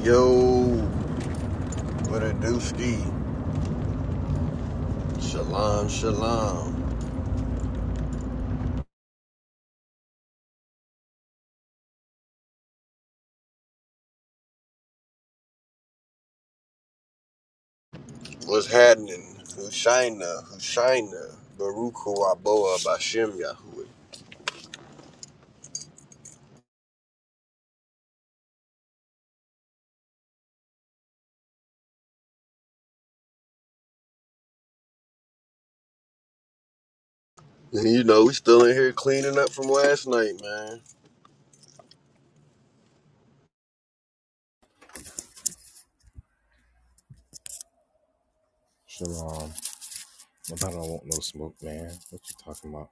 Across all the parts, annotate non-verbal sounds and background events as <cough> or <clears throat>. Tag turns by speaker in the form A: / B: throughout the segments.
A: Yo, what a dooski. Shalom, shalom. What's happening? Hushaina, Hushaina, Baruch Hu Aboa Bashem Yahuwah. You know, we still in here cleaning up from last night, man.
B: Shalom. I don't want no smoke, man. What you talking about?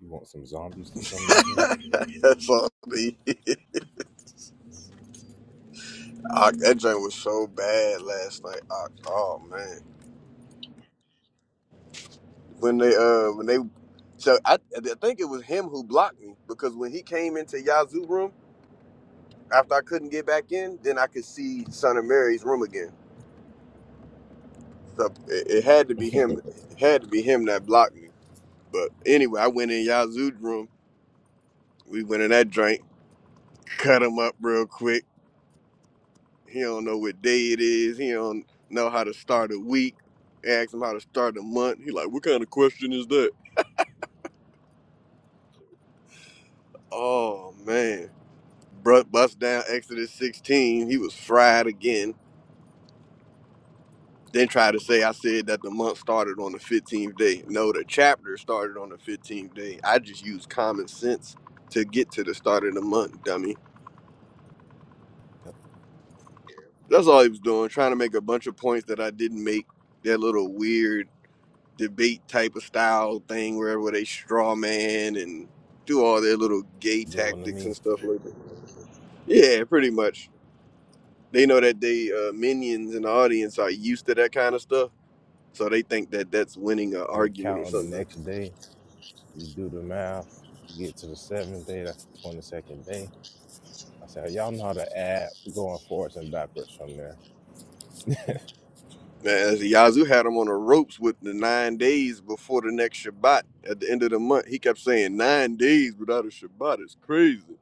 B: You want some zombies to come in here?
A: <laughs> That's all. me. Ah, that joint was so bad last night. Ah, Oh man, when they uh when they so I I think it was him who blocked me because when he came into Yazoo room after I couldn't get back in, then I could see Son of Mary's room again. So it, it had to be
B: <laughs>
A: him. It had to be him that blocked me. But anyway, I went in Yazoo's room. We went in that drink, <laughs> cut him up real quick. He don't know what day it is. He don't know how to start a week. Asked him how to start a month. He like, what kind of question is that? Oh man, Bru- bust down Exodus 16. He was fried again. Then try to say I said that the month started on the 15th day. No, the chapter started on the 15th day. I just used common sense to get to the start of the month, dummy.
B: Yep.
A: That's all he was doing, trying to make a bunch of points that I didn't make. That little weird debate type of style thing where, where they straw man and do all their little gay
B: Doing to
A: tactics
B: me.
A: and stuff like that. Yeah, pretty much. They know that they uh, minions in the audience are used to that kind of stuff, so they think that that's winning an
B: And it
A: argument
B: count
A: or
B: on the
A: something.
B: next day. You do the math. You get to the seventh day. That's the twenty second day. I said, y'all know how to add going forwards and backwards from there.
A: Man, Yazoo had him on the ropes with the nine days before the next Shabbat at the end of the month. He kept saying nine days without a Shabbat is crazy.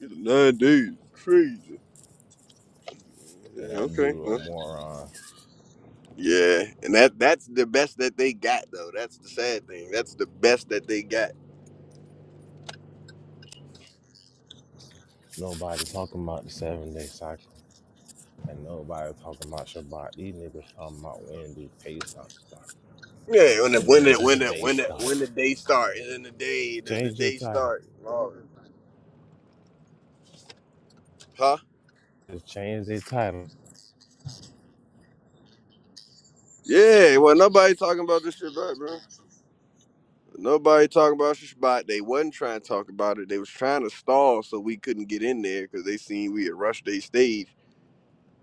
A: It's nine days, is crazy.
B: Yeah,
A: Yeah,
B: that
A: okay.
B: dude a
A: well,
B: moron.
A: yeah, and that that's the best that they got though. That's the sad thing. That's the best that they got.
B: Nobody talking about the seven day cycle. And nobody talking about Shabbat. These niggas talking about when do Pesach start
A: Yeah, when the
B: and
A: when
B: when
A: the
B: does
A: when
B: the
A: the
B: day
A: when the
B: start.
A: when the day start and then the day the, the
B: Change your
A: day
B: title.
A: start. Lord. Huh?
B: Just change their title.
A: Yeah. Well, nobody talking about this Shabbat, bro. But Nobody talking about Shabbat. They wasn't trying to talk about it. They was trying to stall so we couldn't get in there because they seen we had rushed their stage.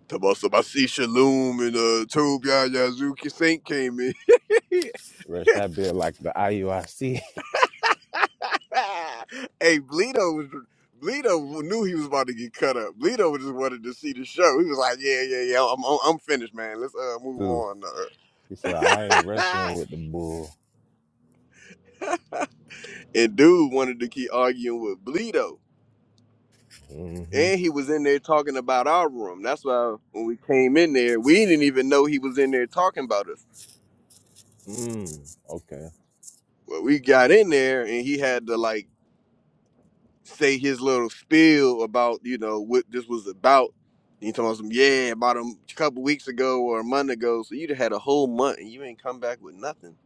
A: Tabasa Basi Shalom and uh Tube Yazuki Saint came in. <laughs> hey,
B: Rush that bit like the IUIC.
A: Bleedo was Bleedo knew he was about to get cut up. Bleedo just wanted to see the show. He was like, "Yeah, yeah, yeah, I'm, I'm, I'm finished, man. Let's uh
B: <laughs>
A: move
B: Ooh,
A: on."
B: he said, I ain't
A: Uh.
B: wrestling with the bull.
A: <laughs> and dude wanted to keep arguing with Bleedo.
B: Mm-hmm.
A: And he was in there talking about our room. That's why when we came in there, we didn't even know he was in there talking about us.
B: Mm, okay.
A: Well, we got in there and he had to like say his little spiel about, you know, what this was about. And He told us, yeah, about a couple weeks ago or a month ago. So you'd have had a whole month and you ain't come back with nothing.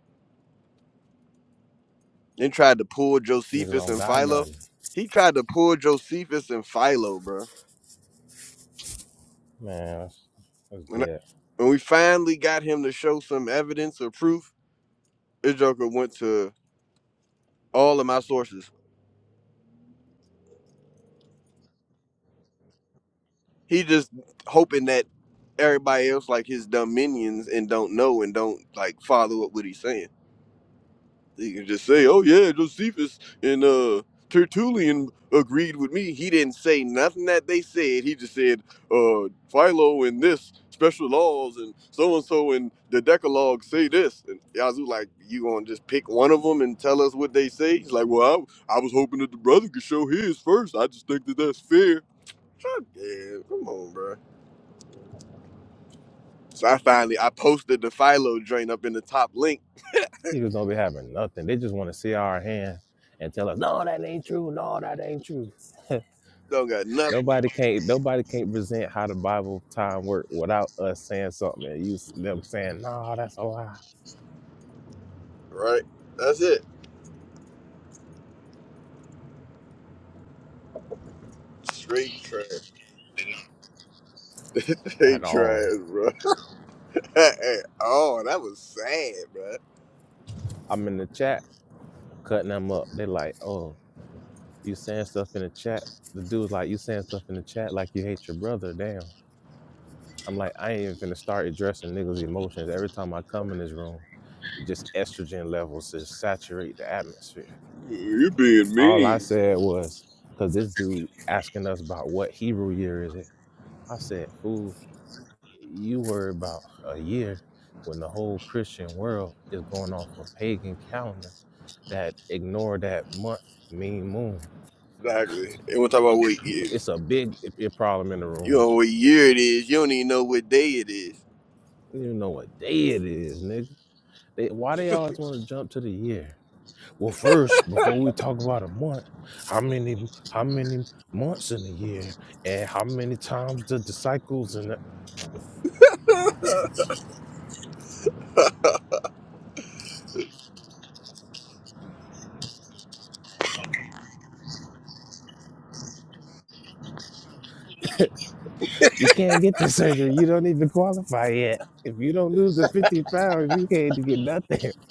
A: Then tried to pull
B: Niggas
A: Josephus
B: don't
A: and
B: got
A: Philo.
B: nothing.
A: He tried to pull Josephus and Philo, bro.
B: Man, that's, that's
A: When, I,
B: dead.
A: when we finally got him to show some evidence or proof, this Joker went to all of my sources. He just hoping that everybody else like his dumb minions and don't know and don't like follow up what he's saying. He can just say, "Oh yeah, Josephus and uh Tertullian agreed with me." He didn't say nothing that they said. He just said, "Uh, Philo and this special laws and so and so and the Decalogue say this." And Yazoo like, "You gonna just pick one of them and tell us what they say?" He's like, "Well, I, I was hoping that the brother could show his first. I just think that that's fair." Fuck yeah, come on, bro. So I finally I posted the Philo joint up in the top link.
B: Niggas don't be having nothing. They just want to see our hand and tell us, no, that ain't true. No, that ain't true. <laughs>
A: Don't got nothing,
B: nobody can't nobody can't present how the Bible time work without us saying something and you them saying, no, that's a lie.
A: right? That's it. Straight trash, <laughs>
B: At
A: straight
B: all.
A: trash, bro. <laughs> oh, that was sad, bro.
B: I'm in the chat cutting them up. They like, oh, you saying stuff in the chat. The dude's like, you saying stuff in the chat like you hate your brother. Damn. I'm like, I ain't even finna start addressing niggas' emotions. Every time I come in this room, it just estrogen levels just saturate the atmosphere.
A: You being
B: All I
A: mean.
B: said was, cause this dude asking us about what Hebrew year is it. I said, fool, you worry about a year when the whole Christian world is going off a pagan calendar that ignore that month mean moon.
A: Exactly. They want to talk about what year.
B: It's a big i- problem in the
A: You
B: room.
A: don't know
B: <laughs>
A: what year it is. You don't even know what day it is.
B: You don't know what day it is, nigga. They, why they always want to jump to the year? Well, first, before we talk about a month, how many how many months in a year, and how many times the the cycles and the, you can't get the <laughs> surgery. You don't even qualify yet. If you don't lose the fifty pounds, you can't get nothing. <laughs>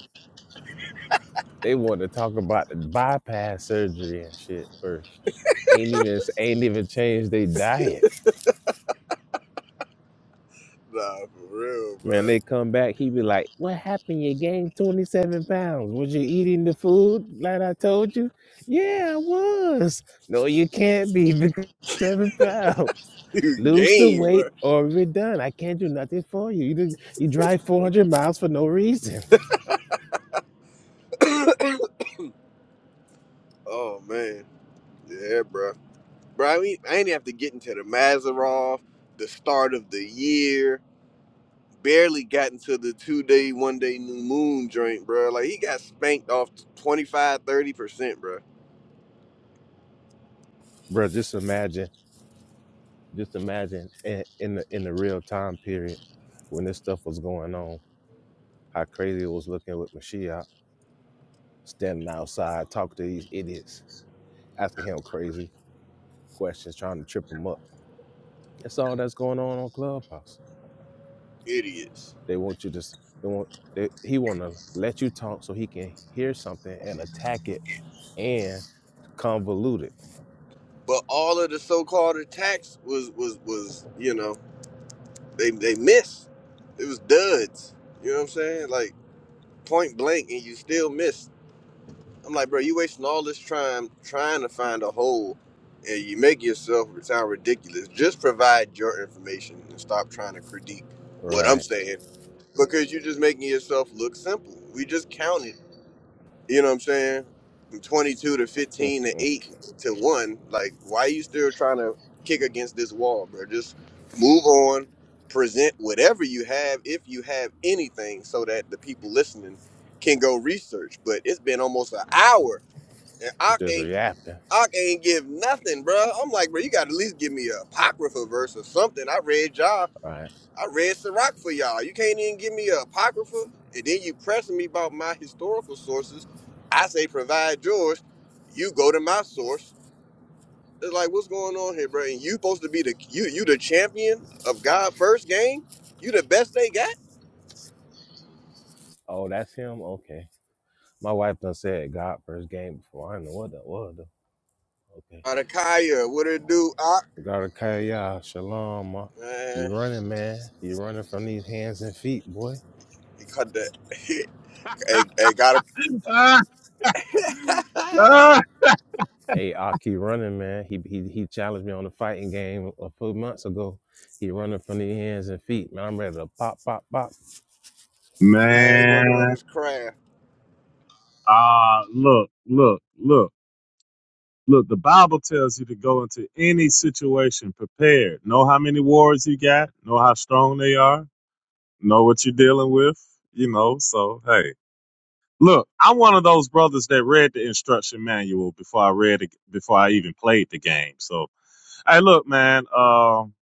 B: They want to talk about the bypass surgery and shit first. Ain't even ain't even changed their diet
A: Nah, for real, bro.
B: Man,
A: <laughs>
B: they come back, he be like, What happened? You gained 27 pounds. Was you eating the food like I told you? Yeah, I was. No, you can't be <laughs> because seven pounds.
A: You
B: Lose the
A: game, bro.
B: weight or we're done. I can't do nothing for you. You, did, you drive 400 miles for no reason.
A: <coughs> oh man. Yeah, bro. bro. I, mean, I ain't have to get into the Mazarov, the start of the year. Barely got into the two day, one day new moon drink, bro. Like he got spanked off 25, 30 percent, bro.
B: Bro, just imagine Just imagine in, in the in the real time period when this stuff was going on, how crazy it was looking with Mashiach standing outside talking to these idiots, asking him crazy questions, trying to trip him up. That's all that's going on on Clubhouse.
A: Idiots.
B: They want you to s- they want they, he want to let you talk so he can hear something and attack it and convolute it,
A: But all of the so called attacks was was was you know they they missed. It was duds. You know what I'm saying? Like point blank, and you still missed. I'm like, bro, you wasting all this time trying to find a hole, and you make yourself sound ridiculous. Just provide your information and stop trying to critique what I'm
B: right?
A: saying because you're just making yourself look simple. We just counted, you know what I'm saying, from 22 to
B: <laughs>
A: 15 to 8 to 1. Like, why are you still trying to kick against this wall, bro? Just move on, present whatever you have, if you have anything, so that the people listening can go research. But it's been almost an hour and Ock
B: Just
A: ain't
B: yapping,
A: Ock ain't give nothing, bruh. I'm like, bro, you got to at least give me a apocrypha verse or something. I read y'all.
B: right?
A: I read Sirach for y'all. You can't even give me a apocrypha, and then you pressing me about my historical sources. I say provide yours. You go to my source. It's like, what's going on here, bro? And you supposed to be the you you the champion of God first game. You the best they got.
B: Oh, that's him. Okay. My wife done said God first game before. I don't know what that was. Though.
A: Adakaya, what it do? Ock,
B: Garakaya, shalom. ma.
A: man,
B: You running, man. You running from these hands and feet, boy.
A: he cut that. <laughs> hey, hey, gotta.
C: Ah,
A: <laughs>
C: ah.
B: Hey, Aki running, man. He, he he challenged me on the fighting game a few months ago. He running from these hands and feet, man. I'm ready to pop, pop, pop.
A: Man, he working on
C: Man,
A: his craft.
C: ah, look, look, look, look. The Bible tells you to go into any situation prepared. Know how many wars you got. Know how strong they are. Know what you're dealing with. You know. So hey, look, I'm one of those brothers that read the instruction manual before I read it, before I even played the game. So hey, look, man. Um,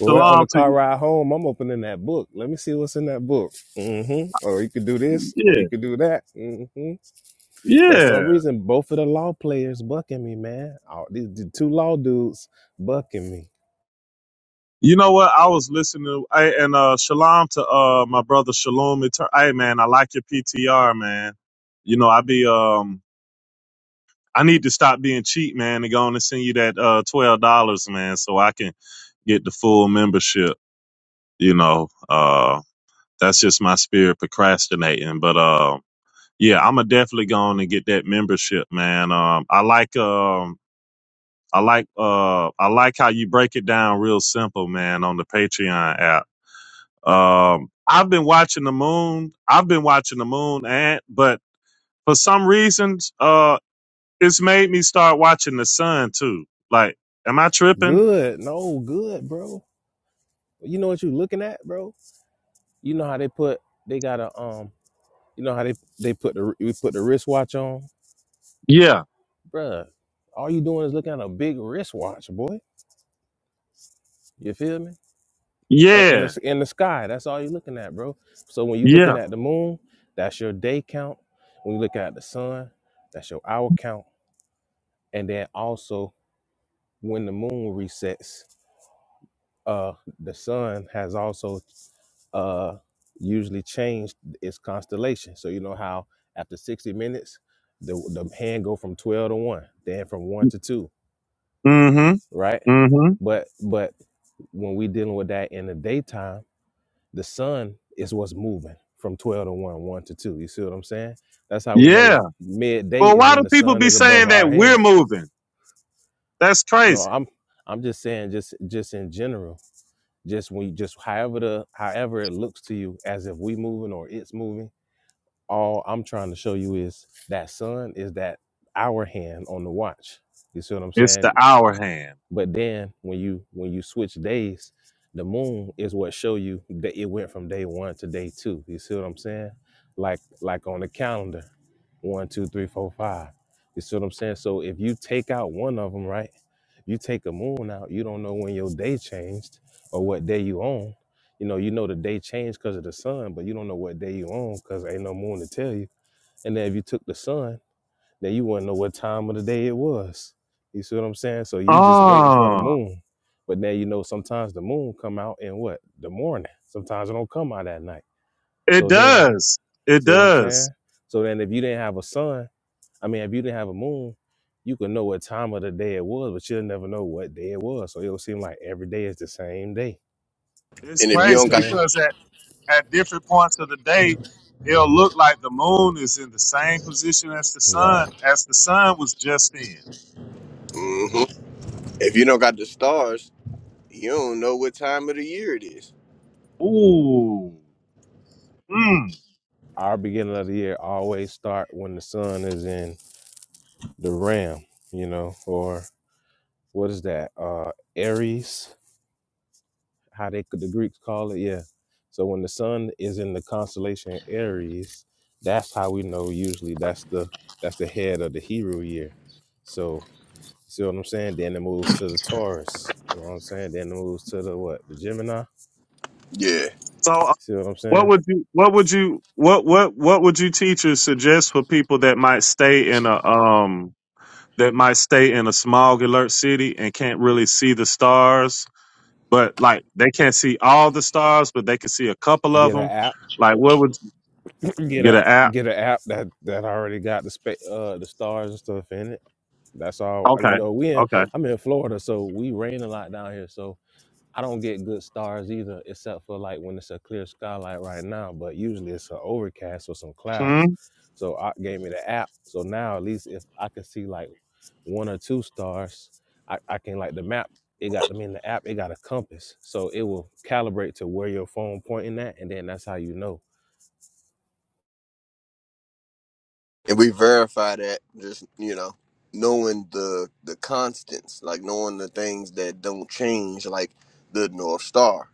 B: Well, on
C: shalom
B: the
C: to
B: car
C: you.
B: ride home, I'm opening that book. Let me see what's in that book. mm hmm Or you could do this, or you
C: Yeah,
B: could do that. mm hmm But some
C: yeah.
B: reason, both of the law players bucking me, man. Oh, these, the two law dudes bucking me.
C: You know what? I was listening to, I, and uh shalom to uh my brother Shalom. Eter- Hey man, I like your PTR, man. You know, I be um I need to stop being cheap, man, and go on and send you that uh twelve dollars, man, so I can get the full membership, you know. Uh that's just my spirit procrastinating. But uh yeah, I'ma definitely go on and get that membership, man. Um I like um I like uh I like how you break it down real simple, man, on the Patreon app Um, I've been watching the moon. I've been watching the moon, and but for some reasons, uh, it's made me start watching the sun too. Like, am I tripping?
B: Good, no good, bro. You know what you looking at, bro? You know how they put they got a um. You know how they they put the we put the wristwatch on,
C: Yeah,
B: bruh. All you doing is looking at a big wristwatch, boy. You feel me? Uh, in
C: yeah,
B: the in the sky, that's all you looking at, bro. So when you
C: yeah.
B: looking at the moon, that's your day count. When you look at the sun, that's your hour count. And then also when the moon resets, uh, the sun has also uh, usually changed its constellation. So you know how after 60 minutes, the the hand go from 12 to one, then from one to two,
C: Mm-hmm.
B: right?
C: Mm-hmm.
B: But but when we dealing with that in the daytime, the sun is what's moving from 12 to one, one to two. You see what I'm saying? That's how we
C: Yeah.
B: know midday
C: Well,
B: is
C: why do
B: when the
C: people
B: sun
C: be
B: is above
C: saying that
B: our
C: we're
B: head.
C: moving? That's
B: No,
C: crazy.
B: I'm I'm just saying just just in general just when you just however the however it looks to you as if we moving or it's moving all i'm trying to show you is that sun is that our hand on the watch you see what i'm
C: It's
B: saying
C: the hour hand.
B: but then when you when you switch days, the moon is what show you that it went from day one to day two. You see what I'm saying? Like like on the calendar, one, two, three, four, five. You see what I'm saying? So if you take out one of them, right? You take a moon out, you don't know when your day changed or what day you on. You know, you know the day changed because of the sun, but you don't know what day you on because ain't no moon to tell you. And then if you took the sun now you wouldn't know what time of the day it was. You see what I'm saying? So you just waiting for the
C: Oh,
B: moon. But now you know sometimes the moon come out in what? The morning. Sometimes it don't come out at night.
C: it
B: So then,
C: does. It
B: see what I'm
C: does.
B: saying? So then if you didn't have a sun, I mean if you didn't have a moon, you could know what time of the day it was, but you'll never know what day it was. So it'll seem like every day is the same day.
C: It's
A: And
B: See
A: if
B: what
A: you
B: I'm
A: don't
C: crazy
A: got
B: saying?
A: the,
C: because that. at different points of the day, it'll look like the moon is in the same position as the
B: Right.
C: sun, as the sun was just in.
A: Mhm. if you don't got the stars, you don't know what time of the year it is.
C: Ooh. Mm.
B: Our beginning of the year always start when the sun is in the ram, you know, or what is that? Uh Aries, how they the Greeks call it, yeah. So when the sun is in the constellation Aries, that's how we know usually that's the that's the head of the Hebrew year. So you see what I'm saying? Then it moves to the Taurus. You know what I'm saying? Then it moves to the what? The Gemini.
A: Yeah,
C: So, uh,
B: See what I'm
C: what
B: saying?
C: would you, what would you, what, what, what would you teachers suggest for people that might stay in a, um, that might stay in a smog alert city and can't really see the stars, but like they can't see all the stars, but they can see a couple of
B: Get an
C: them.
B: app,
C: Like, what would
B: <clears throat> get
C: get
B: a
C: an app?
B: get an app that that already got the spa- uh the stars and stuff in it. That's all. I mean, You
C: Okay.
B: know, we in
C: Okay.
B: I'm in Florida, so we rain a lot down here. So I don't get good stars either, except for like when it's a clear sky like right now. But usually it's an overcast or some clouds. So I gave me the app. So now at least if I can see like one or two stars, I, I can like the map. It got I mean the app. It got a compass, so it will calibrate to where your phone pointing at, and then that's how you know.
A: and we verify that just you know knowing the the constants, like knowing the things that don't change, like the North Star.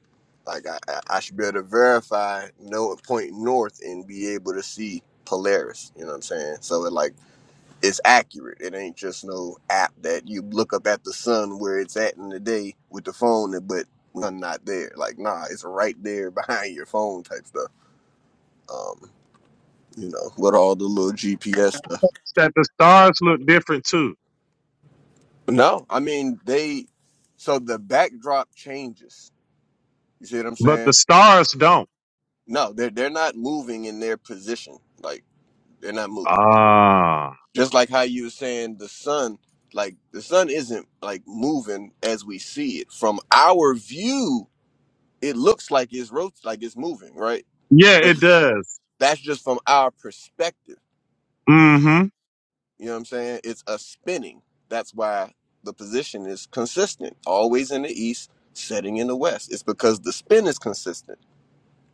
A: Like I, I I should be able to verify, know a point north, and be able to see Polaris. You know what I'm saying? So it like it's accurate. It ain't just no app that you look up at the sun where it's at in the day with the phone, but none not there. Like, nah, it's right there <laughs> behind your phone type stuff. Um, you know, with all the little GPS stuff.
C: that the stars look different too,
A: No, I mean they. So the backdrop changes. You see what I'm
C: but
A: saying?
C: the stars don't.
A: No, they're they're not moving in their position. Like they're not moving.
C: Ah,
A: Just like how you were saying the sun, like the sun isn't like moving as we see it from our view it looks like it's rot- like it's moving, right?
C: yeah,
A: But
C: it does.
A: that's just from our perspective.
C: Mm-hmm.
A: You know what I'm saying? It's a spinning. That's why the position is consistent, always in the east, setting in the west. It's because the spin is consistent.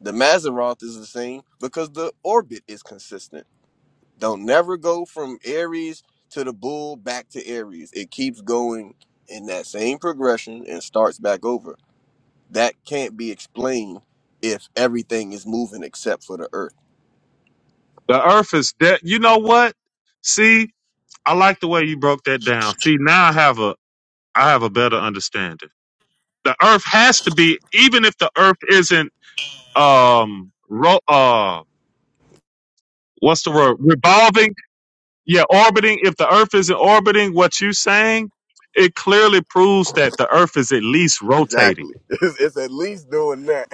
A: The Maseroth is the same because the orbit is consistent. Don't never go from Aries to the bull back to Aries. It keeps going in that same progression and starts back over. That can't be explained if everything is moving except for the earth
C: The Earth is dead. You know what? See, I like the way you broke that down. See, now I have a I have a better understanding. The Earth has to be, even if the Earth isn't um ro- uh what's the word revolving? Yeah, orbiting. If the Earth isn't orbiting, what you saying? It clearly proves that the Earth is at least rotating.
A: Exactly. <laughs> It's, it's at least doing that.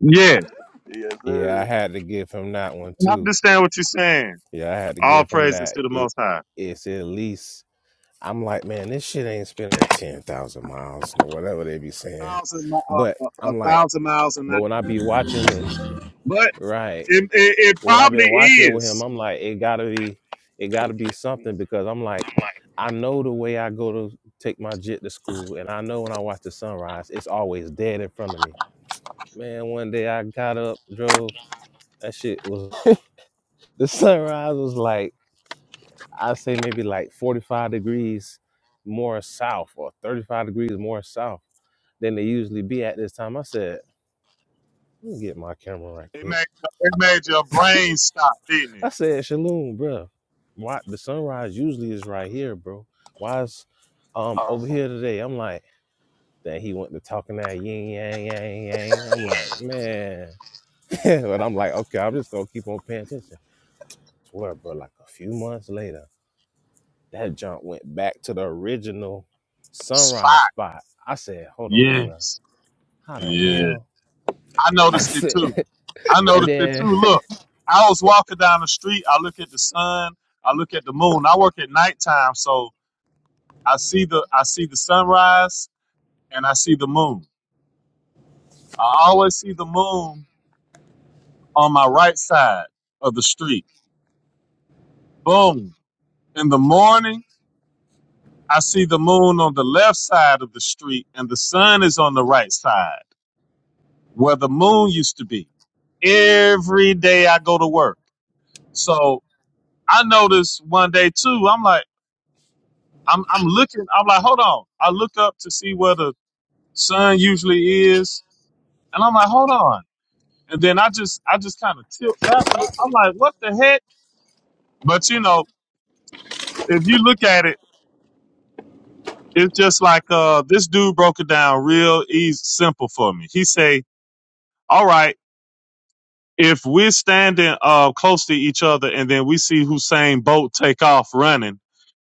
C: Yeah,
A: Yes,
B: Yeah, I
A: sir.
B: had to give him that one
C: I
B: too.
C: understand what you're saying.
B: Yeah, I had to
C: All
B: give him
C: praises
B: that.
C: to the
B: It
C: Most High.
B: it's at least I'm like, man, this shit ain't spent no 10,000 miles or whatever they be saying.
C: Thousand, mi-
B: But
C: uh, uh, a
B: I'm like,
C: thousand miles an
B: but
C: hour,
B: when I be watching it,
C: but
B: right?
C: it, it, it
B: when I've
C: probably
B: been watching it with him,
C: is.
B: I'm like, it gotta be, it gotta be something because I'm like, I know the way I go to take my jit to school, and I know when I watch the sunrise, it's always dead in front of me. Man, one day I got up, drove. That shit was <laughs> the sunrise was like I say maybe like 45 degrees more south or 35 degrees more south than they usually be at this time. I said, let me get my camera right
C: It
B: quick.
C: made it made your brain stop, didn't
B: I
C: it?
B: said, Shalom, bro. Why the sunrise usually is right here, bro? Why is um over here today? I'm like, then he went to talking that yin yang yang yang. I'm like, man, <laughs> but I'm like, okay, I'm just gonna keep on paying attention. Swear, bro. Like a few months later, that jump went back to the original sunrise
C: Spot.
B: spot. I said, hold on, bro.
C: Yes.
B: How the
C: Yeah.
B: hell?
C: I
B: I
C: noticed it
B: said,
C: too. I
B: <laughs> and
C: noticed it too.
B: then.
C: Look, I was walking down the street. I look at the sun. I look at the moon. I work at nighttime, so I see the I see the sunrise and I see the moon. I always see the moon on my right side of the street. Boom. In the morning, I see the moon on the left side of the street and the sun is on the right side where the moon used to be. Every day I go to work. So I noticed one day too, I'm like, I'm, I'm looking, I'm like, hold on. I look up to see where the sun usually is and I'm like, hold on. And then I just, I just kind of tilt back a little. I'm like, what the heck? But you know, if you look at it it's just like uh this dude broke it down real easy simple for me he say all right if we're standing uh close to each other and then we see hussein bolt take off running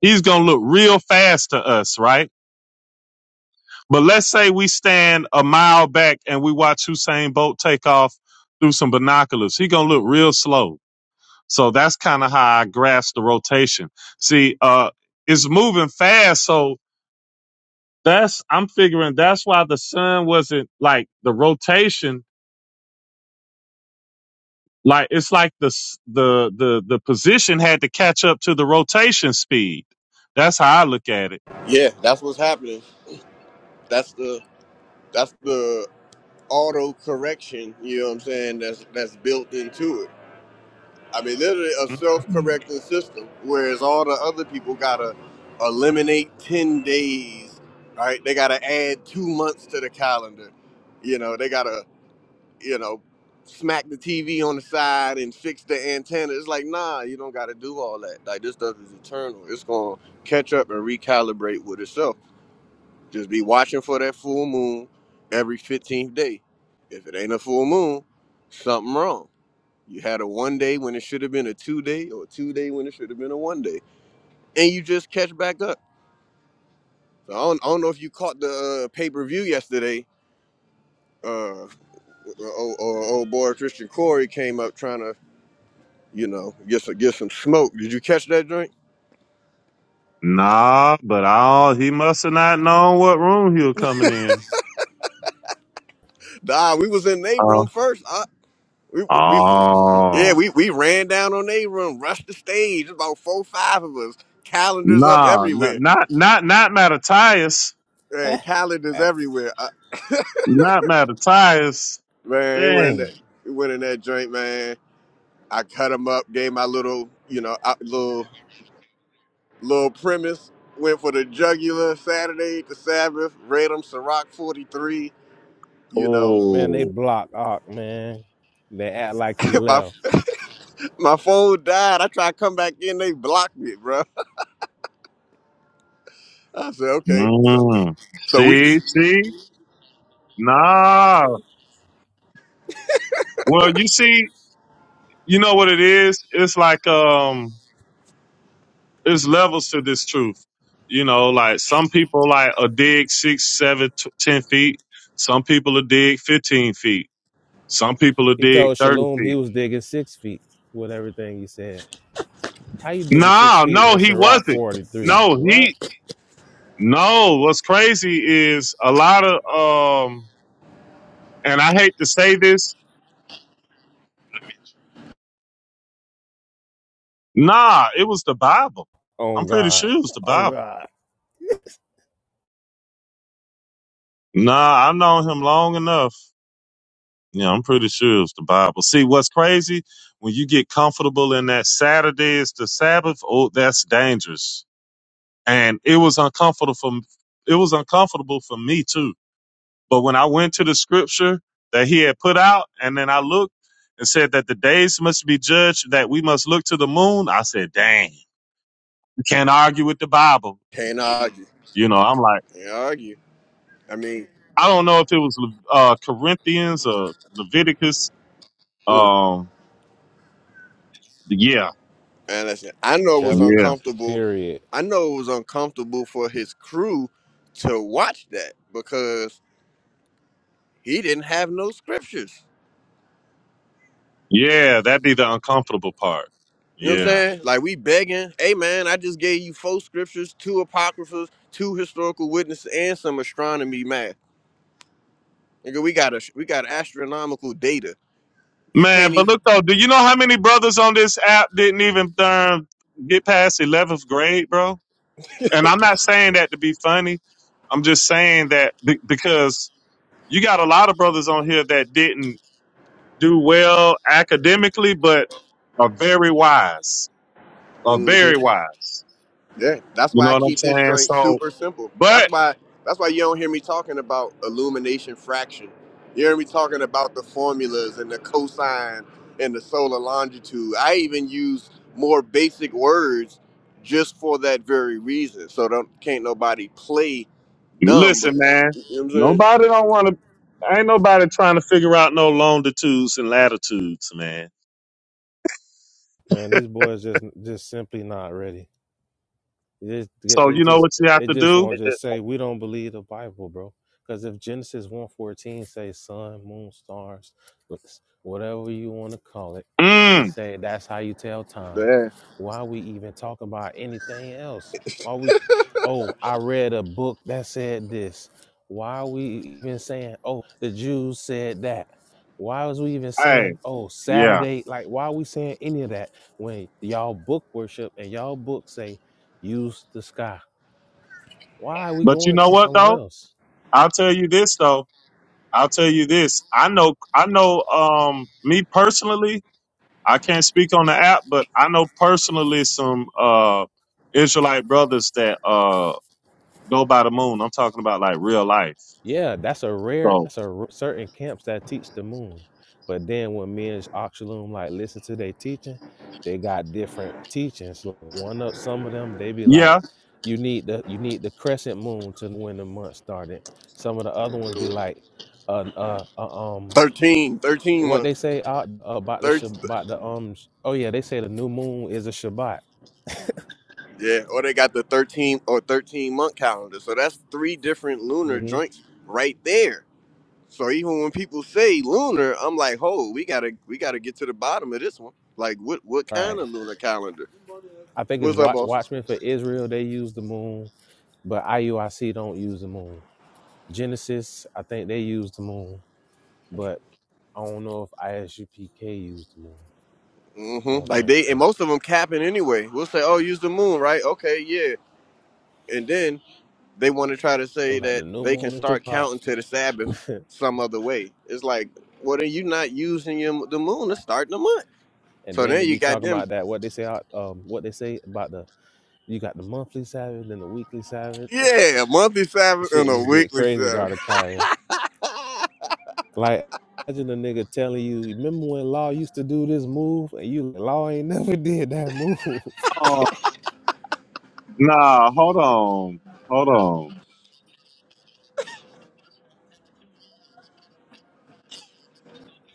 C: he's gonna look real fast to us right but let's say we stand a mile back and we watch hussein bolt take off through some binoculars he gonna look real slow so that's kind of how i grasp the rotation see uh it's moving fast so that's I'm figuring that's why the sun wasn't like the rotation. Like it's like the s- the the the position had to catch up to the rotation speed. That's how I look at it.
A: Yeah, that's what's happening. That's the that's the auto correction, you know what I'm saying, that's that's built into it. I mean literally a
C: Mm.
A: self correcting system, whereas all the other people gotta eliminate ten days, right? They gotta add two months to the calendar. You know, they gotta you know, smack the TV on the side and fix the antenna. It's like, nah, you don't got to do all that. Like this stuff is eternal. It's gonna catch up and recalibrate with itself. Just be watching for that full moon every 15th day. If it ain't a full moon, something wrong. You had a one day when it should have been a two day, or a two day when it should have been a one day, and you just catch back up. So I don't, I don't know if you caught the uh, pay per view yesterday. Uh, or, or, or boy Christian Corey came up trying to you know, get some get some smoke. Did you catch that drink?
C: Nah, but all he must have not known what room he was coming in.
A: Nah, we was in their room
C: Oh,
A: first. I, we, we, yeah,
C: oh,
A: we, we ran down on their room, rushed the stage. About four, five of us, calendars up
C: nah, n-
A: everywhere,
C: not not not Mattathias,
A: man,
B: <laughs>
A: calendars everywhere. I,
C: not Mattathias.
A: man, he went in
C: Dang.
A: that, he went in that joint, man. I cut him up, gave my little, you know, out- little little premise. Went for the jugular Saturday, the Sabbath. Read him Ciroc forty three. You know,
B: Man, they
C: Oh,
B: block Ock, man. They act like he
A: <laughs> my
B: left.
A: My phone died. I tried to come back in. They blocked me, bro. <laughs> I said, okay. So,
C: mm.
A: so we
C: see, see, nah. Well, you see. you know what it is it's like um it's levels to this truth you know like some people like a dig six seven t- ten feet some people a dig 15 feet some people a
B: He
C: dig
B: told
C: 30
B: Shalom he
C: feet
B: was digging six feet with everything he said. How you digging six
C: nah
B: feet
C: no
B: in
C: he
B: Sirach
C: wasn't
B: 43?
C: no
B: What?
C: he no what's crazy is a lot of um and i hate to say this nah it was the bible
B: Oh
C: i'm pretty sure
B: God.
C: it was the
B: Oh
C: bible
B: God.
C: nah i've known him long enough Yeah, I'm pretty sure it's the Bible. See, what's crazy when you get comfortable in that Saturday is the Sabbath. Oh, that's dangerous. And it was uncomfortable for it was uncomfortable for me too. But when I went to the scripture that he had put out, and then I looked and said that the days must be judged, that we must look to the moon. I said, "Dang, you can't argue with the Bible."
A: can't argue.
C: You know, I'm like,
A: Can't argue. I mean,
C: I don't know if it was uh, Corinthians or Leviticus.
A: mm.
C: Um, yeah,
A: and I said, I know it was
B: Telling you.
C: yeah.
A: uncomfortable.
B: Period.
A: I know it was uncomfortable for his crew to watch that because he didn't have no scriptures.
C: Yeah, that'd be the uncomfortable part.
A: You know what I'm
C: Yeah.
A: saying? Like we begging, hey man, I just gave you four scriptures, two apocryphas, two historical witnesses, and some astronomy math. Nigga, we got a we got astronomical data. You can't
C: Man, but
A: even.
C: look though, do you know how many brothers on this app didn't even um, get past 11th grade, bro? And I'm not saying that to be funny. I'm just saying that be- because you got a lot of brothers on here that didn't do well academically, but are very wise, are
A: mm-hmm.
C: very wise.
A: Yeah, that's
C: You
A: why
C: know
A: I
C: what I'm
A: keep this
C: saying?
A: joint
C: So,
A: super simple. That's
C: but.
A: why that's why you don't hear me talking about illumination fraction. You hear me talking about the formulas and the cosine and the solar longitude. I even use more basic words just for that very reason. So don't can't nobody play dumb. But,
C: Listen, man.
A: you know what I'm
C: Nobody don't want to. Ain't nobody trying to figure out no longitudes and latitudes, man.
B: Man, these boys just just simply not ready. It, just-
C: So
B: it
C: you know
B: just
C: what you have
B: they
C: to
B: just
C: do.
B: won't
C: It's
B: just say we don't believe the Bible, bro. Because if Genesis one fourteen says sun, moon, stars, whatever you want to call it, it
C: Mm,
B: say that's how you tell time.
A: saying?
B: Why we even talk about anything else? Why we? Oh, I read a book that said this. Why are we even saying? Oh, the Jews said that. Why was we even
C: hey,
B: saying? Oh,
C: yeah.
B: Saturday. Like, why are we saying any of that when y'all book worship and y'all book say use the sky. Why are we
C: But you
B: going
C: know
B: to
C: what
B: somewhere
C: though?
B: else?
C: I'll tell you this though. I'll tell you this. I know. I know. Um, me personally, I can't speak on the app, but I know personally some uh Israelite brothers that uh go by the moon. I'm talking about like real life.
B: Yeah, that's a rare.
C: So
B: That's a r- certain camps that teach the moon, but then when men's Oxalum like listen to their teaching, they got different teachings. Like, One of some of them they be like,
C: yeah.
B: you need the you need the crescent moon to when the month started. Some of the other ones be
A: Yeah.
B: like, uh, uh, uh um,
A: 13, 13
B: what they
A: month.
B: say uh, about the Shab-
A: Thir-
B: about the um, sh- oh yeah, they say the new moon is a Shabbat.
A: yeah, or they got the 13 or 13 month calendar. So that's three different lunar
B: hmm
A: joints right there. So even when people say lunar, I'm like, ho, we gotta we gotta get to the bottom of this one. Like, what what
B: Right.
A: kind of lunar calendar?
B: I think it's
A: What's up,
B: Wa-
A: boss?
B: Watchmen for Israel. They use the moon, but IUIC don't use the moon. Genesis, I think they use the moon, but I don't know if ISUPK used the moon. I
A: Mm-hmm.
B: don't
A: Like
B: think
A: they and
B: so.
A: most of them capping anyway. We'll say, oh, use the moon, right? Okay, yeah. And then they want to try to
B: They were
A: say
B: like
A: that
B: the new
A: they can
B: moon is
A: start
B: Shabbat,
A: counting to the Sabbath some other way. It's like, well, then you not using your, the moon to start the month.
B: and
A: So
B: then they
A: then you
B: be
A: got
B: talking
A: them,
B: about that what they say, out- um, what they say about the you got the monthly Sabbath, then the weekly Sabbath. <laughs>
A: yeah, a monthly
B: The
A: Sabbath and
B: shit
A: a
B: just get
A: weekly
B: crazy,
A: Sabbath.
B: Gardakaya. Like imagine a nigga telling you, remember when Law used to do this move, and you Law ain't <laughs> never did that move. <laughs>
C: Nah, hold on. Hold on.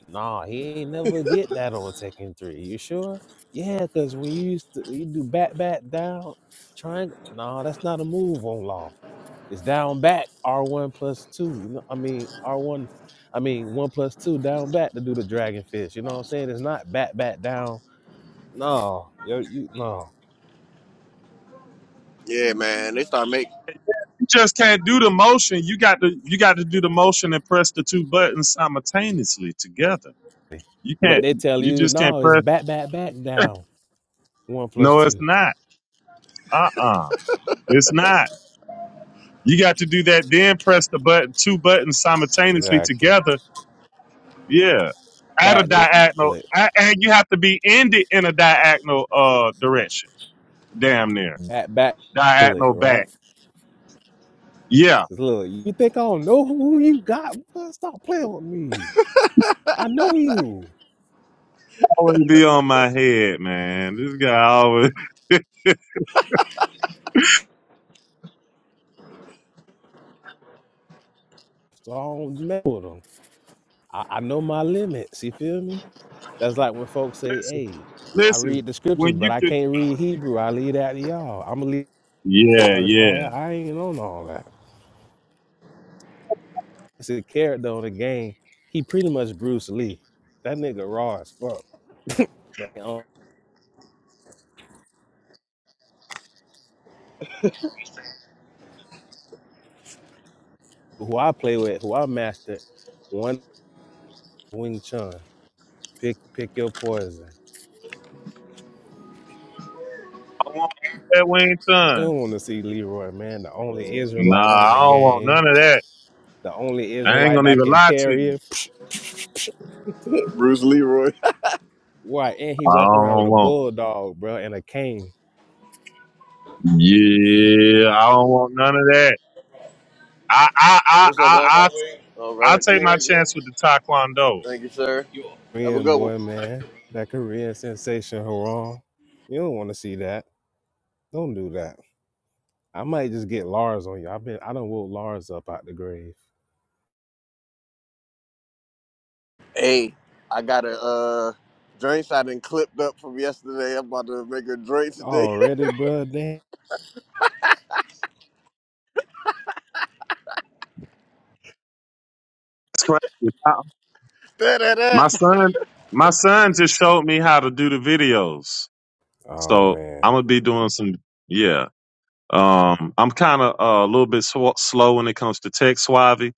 B: Nah, he ain't never get that on Tekken Three. You sure? Yeah, cause when you used to when you do back back down, triangle. Nah, that's not a move on law. It's down back R one plus two. You know, I mean R one. I mean one plus two down back to do the dragon fish. You know what I'm saying? It's not back back down. No, yo, you no.
A: <laughs> Yeah, man, they start making
C: You just can't do the motion. You got to you got to do the motion and press the two buttons simultaneously together. You
B: But
C: can't
B: they tell
C: you
B: you
C: just can't
B: no, it's
C: press
B: back back back down one plus
C: no it's
B: two.
C: not. Uh-uh. It's not. You got to do that, then press the button two buttons simultaneously
B: Exactly.
C: together. Yeah. At a
B: Back they
C: diagonal
B: pull it.
C: a- and you have to be ended in a diagonal uh direction. Damn near.
B: Back back pull it.
C: Diagonal
B: Right.
C: back. Yeah.
B: This little, you think I don't know who you got? What? Stop playing with me. I know you.
C: Always be on my head, man. This guy always <laughs>
B: So I don't mess with them. I, I know my limits. You feel me? That's like when folks say,
C: Listen,
B: hey, I
C: listen.
B: read the scriptures,
C: When you
B: but I
C: could,
B: can't read Hebrew. I leave that to y'all. I'm going to leave
C: yeah,
B: y'all to
C: yeah.
B: Kaya. I ain't on all that. It's a character on the game. He pretty much Bruce Lee. That nigga raw as fuck. Man, Um, who I play with, who I master, one Wing Chun. Pick, pick your poison.
C: I want that Wayne
B: You
C: Chun.
B: don't want to see Leroy, man, the only Israelite
C: Nah,
B: on
C: I
B: the
C: don't want none
B: game,
C: of that.
B: the only
C: I ain't
B: Israelite
C: gonna
B: that
C: even
B: can
C: lie to
B: parry
C: you.
B: it.
A: Bruce Leroy.
B: Why? And he
C: I
B: walk around with
C: don't
B: a
C: want.
B: bulldog, bro, and a cane.
C: Yeah, I don't want none of that. I, I, I,
A: What's up,
C: I,
A: boss?
C: I,
A: Oh,
C: I'll
A: right up to
C: take
A: me
C: my
A: right there.
C: chance with the Taekwondo.
A: Thank you, sir. Have a
B: Korean
A: good one.
B: boy, man, that Korean sensation, Haram. You don't want to see that. Don't do that. I might just get Lars on you. I've been, I done woke Lars up out the grave
A: Hey, I got a uh, drinks I done clipped up from yesterday. I'm about to make a drink today.
B: already, bro. Damn.
C: That's crazy. I-
A: <laughs> da, da, da.
C: My son, my son just showed me how to do the videos.
B: Oh
C: So
B: man.
C: I'm gonna be doing some. Yeah, Um, I'm kind of uh, a little bit sw- slow when it comes to tech, Suave.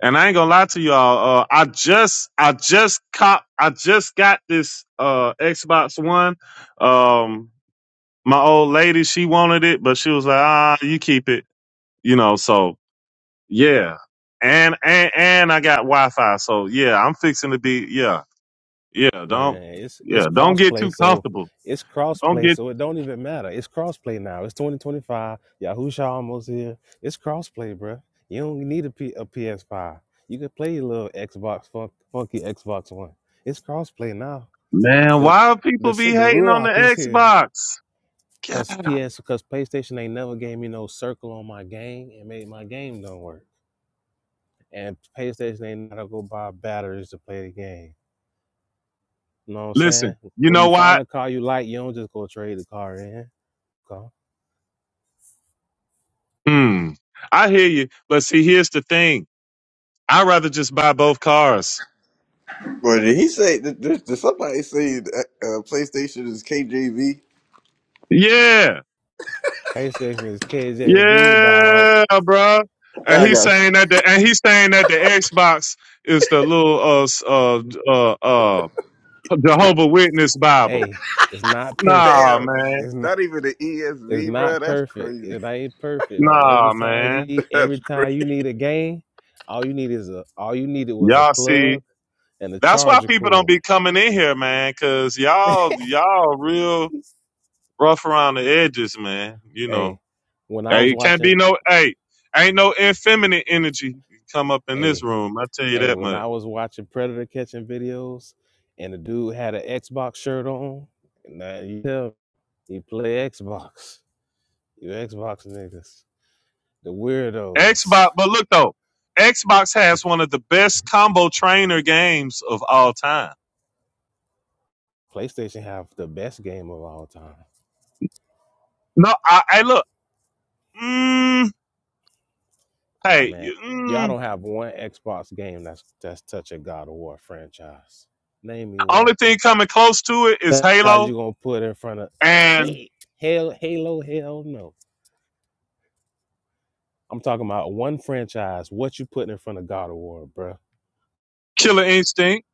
C: And I ain't gonna lie to y'all. Uh, I just, I just cop, I just got this uh, Xbox One. Um, my old lady, she wanted it, but she was like, "Ah, you keep it," you know. So yeah, and and and I got Wi-Fi. So yeah, I'm fixing to be yeah, yeah. Don't
B: Man, it's it's
C: yeah, don't get too
B: crossplay, so
C: comfortable.
B: it's
C: Don't
B: crossplay,
C: get
B: so it don't even matter. It's crossplay now. It's 2025. Yahusha almost here. It's crossplay, bruh. You don't need a, P- a PS5. You can play your little Xbox fun- funky Xbox One. It's crossplay now.
C: man.
B: The
C: Why do
B: the
C: people
B: s-
C: be
B: the
C: hating on the
B: Ruach is here.
C: Xbox?
B: Cause PS, cause PlayStation ain't never gave me no circle on my game and made my game don't work. And PlayStation ain't gotta go buy batteries to play the game You know what I'm saying?
C: Listen, you
B: When
C: know
B: you find
C: what?
B: a car you like, you don't just go trade the car in. Okay.
C: Hmm. I hear you, but see, here's the thing. I'd rather just buy both cars.
A: Well, did he say? Did, did did somebody say that, uh, PlayStation is KJV?
C: Yeah.
B: PlayStation is KJV, dog.
C: Yeah, bro. And
A: I
C: he's
A: got
C: saying that the and he's saying that the Xbox is the little uh s- uh uh, uh Jehovah Witness Bible.
B: Hey, it's not perfect.
C: Nah,
A: damn.
C: man.
B: It's not.
A: Not even the
B: It's
A: ESV, bro.
B: not
A: That's
B: perfect.
A: crazy.
B: It ain't perfect. But every
C: Nah,
B: time
C: man.
B: you
A: <laughs> That's
B: every time you
A: crazy.
B: need a game, all you need is a all you needed was a
C: Y'all see,
B: plug and a
C: that's why
B: charger
C: people don't
B: cord.
C: be coming in here, man, cause y'all y'all real rough around the edges, man. You know.
B: Hey, when I was
C: Hey, it can't be
B: watching,
C: no hey, ain't no effeminate energy come up in this
B: hey.
C: room. I tell you
B: Hey,
C: that
B: when
C: much.
B: I was watching predator catching videos, and the dude had an Xbox shirt on, and now you tell me, he play Xbox. You Xbox niggas, the weirdos.
C: Xbox, but look though, Xbox has one of the best combo trainer games of all time.
B: PlayStation have the best game of all time.
C: No, I, hey, look, mm,
B: Oh,
C: hey,
B: man, y'all
C: mm,
B: don't have one Xbox game that's that's touch a God of War franchise. Name me one
C: only thing coming close to it is
B: franchise
C: Halo
B: you gonna put in front of
C: and
B: hey hell Halo hell no. I'm talking about one franchise. What you putting in front of God of War, bruh? Think
C: Killer Instinct.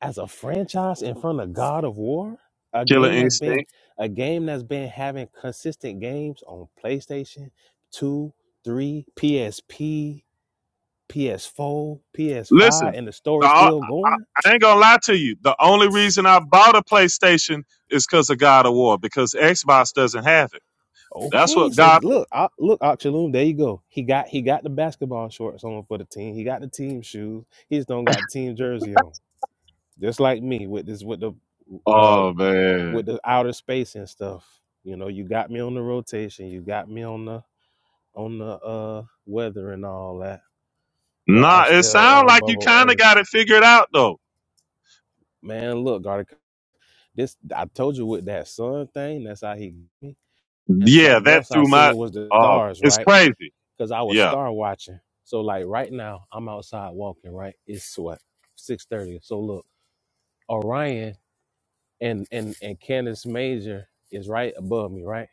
B: as a franchise in front of God of War, a
C: Killer
B: game that's been
C: Instinct.
B: a game that's been having consistent games on PlayStation 2, 3, PSP, PS4,
C: Listen,
B: PS5, and the
C: the,
B: story's
C: I,
B: still
C: I
B: going.
C: I ain't gonna lie to you. The only reason I bought a PlayStation is because of God of War because Xbox doesn't have it. That's
B: Okay,
C: what
B: so
C: got.
B: look, I, look, Oxaloom, there you go. He got he got the basketball shorts on for the team. He got the team shoes. He just don't got the team jersey on. Just like me with this with the uh
C: Oh man,
B: with the outer space and stuff. You know, you got me on the rotation. You got me on the on the uh weather and all that. But I'm
C: nah. It
B: still
C: sounds
B: on
C: like you
B: bubble
C: kind of
B: earth.
C: got it figured out though.
B: Man, look, Garda, this I told you with that sun thing, that's how he got me. And
C: Yeah,
B: something
C: that
B: else I
C: threw my.
B: seen was the
C: Oh,
B: stars,
C: it's
B: right?
C: crazy.
B: Because I was
C: Yeah,
B: star watching. So like right now, I'm outside walking, right? It's what, six thirty. So look, Orion and and and Candace Major is right above me, right?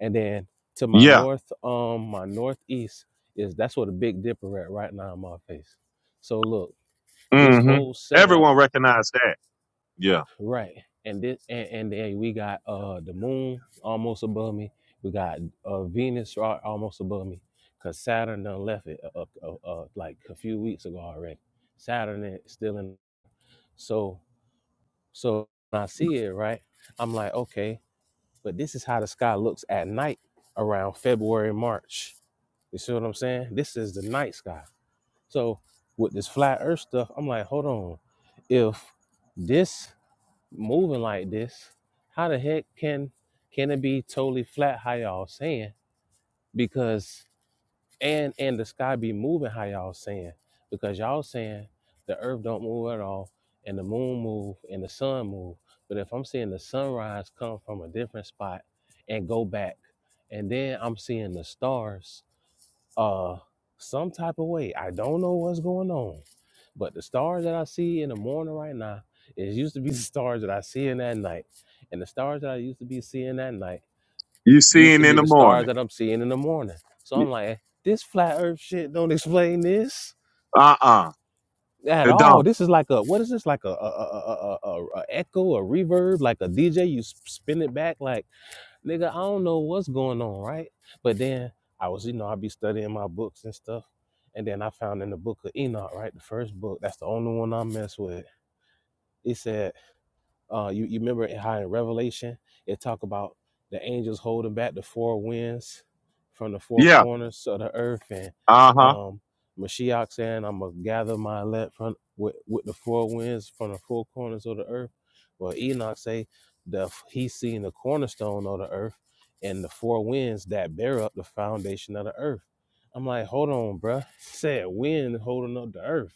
B: And then to my
C: yeah.
B: north, um, my northeast is that's where the Big Dipper at right now in my face. So look, This
C: hmm
B: whole setup,
C: Everyone recognized that. Yeah,
B: right? And this and, and then we got uh the moon almost above me. We got uh Venus right almost above me, cause Saturn done left it uh, uh, uh, uh, like a few weeks ago already. Saturn is still in. So so when I see it right, I'm like okay, but this is how the sky looks at night around February March. You see what I'm saying? This is the night sky. So with this flat Earth stuff, I'm like hold on, if this moving like this, how the heck can can it be totally flat? How y'all saying? Because and and the sky be moving? How y'all saying? Because y'all saying the Earth don't move at all, and the Moon move, and the Sun move. But if I'm seeing the sunrise come from a different spot and go back, and then I'm seeing the stars uh some type of way. I don't know what's going on. But the stars that I see in the morning right now is used to be <laughs> the stars that I see in that night. And the stars that I used to be seeing that night
C: you see
B: used to
C: it in
B: be
C: the
B: the stars
C: morning.
B: that I'm seeing in the morning. So I'm like, "Eh, this flat earth shit don't explain this
C: Uh uh
B: at
C: It
B: all.
C: don't.
B: This is like a what is this like a a a, a, a, a echo, a reverb, like a DJ you s- spin it back like nigga, I don't know what's going on, right? But then I was, you know, I be studying my books and stuff. And then I found in the book of Enoch, right? The first book, that's the only one I mess with. It said uh, you, you remember how in Revelation it talk about the angels holding back the four winds from the four
C: Yeah.
B: corners of the earth, and
C: Uh huh.
B: um, Mashiach saying, "I'm gonna gather my elect from with, with the four winds from the four corners of the earth." Well, Enoch say the he's seen the cornerstone of the earth and the four winds that bear up the foundation of the earth. I'm like, hold on, bruh. Said wind holding up the earth.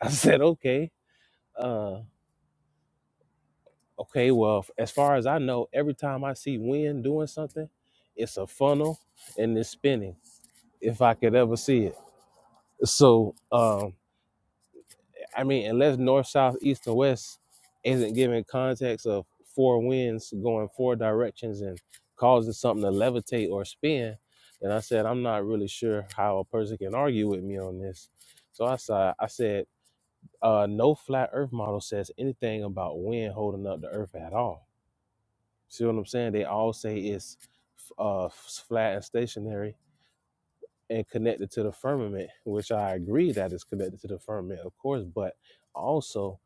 B: I said, okay. Uh, Okay, well, f- as far as I know, every time I see wind doing something, it's a funnel and it's spinning, if I could ever see it. So, um, I mean, unless north, south, east, and west isn't given context of four winds going four directions and causing something to levitate or spin, then I said, I'm not really sure how a person can argue with me on this. So I said, I said, uh, no flat earth model says anything about wind holding up the earth at all See what I'm saying? They all say it's uh, flat and stationary and connected to the firmament, which I agree that is connected to the firmament, of course, but also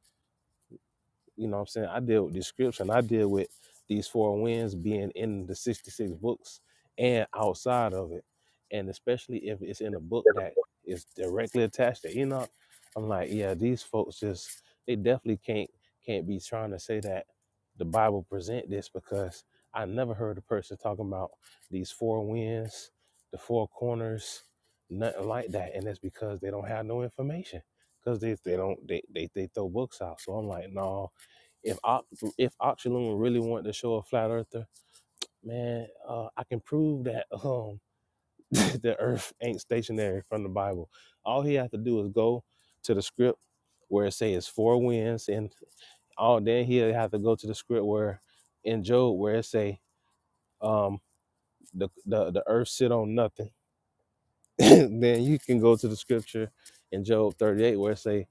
B: you know what I'm saying? I deal with description. I deal with these four winds being in the 66 books and outside of it. And especially if it's in a book that is directly attached to Enoch, I'm like, yeah, these folks just they definitely can't can't be trying to say that the Bible present this because I never heard a person talking about these four winds, the four corners, nothing like that. And that's because they don't have no information because they they don't they, they they throw books out. So I'm like, no, if Oc- if Oxulum really wanted to show a flat earther, man, uh, I can prove that um <laughs> the Earth ain't stationary from the Bible. All he have to do is go to the script where it say it's four winds, and all then he'll have to go to the script where in Job where it say um the the, the Earth sit on nothing. <laughs> then you can go to the scripture in Job thirty eight where it say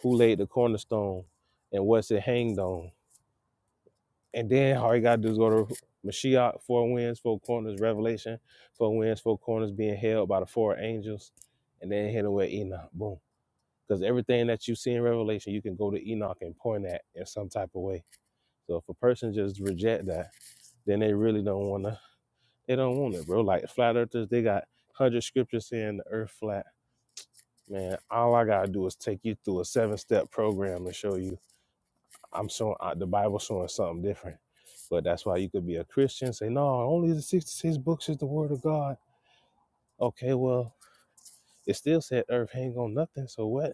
B: who laid the cornerstone and what's it hanged on And then all you gotta do is go to Mashiach, four winds, four corners, Revelation, four winds, four corners being held by the four angels, and then hit it with Enoch. Boom. Because everything that you see in Revelation, you can go to Enoch and point at in some type of way. So if a person just reject that, then they really don't wanna they don't want it, bro. Like flat earthers, they got one hundred scriptures saying the earth flat. Man, all I gotta do is take you through a seven step program and show you. I'm showing uh, the Bible showing something different. But that's why you could be a Christian, say, no, only the 66 books is the word of God. Okay, well, it still said earth hang on nothing, so what?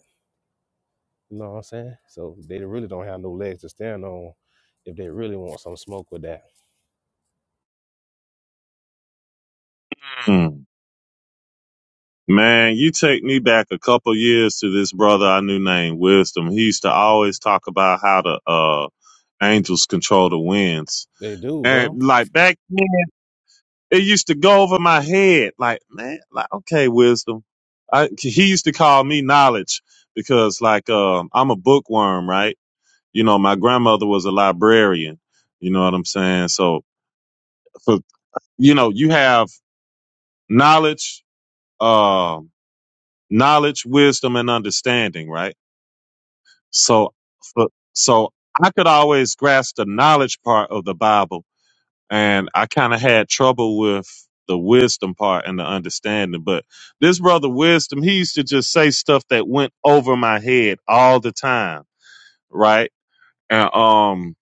B: You know what I'm saying? So they really don't have no legs to stand on if they really want some smoke with that.
C: Mm. Man, you take me back a couple years to this brother I knew named Wisdom. He used to always talk about how the uh angels control the winds.
B: They do, bro.
C: And like back It used to go over my head. Like, man, like, okay, wisdom. I, he used to call me knowledge because like, um, I'm a bookworm, right? You know, my grandmother was a librarian. You know what I'm saying? So, for, you know, you have knowledge, um, knowledge, wisdom, and understanding, right? So, for, so I could always grasp the knowledge part of the Bible and I kind of had trouble with the wisdom part and the understanding. But this brother wisdom, he used to just say stuff that went over my head all the time, right? And um,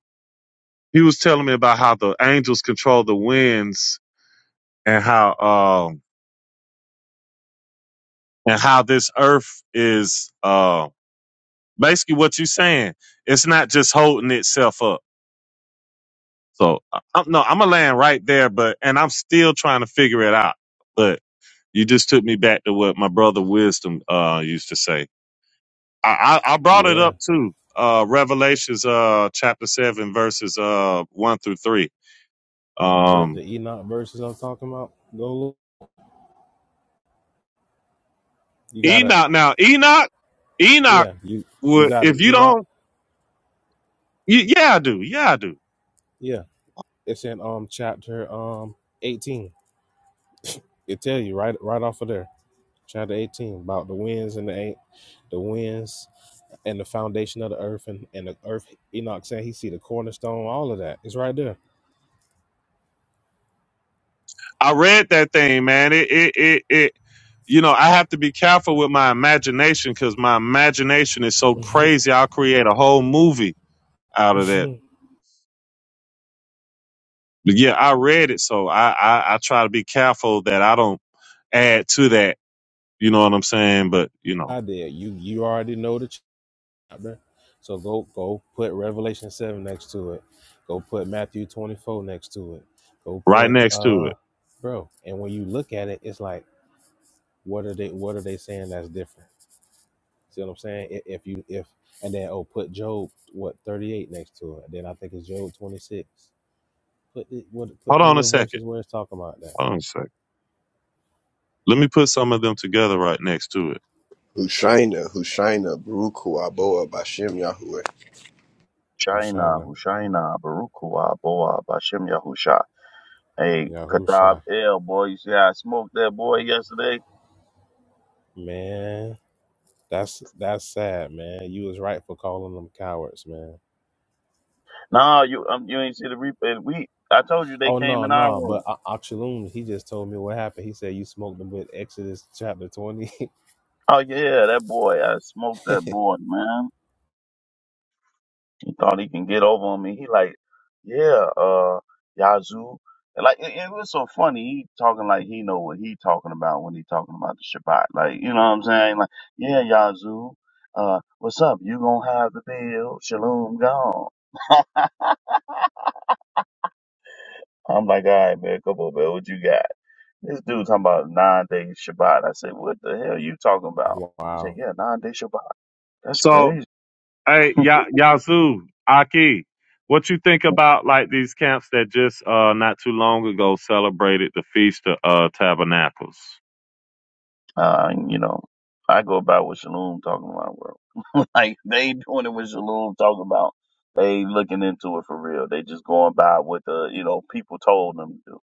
C: he was telling me about how the angels control the winds and how um and how this earth is uh basically what you're saying. It's not just holding itself up. So I, I'm, no, I'm gonna land right there, but and I'm still trying to figure it out. You just took me back to what my brother Wisdom uh, used to say. I, I, I brought it
B: Yeah.
C: up too. Uh, Revelations uh, chapter seven verses uh, one through three.
B: Ver-
C: Um,
B: The Enoch verses I'm talking about. Go look. You gotta,
C: Enoch. Now Enoch, Enoch
B: yeah, you you
C: would
B: gotta
C: if you
B: Enoch.
C: don't. y- Yeah, I do. Yeah, I do.
B: Yeah, it's in um chapter um eighteen. It tell you right right off of there, chapter eighteen about the winds and the ain't the winds and the foundation of the earth and and the earth. Enoch saying he see the cornerstone, all of that. It's right there.
C: I read that thing, man. It it it. it you know, I have to be careful with my imagination because my imagination is so crazy. I'll create a whole movie out of that.
B: <laughs>
C: But yeah, I read it, so I, I I try to be careful that I don't add to that. You know what I'm saying? But you know,
B: I did. You you already know the chapter, so go go put Revelation seven next to it. Go put Matthew twenty four next to it. Go
C: right
B: put
C: next to
B: uh,
C: it.
B: bro. And when you look at it, it's like What are they What are they saying that's different? See what I'm saying? If, if you if and then oh put Job what 38 next to it, then I think it's Job 26. Put it, what put
C: Hold
B: them
C: on a
B: little
C: second.
B: verses where it's talking about that.
C: Hold on a second. Let me put some of them together right next to it.
A: Hushaina, Hushaina, Baruchu, Aboa, Bashem, Yahweh.
D: Shaina,
B: Hushaina,
D: Hushaina, Barukua, Boa, Bashem Yahusha. Hey, Katab
B: Yahusha,
D: L, boy, you see how I smoked that boy yesterday?
B: man. That's that's sad, man. You was right for calling them cowards, man.
D: Nah, you um, you ain't see the replay. We, I told you they
B: Oh
D: came
B: no,
D: in our
B: no,
D: room.
B: but A- Akshalun, he just told me what happened. He said you smoked them with Exodus chapter 20. <laughs>
D: Oh yeah, that boy, I smoked that boy, man. He thought he can get over on me. He like, yeah, uh, Yazoo. And like, it, it was so funny. He talking like he know what he talking about when he talking about the Shabbat. Like, you know what I'm saying? Like, yeah, Yazoo. Uh, what's up? You gonna have the bill? Shalom gone. I'm like, all right, man, come on, man. What you got? This dude talking about nine days Shabbat. I said, what the hell you talking about? He
B: wow,
D: said, yeah, nine day Shabbat. That's
C: So,
D: crazy.
C: hey, ya Yazoo, Aki, what you think
D: <laughs>
C: about like these camps that just uh not too long ago celebrated the feast of uh tabernacles?
D: Uh, you know, I go about what Shalom talking about, bro. <laughs> like they doing it with Shalom talking about. They looking into it for real. They just going by what the you know people told them to do.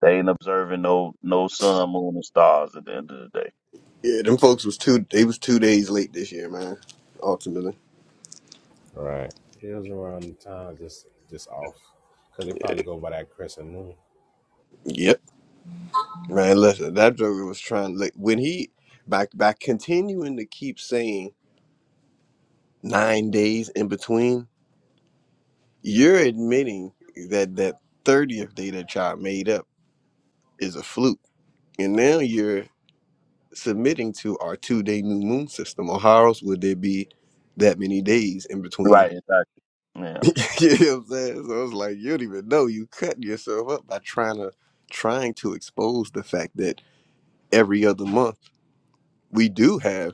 D: They ain't observing no no sun, moon, and stars at the end of the day.
A: Yeah, them folks was two. They was two days late this year, man. Ultimately.
B: Right. It was around the time, just just off, because they probably go by that crescent moon.
A: Yep. Man, listen, that Joker was trying like when he by by continuing to keep saying nine days in between, you're admitting that that thirtieth day that y'all made up is a fluke, and now you're submitting to our two day new moon system. Or how else would there be that many days in between?
D: Right, exactly.
A: <laughs>
D: Yeah,
A: you know what I'm saying? So it's like you don't even know you cutting yourself up by trying to trying to expose the fact that every other month we do have.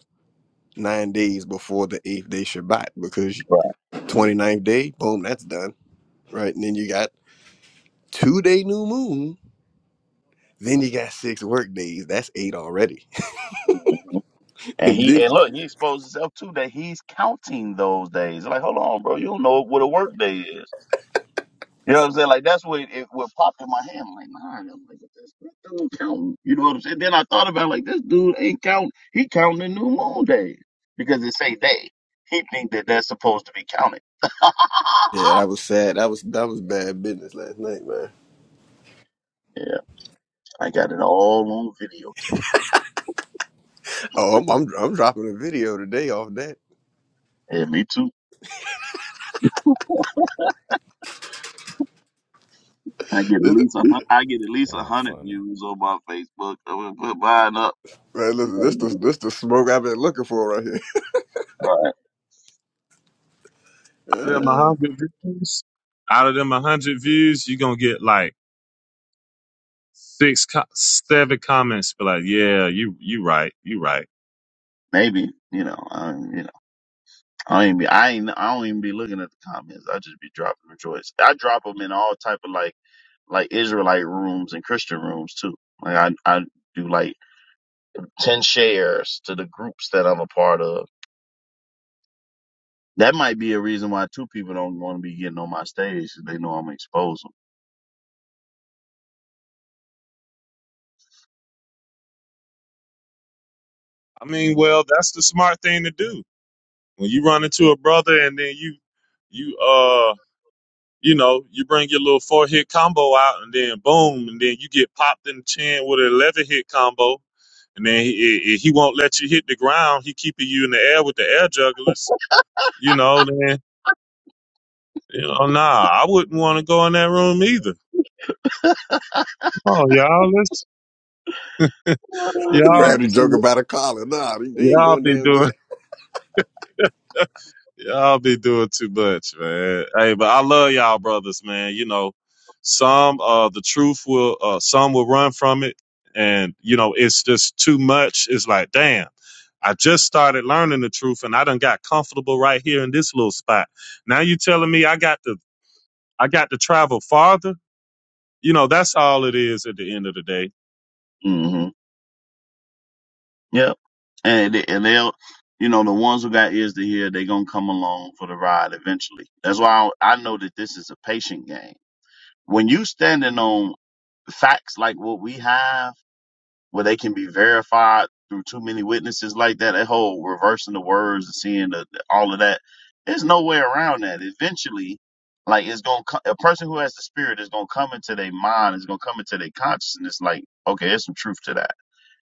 A: nine days before the eighth day Shabbat because
D: right.
A: twenty-ninth day, boom, that's done. Right. And then you got two day new moon. Then you got six work days. That's eight already.
D: hmm
A: <laughs>
D: And
A: and
D: he
A: then
D: and look, he exposed himself too that he's counting those days. Like, hold on, bro, you don't know what a work day is. You know what I'm saying? Like that's what it what popped in my head. I'm like, nah, I'm like, this dude counting. You know what I'm saying? Then I thought about it, like this dude ain't counting. He counting the new moon day because it say day. He think that that's supposed to be counted. <laughs>
A: yeah, that was sad. That was that was bad business last night, man.
D: yeah, I got it all on videotape.
A: Oh, I'm I'm, I'm dropping a video today off that.
D: Yeah, me too. <laughs> I get at
A: This the,
D: least a hun- I get at least a
B: Y'all
D: hundred
B: funny.
D: views on my Facebook. I'm gonna put mine up.
A: man, listen,
D: All
A: this the this the smoke I've been looking for right here. <laughs>
D: right,
C: Out of them a
A: Uh,
C: hundred views, out of them a hundred views, you gonna get like six, co- seven comments. Be like, yeah, you you right, you right.
D: maybe you know, um, you know. I ain't be, I ain't, I don't even be looking at the comments. I just be dropping the joints. I drop them in all type of like, like Israelite rooms and Christian rooms too. Like I, I do like 10 shares to the groups that I'm a part of. That might be a reason why two people don't want to be getting on my stage 'cause they know I'm gonna expose
C: I mean, well, that's the smart thing to do. When you run into a brother and then you you uh you know you bring your little four hit combo out and then boom and then you get popped in the chin with an eleven hit combo and then he, he he won't let you hit the ground. He keeping you in the air with the air jugglers. You know then you know nah I wouldn't want to go in that room either. Oh y'all let's y'all
A: Grab the joker
C: see,
A: by the collar. Nah, they they ain't
C: y'all
A: going
C: be
A: down yet.
C: doing. Y'all be doing too much, man. Hey, but I love y'all brothers, man. You know, some uh the truth will uh some will run from it and you know it's just too much. It's like, damn, I just started learning the truth and I done got comfortable right here in this little spot. Now you telling me I got to I got to travel farther? You know, that's all it is at the end of the day.
D: them. Yep. And they, and they'll, you know, the ones who got ears to hear, they gonna come along for the ride eventually. That's why I, I know that this is a patient game. When you standing on facts like what we have, where they can be verified through too many witnesses like that, that whole reversing the words and seeing the, the- all of that, there's no way around that. Eventually, like it's gonna a person who has the spirit is gonna come into their mind, is gonna come into their consciousness. Like, okay, there's some truth to that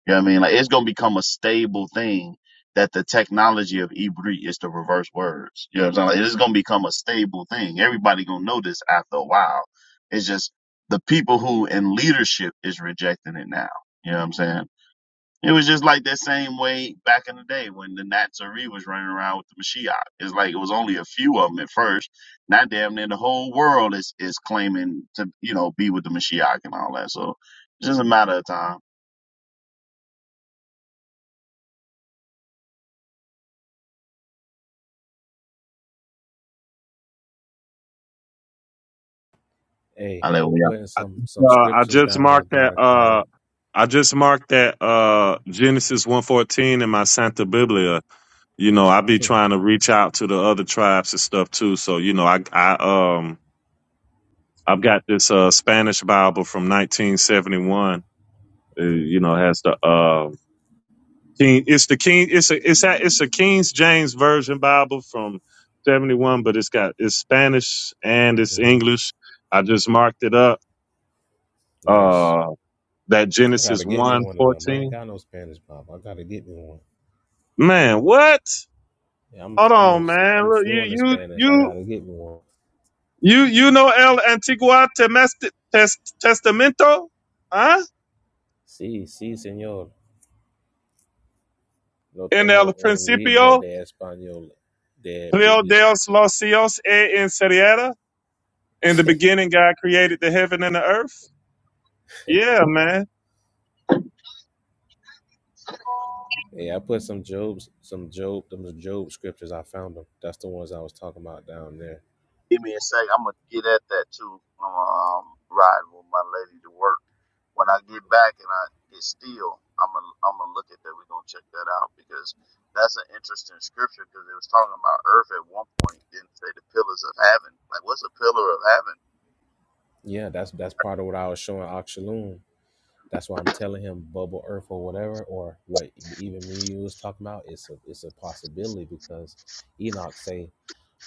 D: you know what I mean? Like it's gonna become a stable thing that the technology of Ibri is to reverse words. You know what I'm saying? Like, it's gonna become a stable thing. Everybody gonna know this after a while. It's just the people who in leadership is rejecting it now. You know what I'm saying? It was just like that same way back in the day when the Natsari was running around with the Mashiach. It's like it was only a few of them at first. Now damn near the whole world is is claiming to, you know, be with the Mashiach and all that. So it's just a matter of time.
B: Hey,
D: I
B: I'm
D: let
B: putting
C: I
B: some some
C: uh, I
B: scriptures
C: just
B: down there,
C: marked that uh
B: Gardakia.
C: I just marked that uh Genesis one fourteen in my Santa Biblia you know, I be trying to reach out to the other tribes and stuff too. So, you know, I, I, um, I've got this, uh, Spanish Bible from 1971. Uh,
B: Mm-hmm.
C: you know, has the, uh, King, it's the King, it's a, it's a, it's a King James Version Bible from 71, but it's got, it's Spanish and it's
B: Mm-hmm.
C: English. I just marked it up,
B: Nice.
C: uh, that
B: I
C: Genesis
B: gotta get me
C: 1
B: one of them. I ain't
C: fourteen.
B: got no Spanish, Bob. I gotta get me one.
C: Man, what?
B: Yeah, I'm
C: Hold
B: I'm a
C: on, man.
B: I'm
C: Look, you,
B: fluent in
C: you,
B: Spanish. I
C: you.
B: gotta get me one.
C: You you know El antiguo Temest- Tes- Testamento, huh?
B: Sí, sí, señor. Lo
C: In el
B: tengo un libro
C: principio,
B: de español de
C: Rio
B: Biblia.
C: Dios los cielos e inseriera. In the beginning, God created the heaven and the earth. Yeah, man.
B: Yeah, I put some Job's, some Job, them Job scriptures. I found them. That's the ones I was talking about down there.
D: Give me a second. I'm gonna get at that too. I'm Um, riding with my lady to work. When I get back and I get still, I'm gonna I'm gonna look at that. We're gonna check that out because that's an interesting scripture because it was talking about earth at one point. Didn't say the pillars of heaven. Like, what's a pillar of heaven?
B: Yeah, that's that's part of what I was showing Akshalun. That's why I'm telling him bubble earth or whatever, or what even me and you was talking about. It's a it's a possibility because Enoch say,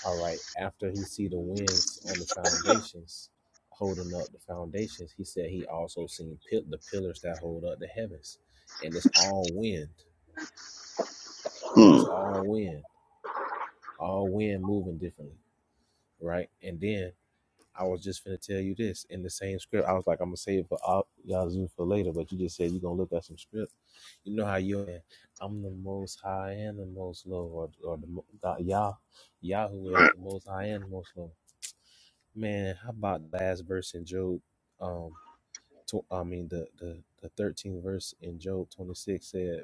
B: all right, after he see the winds on the foundations holding up the foundations, he said he also seen pil- the pillars that hold up the heavens, and it's all wind. It's
D: Hmm.
B: all wind, all wind moving differently, right? And then I was just finna tell you this in the same script. I was like, I'm gonna save it for all Yazoo for later, but you just said you're gonna look at some script. You know how you are. I'm the most high and the most low, or, or the God, Yah, Yahoo is
D: Right.
B: the most high and the most low. Man, how about the last verse in Job? Um, tw- I mean the the the 13th verse in Job 26 said,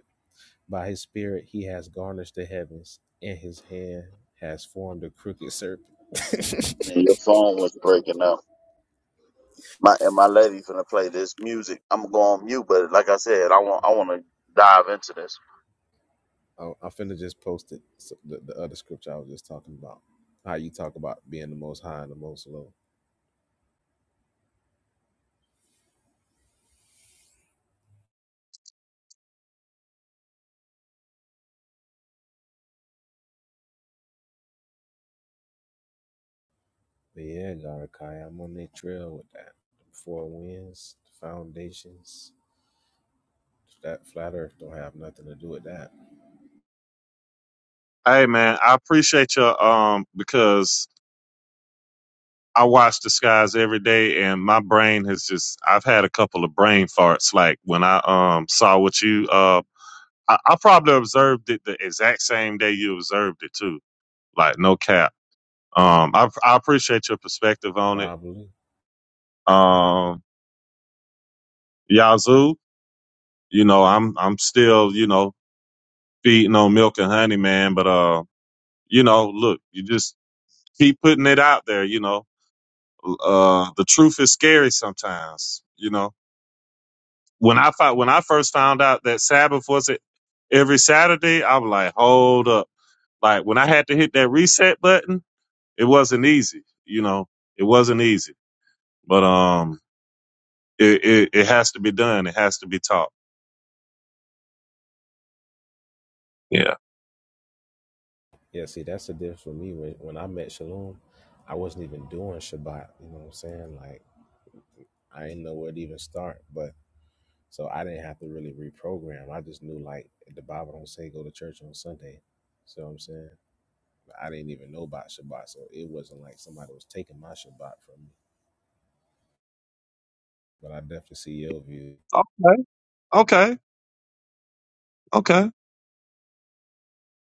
B: "By his spirit he has garnished the heavens, and his hand has formed a crooked serpent."
D: And your phone was breaking up. My and my lady finna play this music. I'm gonna go on mute, but like I said, I want I want to dive into this.
B: I'm finna just post it. So the, the other scripture I was just talking about, how you talk about being the most high and the most low. But yeah, Garakai, I'm on that trail with that. The four winds, the foundations, that flat Earth don't have nothing to do with that.
C: Hey, man, I appreciate you um because I watch the skies every day, and my brain has just I've had a couple of brain farts. Like when I um saw what you uh I, I probably observed it the exact same day you observed it too. Like no cap Um, I, I appreciate your perspective on it.
B: Probably.
C: Um, Yazoo, you know, I'm I'm still, you know, feeding on milk and honey, man. But uh, you know, look, you just keep putting it out there. You know, uh, the truth is scary sometimes. You know, when I fi- when I first found out that Sabbath was it every Saturday, I was like, hold up. Like when I had to hit that reset button, it wasn't easy. You know, it wasn't easy. But um, it, it, it has to be done. It has to be taught. Yeah.
B: Yeah. See, that's the difference for me. When when I met Shalom, I wasn't even doing Shabbat. You know what I'm saying? Like I didn't know where to even start, but. So I didn't have to really reprogram. I just knew like the Bible don't say go to church on Sunday. So I'm saying? I didn't even know about Shabbat, so it wasn't like somebody was taking my Shabbat from me. But I definitely see your view.
C: Okay. Okay. Okay.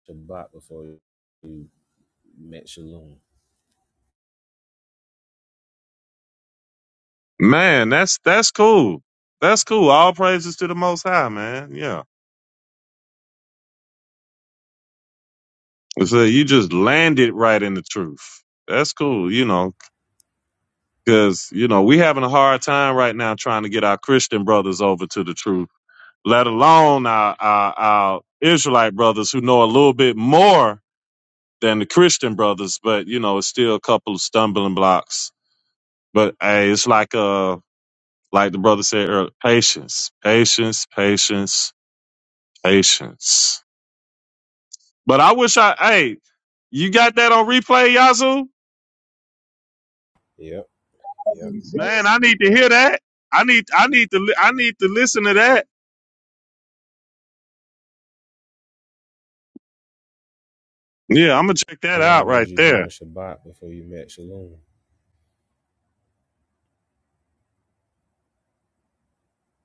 B: Shabbat before you met Shalom.
C: Man, that's that's cool. That's cool. All praises to the Most High, man. Yeah. So you just landed right in the truth. That's cool. You know, because you know we having a hard time right now trying to get our Christian brothers over to the truth. Let alone our our, our Israelite brothers who know a little bit more than the Christian brothers, but you know it's still a couple of stumbling blocks. But hey, it's like uh Like the brother said earlier, patience, patience, patience, patience. But I wish I, hey, you got that on replay, Yazoo?
B: Yep, yep.
C: Man, I need to hear that. I need, I need to, li- I need to listen to that. Yeah, I'm gonna check that
B: How
C: out
B: long was
C: right
B: you
C: there.
B: doing Shabbat before you met Shalom?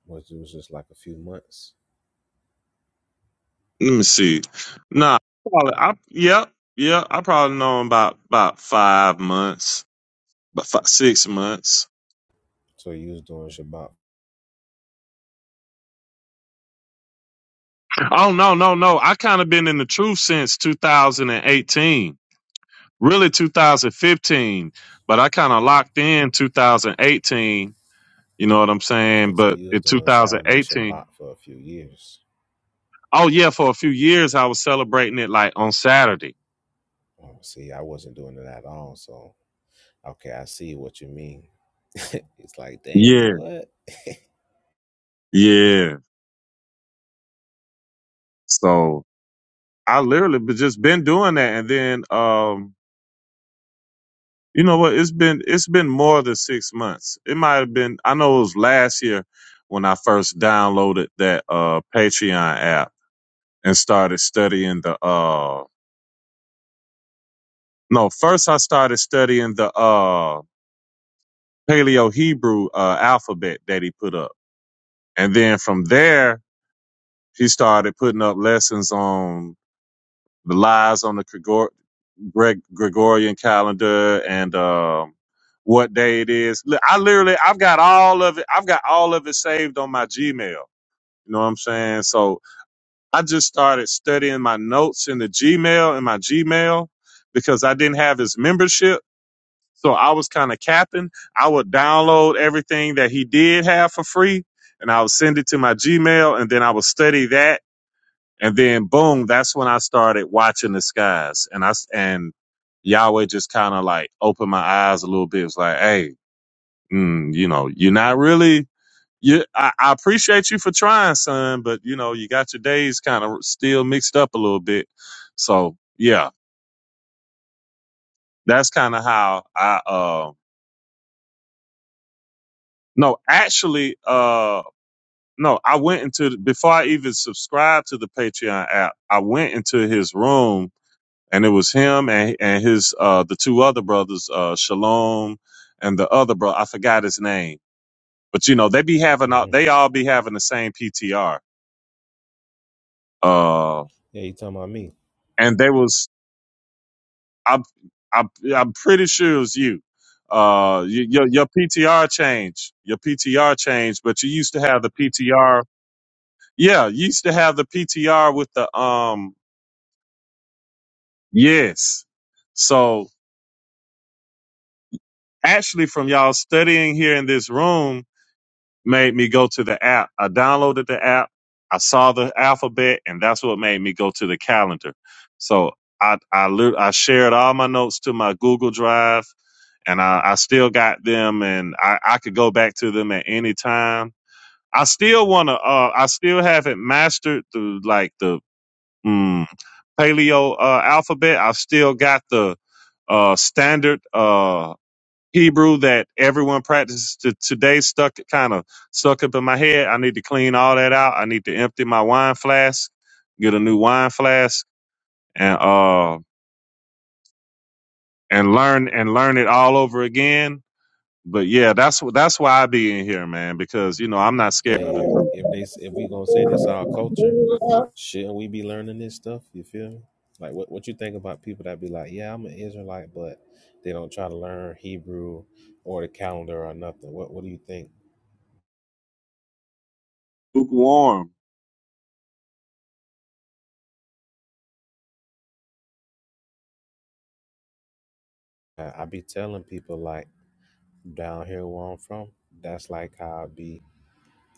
B: Was it was just like a few months.
C: Let me see. Nah, probably, I, yeah, yeah, I probably know him about about five months, about five, six months.
B: So you was doing Shabbat.
C: Oh no, no, no! I kind of been in the truth since 2018. really 2015, but I kind of locked in 2018. You know what I'm
B: Okay,
C: saying?
B: so
C: But
B: you was
C: in
B: doing Saturday
C: 2018,
B: Shabbat for a few years.
C: oh yeah, for a few years I was celebrating it like on Saturday.
B: Oh, see, I wasn't doing it at all. So okay, I see what you mean. <laughs> it's like, dang,
C: Yeah,
B: what?
C: yeah. So I literally be- just been doing that, and then um, you know what? It's been it's been more than six months. It might have been. I know it was last year when I first downloaded that uh Patreon app and started studying the uh No, first I started studying the uh Paleo Hebrew uh, alphabet that he put up, and then from there he started putting up lessons on the lies on the Gregor- Greg- Gregorian calendar and um what day it is. Li- I literally I've got all of it. I've got all of it saved on my Gmail. You know what I'm saying? So I just started studying my notes in the Gmail in my Gmail because I didn't have his membership. So I was kind of capping. I would download everything that he did have for free and I would send it to my Gmail and then I would study that. And then boom, that's when I started watching the skies. And I, s- and Yahweh just kind of like opened my eyes a little bit. It was like, Hey, mm, you know, you're not really, you, I, I appreciate you for trying, son, but you know, you got your days kind of still mixed up a little bit. So yeah, that's kind of how I, uh, no, actually, uh, no, I went into the- before I even subscribed to the Patreon app. I went into his room, and it was him and and his uh the two other brothers, uh Shalom, and the other brother. I forgot his name, but you know they be having all
B: hmm
C: they all be having the same PTR. Uh,
B: Yeah, you talking about me?
C: and they was I'm I'm I'm pretty sure it was you. Uh, y- your your PTR changed, your PTR changed, but you used to have the PTR. Yeah, you used to have the PTR with the um Yes. So actually from y'all studying here in this room made me go to the app. I downloaded the app. I saw the alphabet and that's what made me go to the calendar. So I, I, lit- I shared all my notes to my Google Drive and I, I still got them and I, I could go back to them at any time. I still want to, uh, I still haven't mastered the, like the, mm, paleo, uh, alphabet. I've still got the, uh, standard, Uh, Hebrew that everyone practices to today stuck kind of stuck up in my head. I need to clean all that out. I need to empty my wine flask, get a new wine flask, and uh and learn and learn it all over again. But yeah, that's wh- that's why I be in here, man, because you know I'm not scared of the
B: Hey,
C: truth.
B: if they if we gonna say this our culture, shouldn't we be learning this stuff? You feel me? Like what what you think about people that be like, yeah, I'm an Israelite, but they don't try to learn Hebrew or the calendar or nothing. What what do you think?
C: Lukewarm.
B: I, I be telling people like down here where I'm from, that's like how I be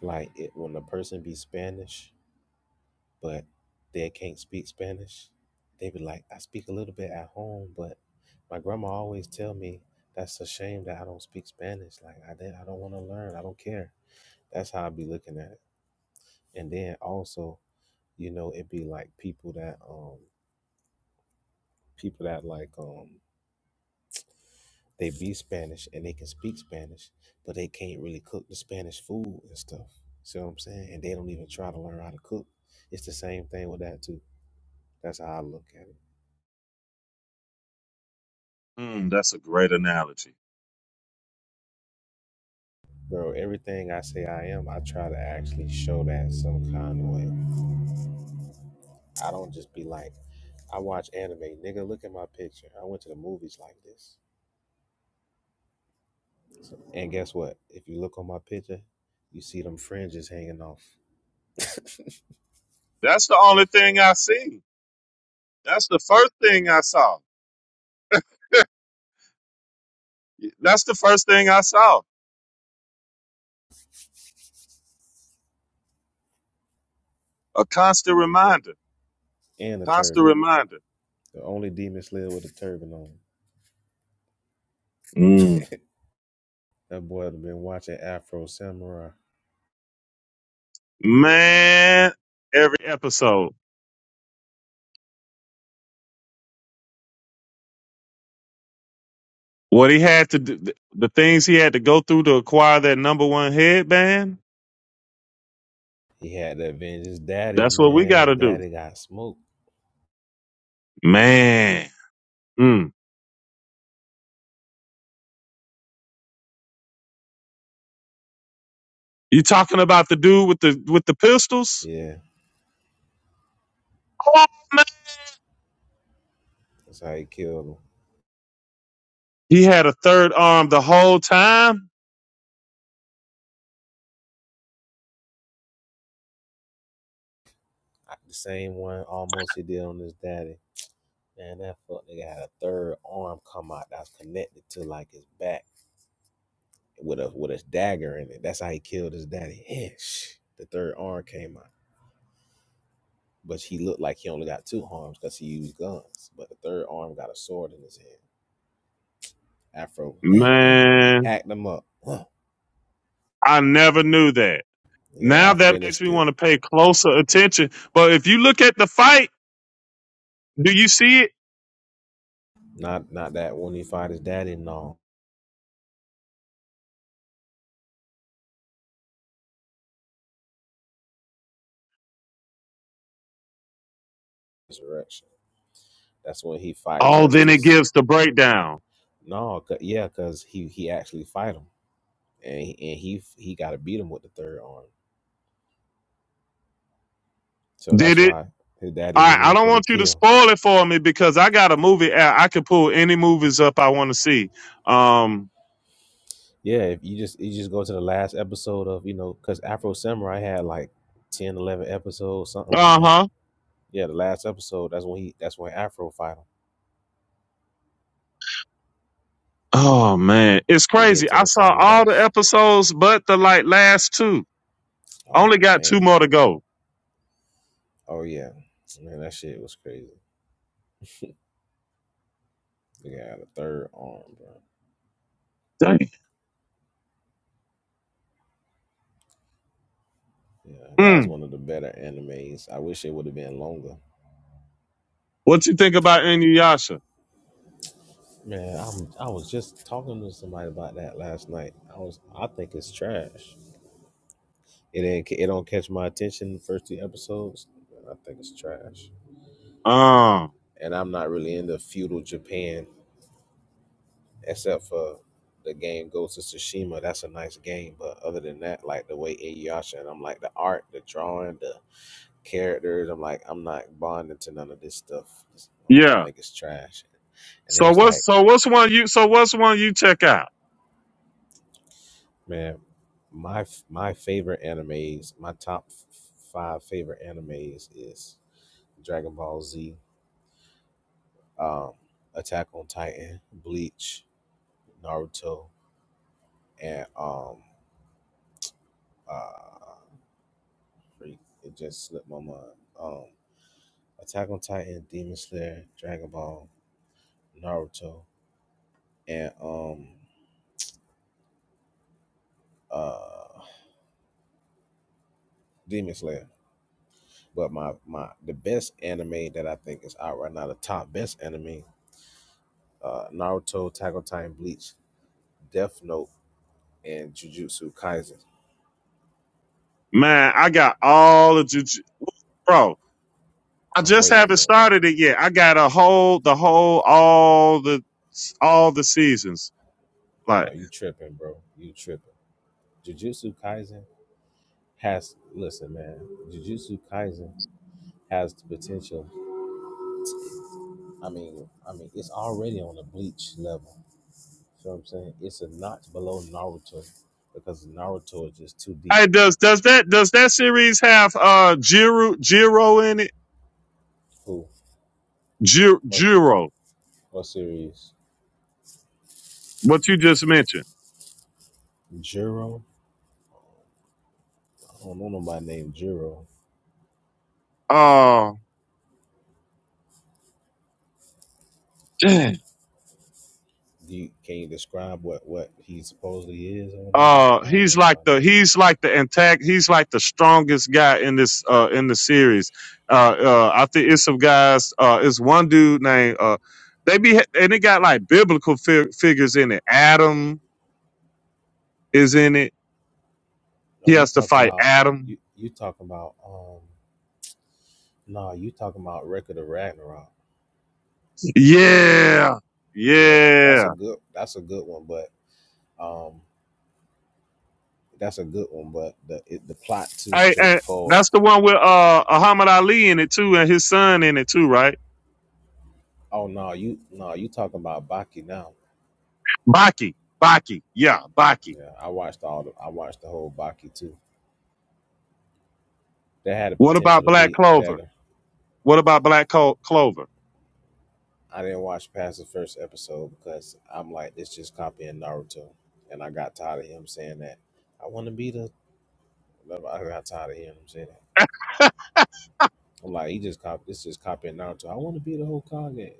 B: like it when a person be Spanish. but they can't speak Spanish. They be like, I speak a little bit at home, but my grandma always tell me that's a shame that I don't speak Spanish. Like I did, I don't want to learn. I don't care. That's how I be looking at it. And then also, you know, it be like people that um people that like um they be Spanish and they can speak Spanish, but they can't really cook the Spanish food and stuff. See what I'm saying? And they don't even try to learn how to cook. It's the same thing with that too. That's how I look at it.
C: Mm, that's a great analogy.
B: Bro, everything I say I am, I try to actually show that some kind of way. I don't just be like, I watch anime, nigga. Look at my picture. I went to the movies like this. So, and guess what? If you look on my picture, you see them fringes hanging off <laughs>
C: That's the only thing I see. That's the first thing I saw. <laughs> that's the first thing I saw. A constant reminder.
B: and a
C: Constant
B: turban.
C: reminder.
B: The only demon slayer with a turban on.
C: Mm.
B: That boy had been watching Afro Samurai.
C: Man, every episode. What he had to do, the things he had to go through to acquire that number one headband,
B: He had to avenge his daddy,
C: that's what we
B: man.
C: got
B: His
C: to do.
B: daddy got smoked.
C: Man. Mm. You talking about the dude with the with the pistols?
B: Yeah,
C: Oh, man.
B: that's how he killed him.
C: He had a third arm the whole time?
B: I- The same one almost he did on his daddy. Man, that fuck nigga had a third arm come out that was connected to like his back with a with a dagger in it. That's how he killed his daddy. Yeah, shh. The third arm came out. But he looked like he only got two arms because he used guns. But the third arm got a sword in his hand. Afro <laughs>
C: Man,
B: hacked him up. Huh.
C: I never knew that.
B: Yeah,
C: Now
B: I
C: that makes me
B: finished it.
C: want to pay closer attention. But if you look at the fight, do you see it?
B: Not not that when he fight his daddy, no. Resurrection. That's when he fight
C: Oh, then it
B: justice.
C: gives the breakdown.
B: No, 'cause- yeah, because he he actually fight him. And he, and he he gotta beat him with the third arm. So
C: Did
B: that's
C: it?
B: why his daddy
C: I
B: went
C: I
B: in
C: don't
B: for the
C: want you to
B: kill.
C: spoil it for me because I got a movie. app. I can pull any movies up I want to see. Um.
B: Yeah, if you just you just go to the last episode of, you know, because Afro Samurai had like 10, 11 episodes, something like
C: Uh
B: that.
C: huh.
B: Yeah, the last episode, that's when he that's when Afro fight him.
C: Oh man, it's
B: He get
C: crazy.
B: to
C: I
B: the
C: saw
B: final
C: all the
B: boss.
C: episodes but the like last two. Only
B: Oh
C: got two
B: man.
C: more to go.
B: Oh yeah. Man, that shit was crazy. The guy had a third arm, bro. Yeah, that was
C: Mm.
B: one of the better animes. I wish it would have been longer.
C: What you think about Inuyasha?
B: Man, I'm, I was just talking to somebody about that last night. I was I think it's trash. It ain't. It don't catch my attention. The first two episodes, I think it's trash.
C: Um.
B: And I'm not really into feudal Japan, except for the game Ghost of Tsushima. That's a nice game, but other than that, like the way Inuyasha and I'm like the art, the drawing, the characters. I'm like I'm not bonding to none of this stuff. It's- I
C: Yeah.
B: think it's trash. And it
C: So
B: was
C: what's
B: like,
C: so what's one you so what's one you check out?
B: man, my my favorite animes, my top f- five favorite animes is Dragon Ball Z, um, Attack on Titan, Bleach, Naruto, and um, uh, freak, it just slipped my mind. Um, Attack on Titan, Demon Slayer, Dragon Ball, Naruto, and um, uh, Demon Slayer. But my my the best anime that I think is out right now, the top best anime, uh, Naruto, Attack on Titan, Bleach, Death Note, and Jujutsu Kaisen.
C: Man, I got all the juju, bro. I
B: I'm
C: just
B: waiting
C: haven't
B: on that
C: started it
B: one.
C: yet. I got a whole the whole all the all the seasons.
B: No,
C: Like,
B: you tripping, bro? You tripping? Jujutsu Kaisen has listen, man. Jujutsu Kaisen has the potential. I mean, I mean, it's already on the bleach level. You know what I'm saying? It's a notch below Naruto because Naruto is just too deep.
C: hey, does does that does that series have uh Jiro Jiro in it?
B: Who?
C: Jiro,
B: What's
C: Jiro
B: what series?
C: what you just mentioned.
B: Jiro. I don't know nobody named Jiro.
C: Uh, Dang.
B: Do you, can you describe what what he supposedly is or whatever?
C: uh,
B: I don't
C: he's
B: know
C: like
B: my
C: the
B: name.
C: he's like the intact. He's like the strongest guy in this uh in the series. Uh, uh I think it's some guys. Uh, it's one dude named uh. They be and it got like biblical fi- figures in it. Adam is in it.
B: No,
C: He
B: you
C: has to
B: talking
C: fight
B: about
C: Adam.
B: you you talking about um. No, you talking about Record of Ragnarok.
C: Yeah,
B: Yeah,
C: yeah.
B: that's a good that's a good one, but Um, that's a good one, but the it, the plot too
C: Hey, hey,
B: straightforward.
C: that's the one with uh Muhammad Ali in it too, and his son in it too, right?
B: Oh no, you no, you talking about Baki now?
C: Baki, Baki, yeah, Baki.
B: Yeah, I watched all the I watched the whole Baki too. That had the
C: What
B: potential
C: about
B: to
C: Black
B: be
C: Clover?
B: better.
C: What about Black Clo- Clover?
B: I didn't watch past the first episode because I'm like, it's just copying Naruto, and I got tired of him saying that. I want to be the. I got tired of hearing him saying that.
C: <laughs>
B: I'm like, he just cop. This just copying Naruto. I want to be the whole Hokage.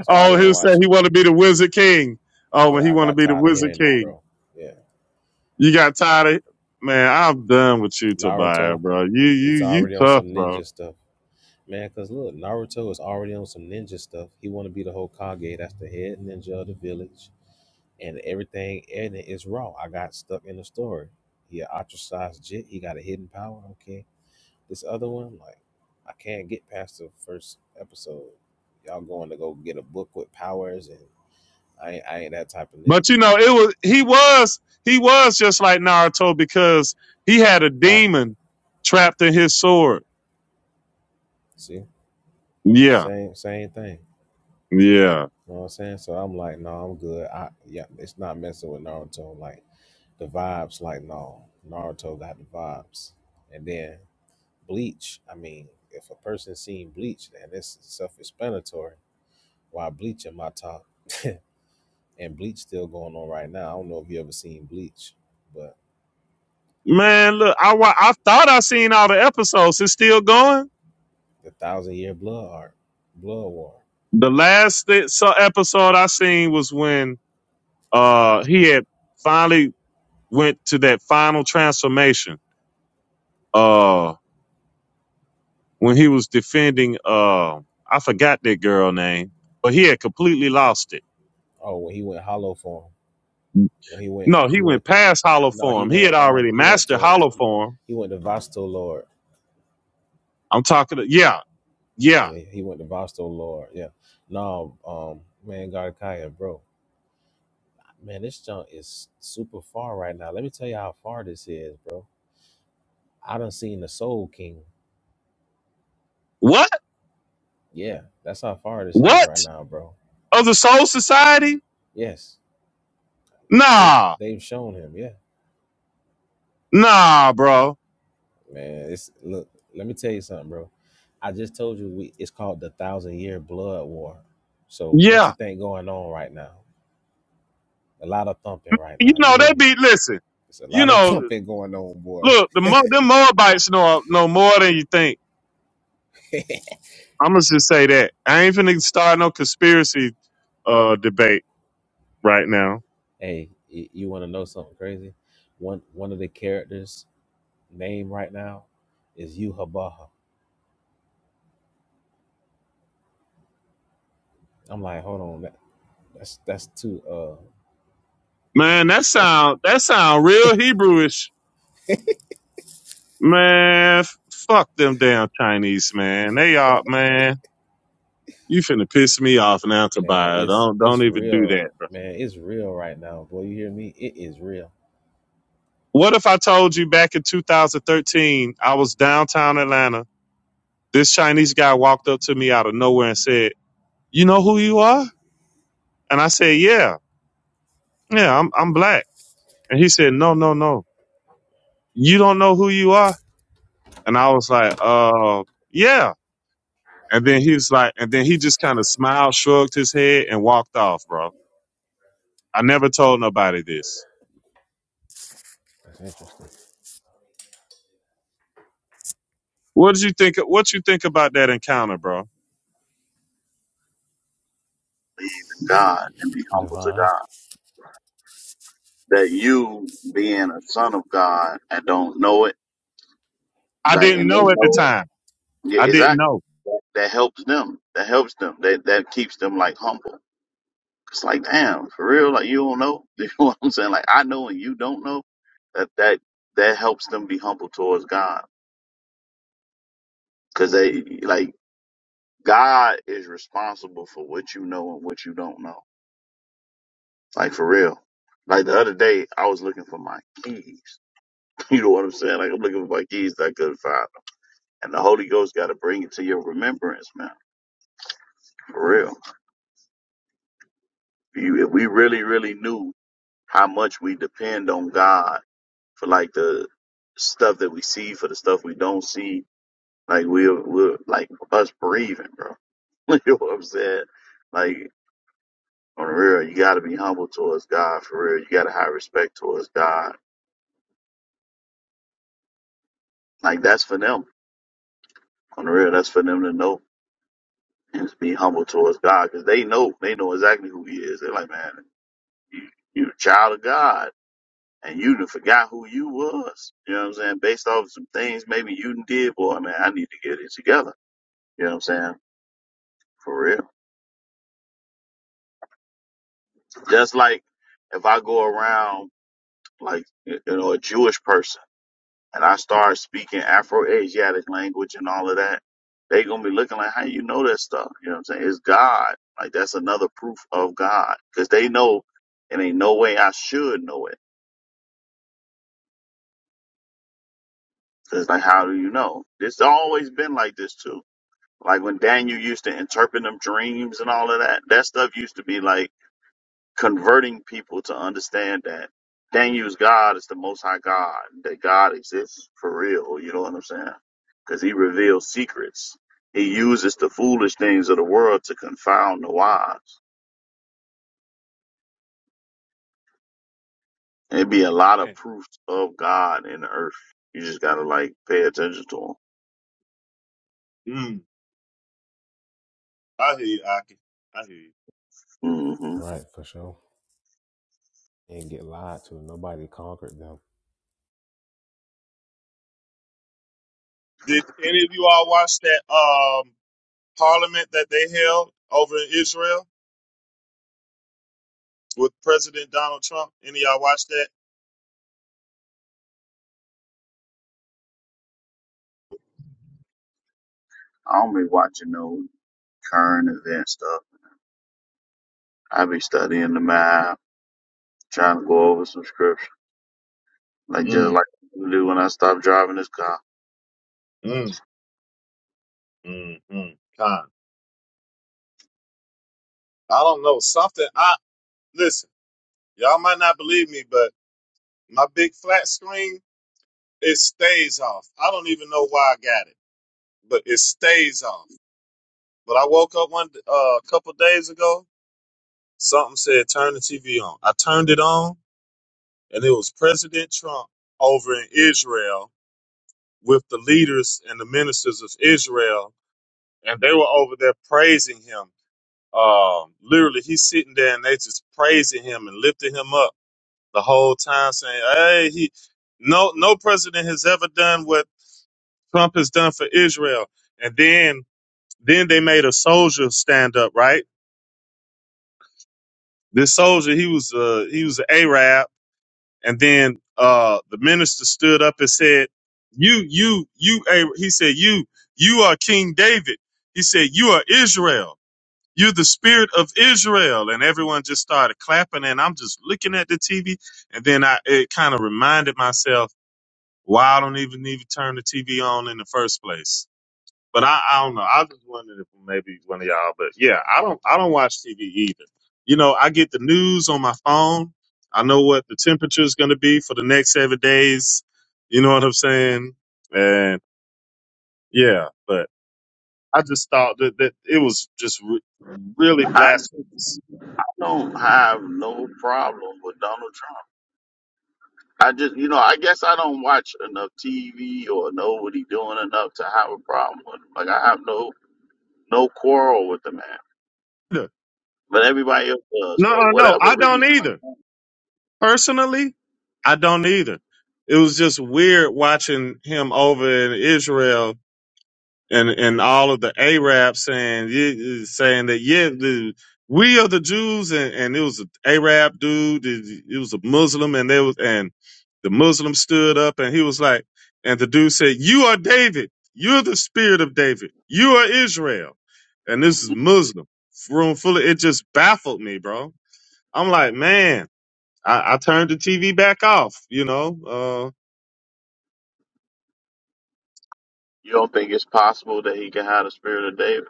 B: So I
C: Oh,
B: didn't
C: he said
B: watch him.
C: he want to be the Wizard King. Oh, when he
B: Yeah, I
C: want to
B: got
C: be the
B: tired of
C: Wizard
B: hearing that,
C: King,
B: bro. Yeah,
C: you got tired of man. I'm done with you, Tobiah,
B: Naruto.
C: bro. You you
B: It's
C: you
B: already on
C: tough,
B: some
C: bro.
B: ninja stuff, man. Cause look, Naruto is already on some ninja stuff. He want to be the Hokage. That's the head ninja of the village, and everything in it is raw. I got stuck in the story. He an ostracized jit. He got a hidden power. Okay, this other one, like, I can't get past the first episode. Y'all going to go get a book with powers, and I ain't, I ain't that type of nigga.
C: But you know, it was he was he was just like Naruto because he had a
B: Right?
C: demon trapped in his sword.
B: See,
C: Yeah,
B: same same thing.
C: yeah.
B: You know what I'm saying? So I'm like, no, I'm good. I yeah, it's not messing with Naruto. Like the vibes like no naruto got the vibes and then bleach i mean if a person seen bleach then it's self-explanatory why bleach in my top and bleach still going on right now i don't know if you ever seen bleach but
C: Man, look, I wa- I thought I seen all the episodes. It's still going.
B: the thousand year blood art blood war
C: The last thi- so episode I seen was when uh he had finally went to that final transformation. Uh, when he was defending uh I forgot that girl name, but he had completely lost it.
B: oh when he went hollow form when he went
C: No, he
B: he went
C: went past hollow
B: no he
C: form. He had
B: went um
C: already
B: he went
C: mastered
B: to
C: hollow
B: he,
C: form.
B: he went to vasto lord
C: I'm talking. To, yeah, yeah.
B: yeah, he went to vasto lord yeah no um man got bro Man, this junk is super far right now. Let me tell you how far this is, bro. I done seen the Soul King.
C: What?
B: Yeah, that's how far this is
C: What
B: right now, bro.
C: of the Soul Society?
B: Yes, they've
C: Nah,
B: they've shown him. Yeah,
C: nah, bro.
B: man. It's look. Let me tell you something, bro. I just told you we, it's called the Thousand Year Blood War. So
C: Yeah.
B: what you think going on right now? A lot of thumping right
C: you
B: now. You
C: know,
B: hear
C: they
B: me?
C: be listen.
B: It's a
C: You
B: lot of <laughs>
C: know,
B: thumping going on, boy.
C: look, the Mo, them Moabites know know more than you think.
B: <laughs>
C: I'm gonna just say that. I ain't finna start no conspiracy uh debate right now.
B: Hey, y- you want to know something crazy? One one of the characters name right now is Yuhabaha. I'm like, hold on, that, that's that's too uh
C: Man, that sound that sound real Hebrewish. Man, f- fuck them damn Chinese man. They are man. You finna piss me off now,
B: man,
C: Kabaya.
B: it's
C: Don't don't
B: it's
C: even do
B: real,
C: that, bro.
B: man, it's real right now. Boy, you hear me? It is real.
C: What if I told you back in 2013 I was downtown Atlanta? This Chinese guy walked up to me out of nowhere and said. you know who you are? And I said, yeah, yeah, I'm, I'm black. And he said, no, no, no, you don't know who you are. And I was like, uh, yeah. And then he was like, and then he just kind of smiled, shrugged his head and walked off, bro. I never told nobody this.
B: That's interesting.
C: What did you think? What you think about that encounter, bro?
D: believe in God and be humble to
B: Divine,
D: God. That you being a son of God and don't know it,
C: I
D: like
C: didn't
D: and they
C: know at the
D: know it.
C: time.
D: Yeah,
C: I didn't
D: exactly.
C: know.
D: That, that helps them. That helps them. That that keeps them like humble. It's like damn, for real. Like you don't know. <laughs> You know what I'm saying? Like I know and you don't know. That that that helps them be humble towards God because they like God is responsible for what you know and what you don't know. Like for real. Like the other day, I was looking for my keys You know what I'm saying? Like I'm looking for my keys that I couldn't find them. And the Holy Ghost got to bring it to your remembrance, man. For real. If, you, if we really, really knew how much we depend on God for like the stuff that we see, for the stuff we don't see, like we're, we're like us breathing, bro. <laughs> you know what I'm saying? Like on the real, you got to be humble towards God. For real, you got to have respect towards God. Like that's for them. On the real, that's for them to know. Just be humble towards God because they know they know exactly who He is. They're like, man, you, you're a child of God, and you done forgot who you was. You know what I'm saying? Based off of some things maybe you done did, boy, man, I need to get it together. You know what I'm saying? For real. Just like if I go around like you know a Jewish person. and I start speaking Afro-Asiatic language and all of that, they gonna be looking like, how you know that stuff? You know what I'm saying? It's God. Like that's another proof of God because they know it ain't no way I should know it. Cause like, how do you know? It's always been like this too. Like when Daniel used to interpret them dreams and all of that, that stuff used to be like. converting people to understand that Daniel's God is the Most High God, that God exists for real. You know what I'm saying? Because he reveals secrets. He uses the foolish things of the world to confound the wise. And it'd be a lot of proofs of God in the earth. You just gotta like pay attention to
C: Mm, I hear you, Aki. I hear you.
D: them. hmm
B: right, for sure. And get lied to. Nobody conquered them.
C: Did any of you all watch that um parliament that they held over in Israel? with President Donald Trump. Any of y'all watch that?
D: I don't be watching no current event stuff. I be studying the map, trying to go over some scripture, like just
C: Mm,
D: like I do when I stop driving this car.
C: mm, mm, mm. Con. I don't know. Something I listen, y'all might not believe me, but my big flat screen, it stays off. I don't even know why I got it, but it stays off. But I woke up one uh, a couple days ago, something said turn the TV on. I turned it on and it was President Trump over in Israel with the leaders and the ministers of Israel and they were over there praising him Um, literally, he's sitting there and they just praising him and lifting him up the whole time, saying, "Hey, he no no president has ever done what Trump has done for Israel." And then then they made a soldier stand up. Right, this soldier he was uh he was an Arab, and then uh the minister stood up and said, "You you you A-" he said you you are King David." He said, "You are Israel." You're the spirit of Israel. And everyone just started clapping. And I'm just looking at the TV. And then I, it kind of reminded myself why I don't even need to turn the TV on in the first place. But I, I don't know. I just wondering if maybe one of y'all, but yeah, I don't, I don't watch TV either. You know, I get the news on my phone. I know what the temperature is going to be for the next seven days. You know what I'm saying? And yeah, but I just thought that, that it was just re- really
D: I.
C: blasphemous
D: don't have no problem with Donald Trump. I just, you know, I guess I don't watch enough TV or know what he's doing enough to have a problem with him. Like I have no no quarrel with the man, but everybody else does
C: No,
D: for
C: uh, no,
D: whatever
C: I don't
D: reason. Like
C: either.
D: mm-hmm.
C: Personally, I don't either. It was just weird watching him over in Israel and and all of the Arabs saying yeah, saying that yeah, the, we are the Jews, and, and it was an Arab dude, it, it was a Muslim, and they was and the Muslim stood up and he was like, and the dude said, "You are David. You're the spirit of David. You are Israel." And this is Muslim room full of it. Just baffled me, bro. I'm like, man. I, I turned the TV back off. You know,
D: you don't think it's possible that he can have the spirit of David.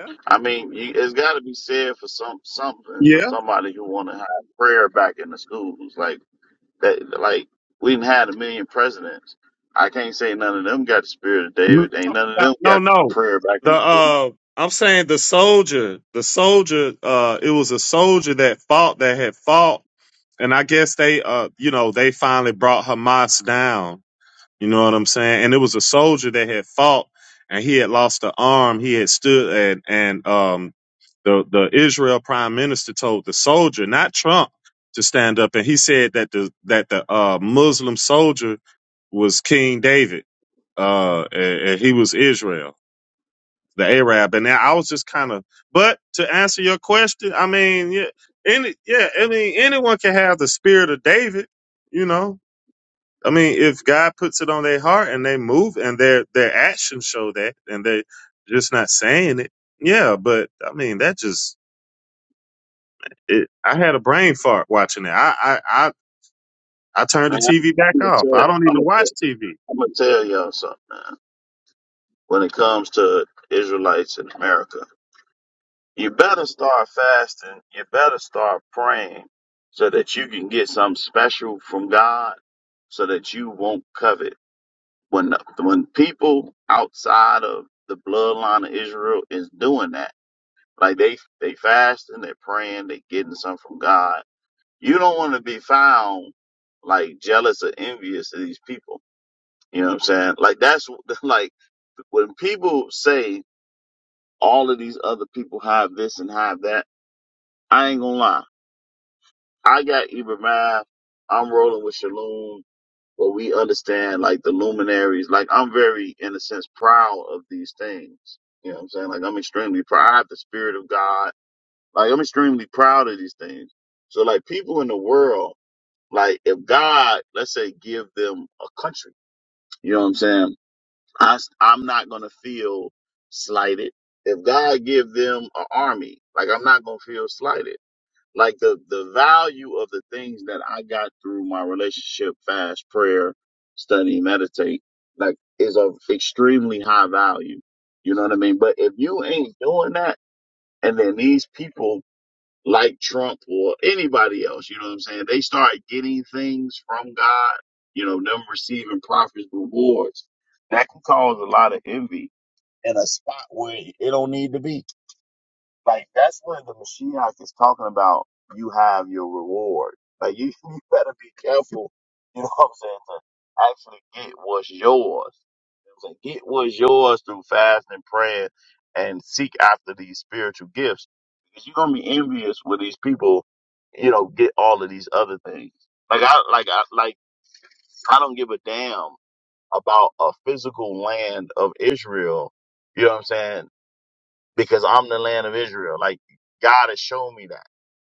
C: uh, yeah,
D: I mean, you, it's got to be said for some something for
C: yeah.
D: somebody who want to have prayer back in the schools. Like That like we've had a million presidents. I can't say none of them got the spirit of
C: No,
D: David. Ain't none of them
C: no,
D: got
C: no.
D: prayer back
C: The
D: in the school.
C: uh, I'm saying the soldier, the soldier. Uh, it was a soldier that fought that had fought, and I guess they, uh, you know, they finally brought Hamas down You know what I'm saying? And it was a soldier that had fought and he had lost an arm. He had stood and and um the the Israel prime minister told the soldier, not Trump, to stand up and he said that the that the uh Muslim soldier was King David. Uh and, and he was Israel, the Arab. And now I was just kind of but to answer your question, I mean, yeah, any yeah, I mean anyone can have the spirit of David, you know I mean, if God puts it on their heart and they move and their their actions show that and they're just not saying it, yeah. But I mean, that just it, I had a brain fart watching it. I, I I I turned the
D: Man,
C: TV back
D: I'm gonna
C: off.
D: tell,
C: I don't
D: I'm
C: even
D: gonna tell,
C: watch TV.
D: I'm gonna tell y'all something, man. When it comes to Israelites in America, you better start fasting. You better start praying so that you can get something special from God, so that you won't covet. When when people outside of the bloodline of Israel is doing that Like they they fasting, they're praying, they getting something from God. You don't want to be found like jealous or envious of these people. You know what I'm saying? Like that's <laughs> like when people say all of these other people have this and have that. I ain't gonna lie. I got Ibrahim. I'm rolling with Shalom, but we understand like the luminaries. Like I'm very, in a sense, proud of these things. You know what I'm saying? Like I'm extremely proud. I have the spirit of God. Like I'm extremely proud of these things. So like people in the world, like if God, let's say, give them a country, you know what I'm saying? I am not gonna feel slighted. If God give them an army, like I'm not gonna feel slighted. Like the the value of the things that I got through my relationship, fast, prayer, study, meditate, like is of extremely high value. You know what I mean? But if you ain't doing that, and then these people like Trump or anybody else, you know what I'm saying? They start getting things from God, you know, them receiving prophets rewards. That can cause a lot of envy in a spot where it don't need to be. Like that's when the Mashiach is talking about you have your reward. Like you, <laughs> you better be careful, you know what I'm saying, to actually get what's yours. You know what I'm saying? Get what's yours through fasting and praying and seek after these spiritual gifts. Because you're gonna be envious when these people, you know, get all of these other things. Like I like I like I don't give a damn about a physical land of Israel. You know what I'm saying? because I'm the land of Israel. Like God has shown me that.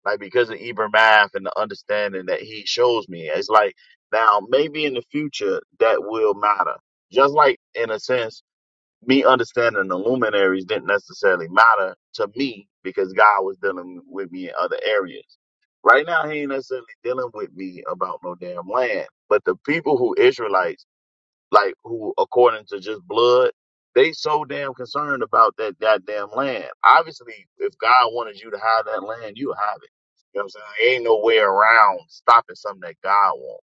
D: Like because of Ibram Math and the understanding that he shows me. It's like now maybe in the future that will matter. Just like in a sense, me understanding the luminaries didn't necessarily matter to me because God was dealing with me in other areas. Right now he ain't necessarily dealing with me about no damn land. But the people who Israelites like who according to just blood they so damn concerned about that goddamn land obviously if god wanted you to have that land you would have it you know what i'm saying There ain't no way around stopping something that god wants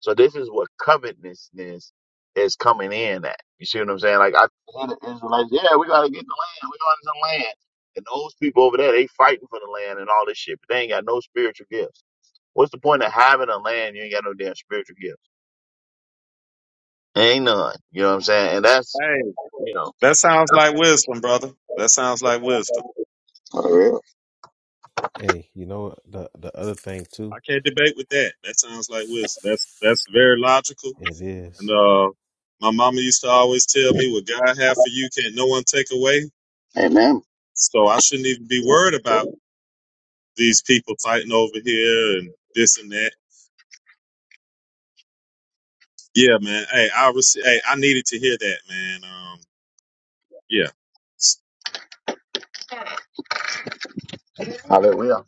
D: so this is what covetousness is coming in at you see what i'm saying like i hear the israelites yeah we gotta get the land we gotta get some land and those people over there they fighting for the land and all this shit but they ain't got no spiritual gifts what's the point of having a land you ain't got no damn spiritual gifts ain't none you know what i'm saying and that's
C: Hey,
D: you know.
C: that sounds like wisdom, brother. That sounds like wisdom.
D: Hallelujah.
B: Hey, you know the the other thing
C: I
B: too,
C: can't debate with that. That sounds like wisdom. That's that's very logical.
B: it
C: And
B: is.
C: uh, my mama used to always tell me, "What God have for you, can't no one take away."
D: Amen.
C: So I shouldn't even be worried about. these people fighting over here and this and that. Yeah, man. Hey, I was. Hey, I needed to hear that, man. Um, yeah.
D: Hallelujah.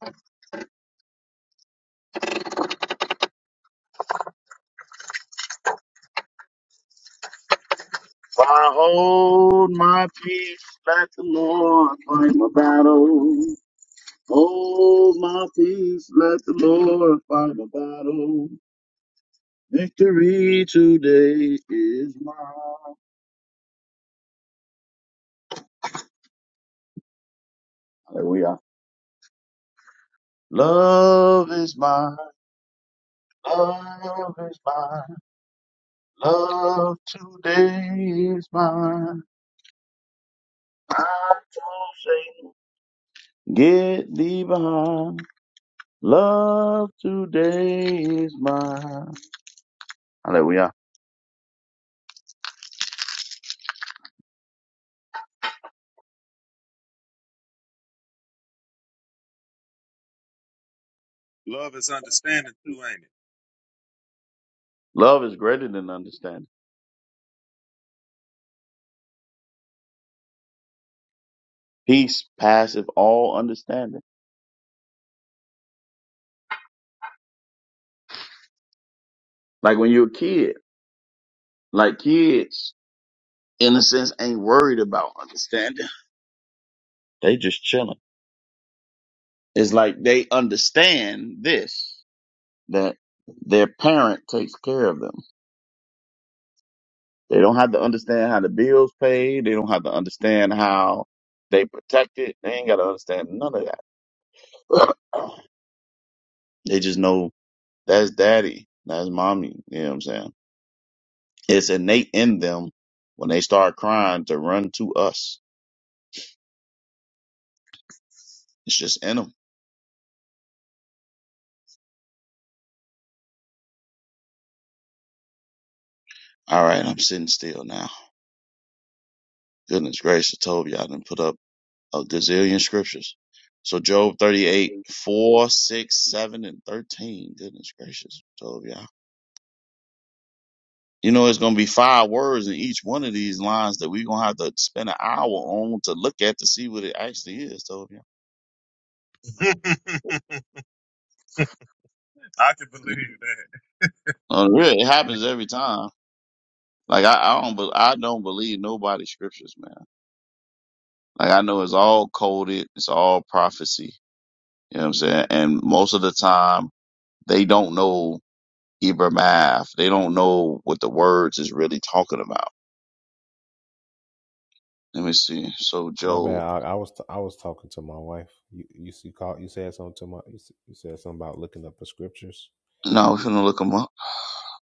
D: For I hold my peace, let the Lord fight my battle. Hold my peace, let the Lord fight my battle. Victory today is mine. Hallelujah. Love is mine, love is mine, love today is mine. I told Satan, get thee behind. Love today is mine. Hallelujah.
C: Love is understanding too,
D: Love is greater than understanding. Peace passeth all understanding. Like when you're a kid, like kids, in a sense, ain't worried about understanding. They just chilling. It's like they understand this, that their parent takes care of them. They don't have to understand how the bills paid. They don't have to understand how they protect it. They ain't got to understand none of that. <clears throat> they just know That's daddy. That's mommy. You know what I'm saying? It's innate in them when they start crying to run to us. It's just in them. All right, I'm sitting still now. Goodness gracious, Toby, I done put up a gazillion scriptures. So Job 38, 4, 6, 7, and 13. Goodness gracious, Toby. I- You know, it's going to be five words in each one of these lines that we're going to have to spend an hour on to look at to see what it actually is, Toby.
C: ain't it? <laughs> I can believe that.
D: Uh, really? It happens every time. Like I, I don't, be, I don't believe nobody's scriptures, man. Like I know it's all coded, it's all prophecy. You know what I'm saying? And most of the time, they don't know Hebrew math. They don't know what the words is really talking about. Let me see. So
B: My bad.
D: Job.
B: I, I was t- I was talking to my wife. You you see call you said something to my you, s- you said something about looking up the scriptures.
D: No, we're gonna look him up.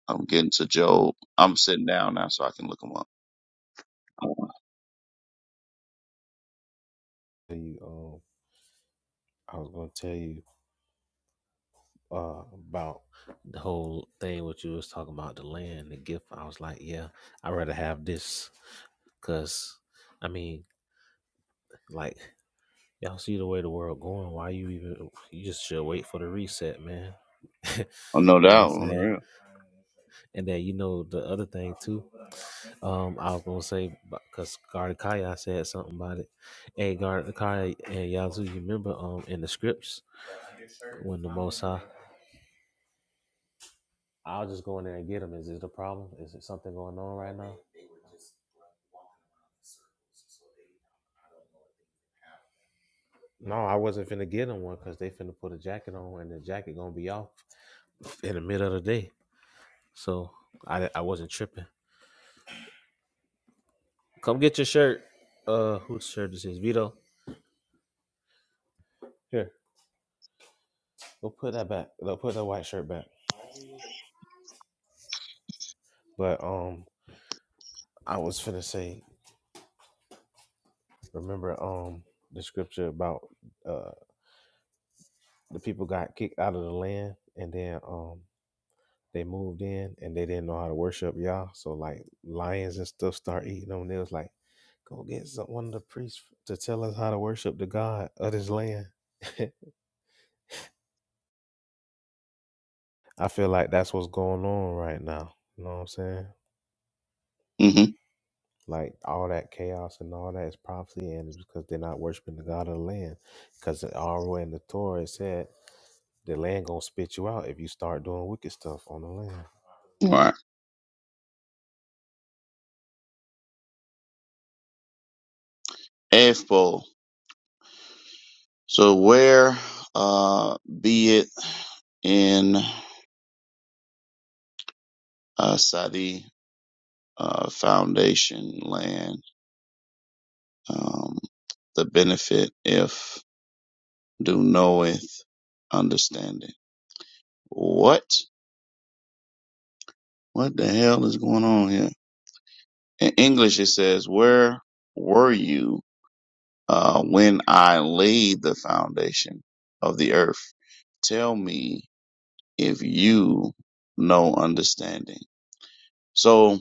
D: I'm getting to Job. I'm sitting down now, so I can look him up. Oh,
B: And You um I was gonna tell you uh about the whole thing what you was talking about the land the gift i was like yeah i'd rather have this because i mean like y'all see the way the world going why you even you just should wait for the reset man <laughs> you
D: no
B: know what i'm
D: doubt, on the
B: saying
D: real.
B: and then you know the other thing too um i was gonna say because Kaya said something about it hey Gardakaya and yazoo you remember um in the scripts when the most high I'll just go in there and get them. Is this the problem? Is it something going on right now? No, I wasn't finna get them one because they finna put a jacket on and the jacket gonna be off in the middle of the day. So I I wasn't tripping. Come get your shirt. Uh, whose shirt is this? Vito. Here, go put that back. Go put that white shirt back. But um, I was finna say, remember um the scripture about uh the people got kicked out of the land and then um They moved in and they didn't know how to worship Yah. So like lions and stuff start eating them. They was like, go get some, one of the priests to tell us how to worship the God of this land. <laughs> I feel like that's what's going on right now. You know what I'm saying?
D: Mm-hmm.
B: Like all that chaos and all that is prophecy, and it's because they're not worshiping the God of the land. Because already in the Torah it said the land gonna spit you out if you start doing wicked stuff on the land.
D: All right. Ethbol. So where, uh, be it in uh, Sadi. uh, foundation land. Um, the benefit if do knoweth understanding. What? What the hell is going on here? In English, it says, "Where were you uh, when I laid the foundation of the earth? Tell me if you know understanding." So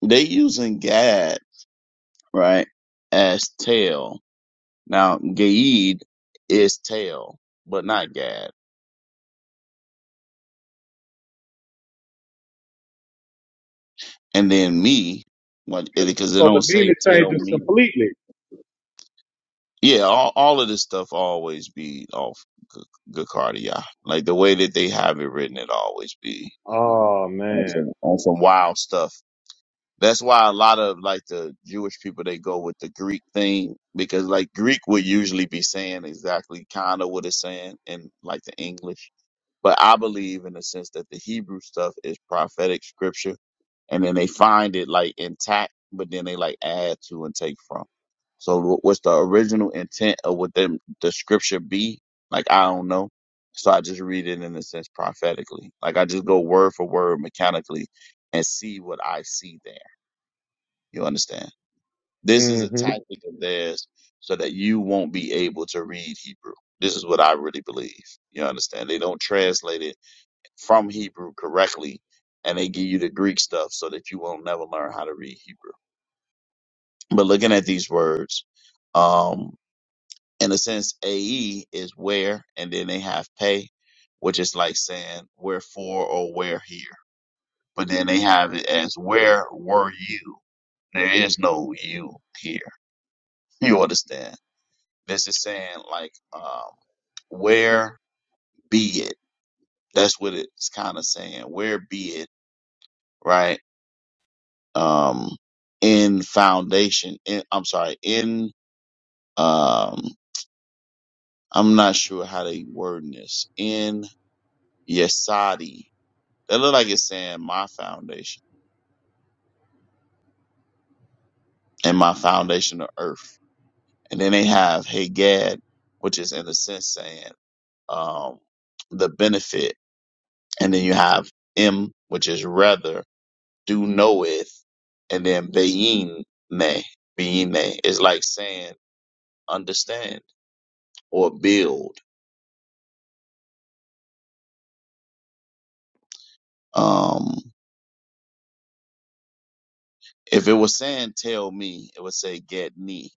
D: they using Gad right as tell Now, Gaid is tail, but not Gad. And then me, what? because they
C: So the
D: don't say
C: meaning
D: tell
C: changes
D: me.
C: completely.
D: Yeah, all, all of this stuff always be off G- Gacardia. Like the way that they have it written, it always be
C: Oh
D: on
C: man.
D: some, on some wild stuff. That's why a lot of like the Jewish people they go with the Greek thing because like Greek would usually be saying exactly kind of what it's saying in like the English. But I believe in the sense that the Hebrew stuff is prophetic scripture and then they find it like intact, but then they like add to and take from. So wh- what's the original intent of what them the scripture be? Like I don't know. So I just read it in a sense prophetically. Like I just go word for word mechanically and see what I see there you understand? This is a
C: hmm
D: tactic of theirs so that you won't be able to read Hebrew. This is what I really believe. You understand? They don't translate it from Hebrew correctly and they give you the Greek stuff so that you won't never learn how to read Hebrew. But looking at these words, um, in a sense, AE is where, and then they have pay, which is like saying wherefore or where here. But then they have it as where were you? There is no you here. <laughs> You understand? It's just saying like, um, where be it. That's what it's kind of saying. Where be it, right? Um, in foundation. In, I'm sorry. In um, I'm not sure how they word this. In Yesadi. That look like it's saying my foundation and my foundation of earth. And then they have Hagad, which is in a sense saying um, the benefit. And then you have M, which is rather. do knoweth, and then being me, being me is like saying understand or build. Um, if it was saying tell me, it would say get me,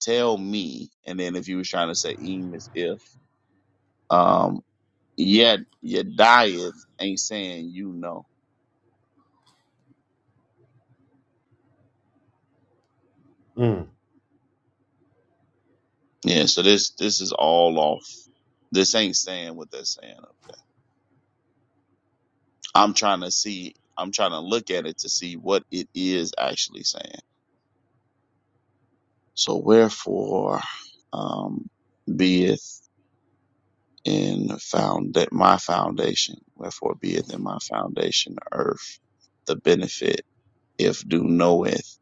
D: tell me, and then if you was trying to say im is if, um, yet your diet ain't saying you know. Yeah, so this this is all off. This ain't saying what they're saying up there. I'm trying to see. I'm trying to look at it to see what it is actually saying. So wherefore, um, beeth in found that my foundation, wherefore beeth in my foundation earth the benefit if do knoweth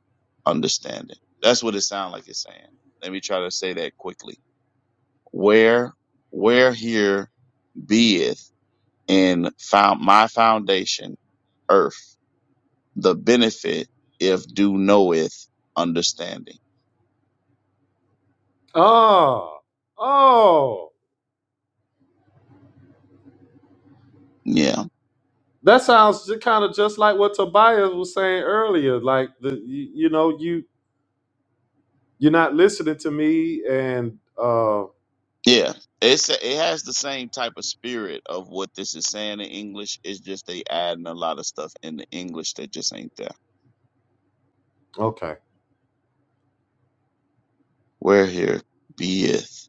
D: understanding. That's what it sounds like it's saying. Let me try to say that quickly. Where, where here beeth in found my foundation earth the benefit if do knoweth understanding.
C: Oh, oh,
D: Yeah.
C: that sounds kind of just like what Tobias was saying earlier. Like the, you, you know, you you're not listening to me, and uh,
D: Yeah, it's it has the same type of spirit of what this is saying in English. It's just they adding a lot of stuff in the English that just ain't there.
C: okay.
D: Where here beeth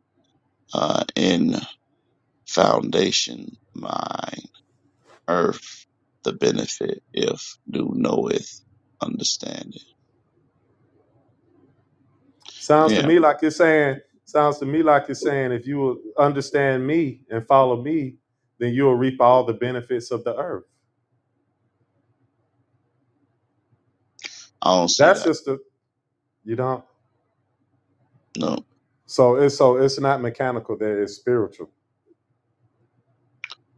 D: uh, in foundation mine earth the benefit if do knoweth understanding.
C: Sounds to
D: Yeah,
C: me like you're saying, sounds to me like you're saying, if you will understand me and follow me, then you will reap all the benefits of the earth.
D: I don't see
C: That's
D: that.
C: just the you don't.
D: No.
C: So it's so it's not mechanical. There, it's spiritual.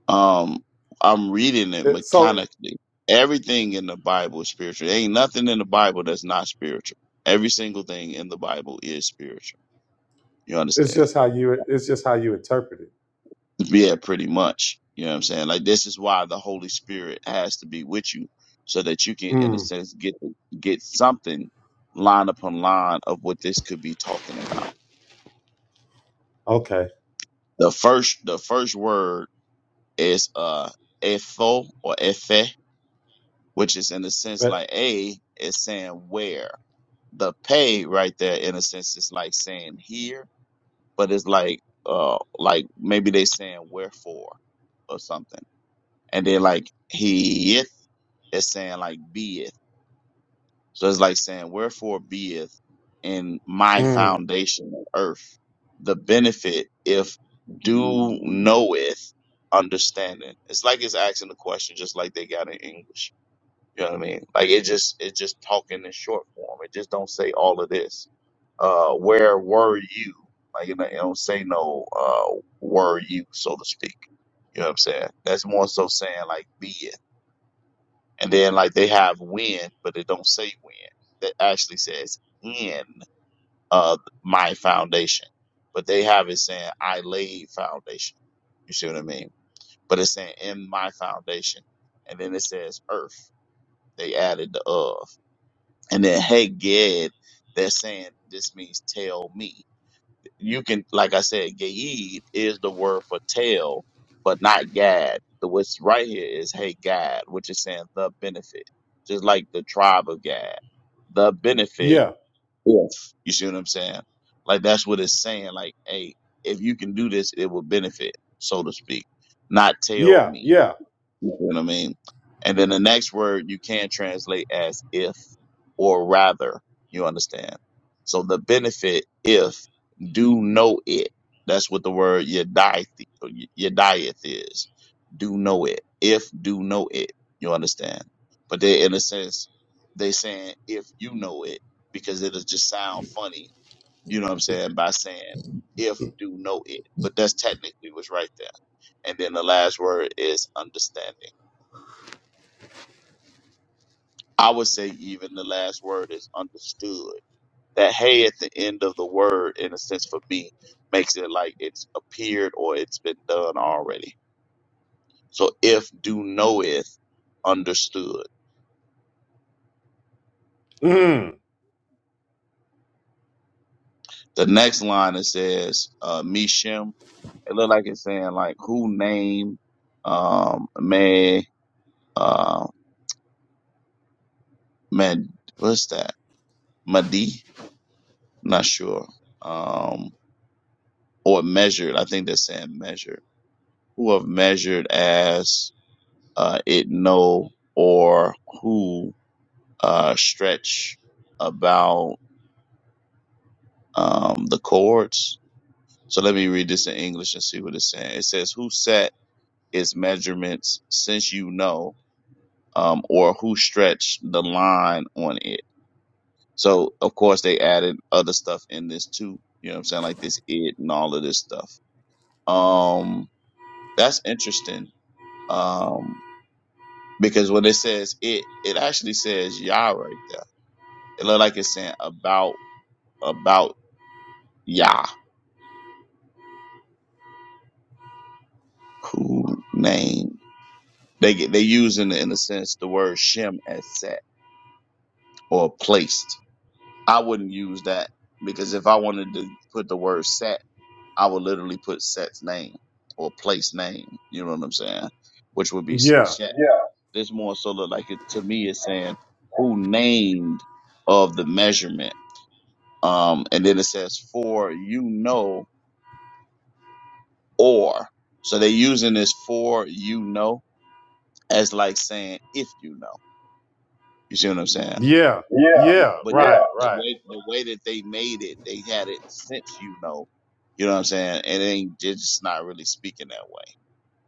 D: Um, I'm reading it
C: It, so
D: mechanically. Everything in the Bible is spiritual. ain't nothing in the Bible that's not spiritual. Every single thing in the Bible is spiritual. You
C: it's
D: understand?
C: just how you it's just how you interpret it.
D: Yeah, pretty much. You know what I'm saying? Like this is why the Holy Spirit has to be with you so that you can, in a
C: Mm,
D: sense, get get something line upon line of what this could be talking about.
C: okay.
D: The first the first word is uh etho or ethe, which is in a sense like
C: But,
D: a is saying where. the pay right there in a sense is like saying here, but it's like uh like maybe they saying wherefore or something. And then like he is saying like beeth. So it's like saying wherefore beeth in my
C: mm,
D: foundation of earth the benefit if do knoweth understanding. It's like it's asking the question just like they got in English. You know what I mean? Like it just it just talking in short form. It just don't say all of this. Uh, where were you? Like it don't it don't say no. Uh, were you so to speak? You know what I'm saying? That's more so saying like be it, and then like they have when, but it don't say when. That actually says in uh my foundation, but they have it saying I laid foundation. You see what I mean? But it's saying in my foundation, and then it says earth. They added the of and then hey ged they're saying this means tell me you can like i said Gad is the word for tell but not gad the what's right here is hey gad which is saying the benefit just like the tribe of gad the benefit
C: yeah.
D: if you see what i'm saying like that's what it's saying like hey if you can do this it will benefit so to speak not tell
C: Yeah.
D: me
C: Yeah.
D: you see what I mean? And then the next word you can translate as if or rather. You understand? So the benefit, if, do know it. That's what the word yadith or y- yadiath is. Do know it. If, do know it. You understand? But they, in a sense, they saying if you know it because it'll just sound funny. You know what I'm saying? By saying if, do know it. But that's technically what's right there. And then the last word is understanding I would say even the last word is understood. That hey at the end of the word, in a sense for me, makes it like it's appeared or it's been done already. So if do knoweth, understood.
C: Mm,
D: The next line it says, uh, Mishem. It look like it's saying like who name, um, may, uh, man, what's that? Madi? Not sure. Um, or measured. I think they're saying measured. Who have measured as uh, it know or who uh, stretch about um, the chords. So let me read this in English and see what it's saying. It says, "Who set its measurements since you know, um, or who stretched the line on it?" So of course they added other stuff in this too. You know what I'm saying, like this it and all of this stuff. Um, that's interesting. Um, because when it says it, it actually says Yah right there It look like it's saying about about Yah who named. They get they using in a sense the word Shem as set or placed. I wouldn't use that because if I wanted to put the word set, I would literally put set's name or place name. You know what I'm saying? Which would be
C: yeah.
D: Shem. Yeah. This more so look like it to me is saying who named of the measurement. Um, and then it says for you know or. So they're using this for you know as like saying if you know. You see what I'm saying?
C: Yeah.
D: Yeah,
C: Yeah.
D: But the, yeah,
C: Right.
D: the
C: Right.
D: way the way that they made it, they had it since you know. You know what I'm saying? And it ain't it's just not really speaking that way.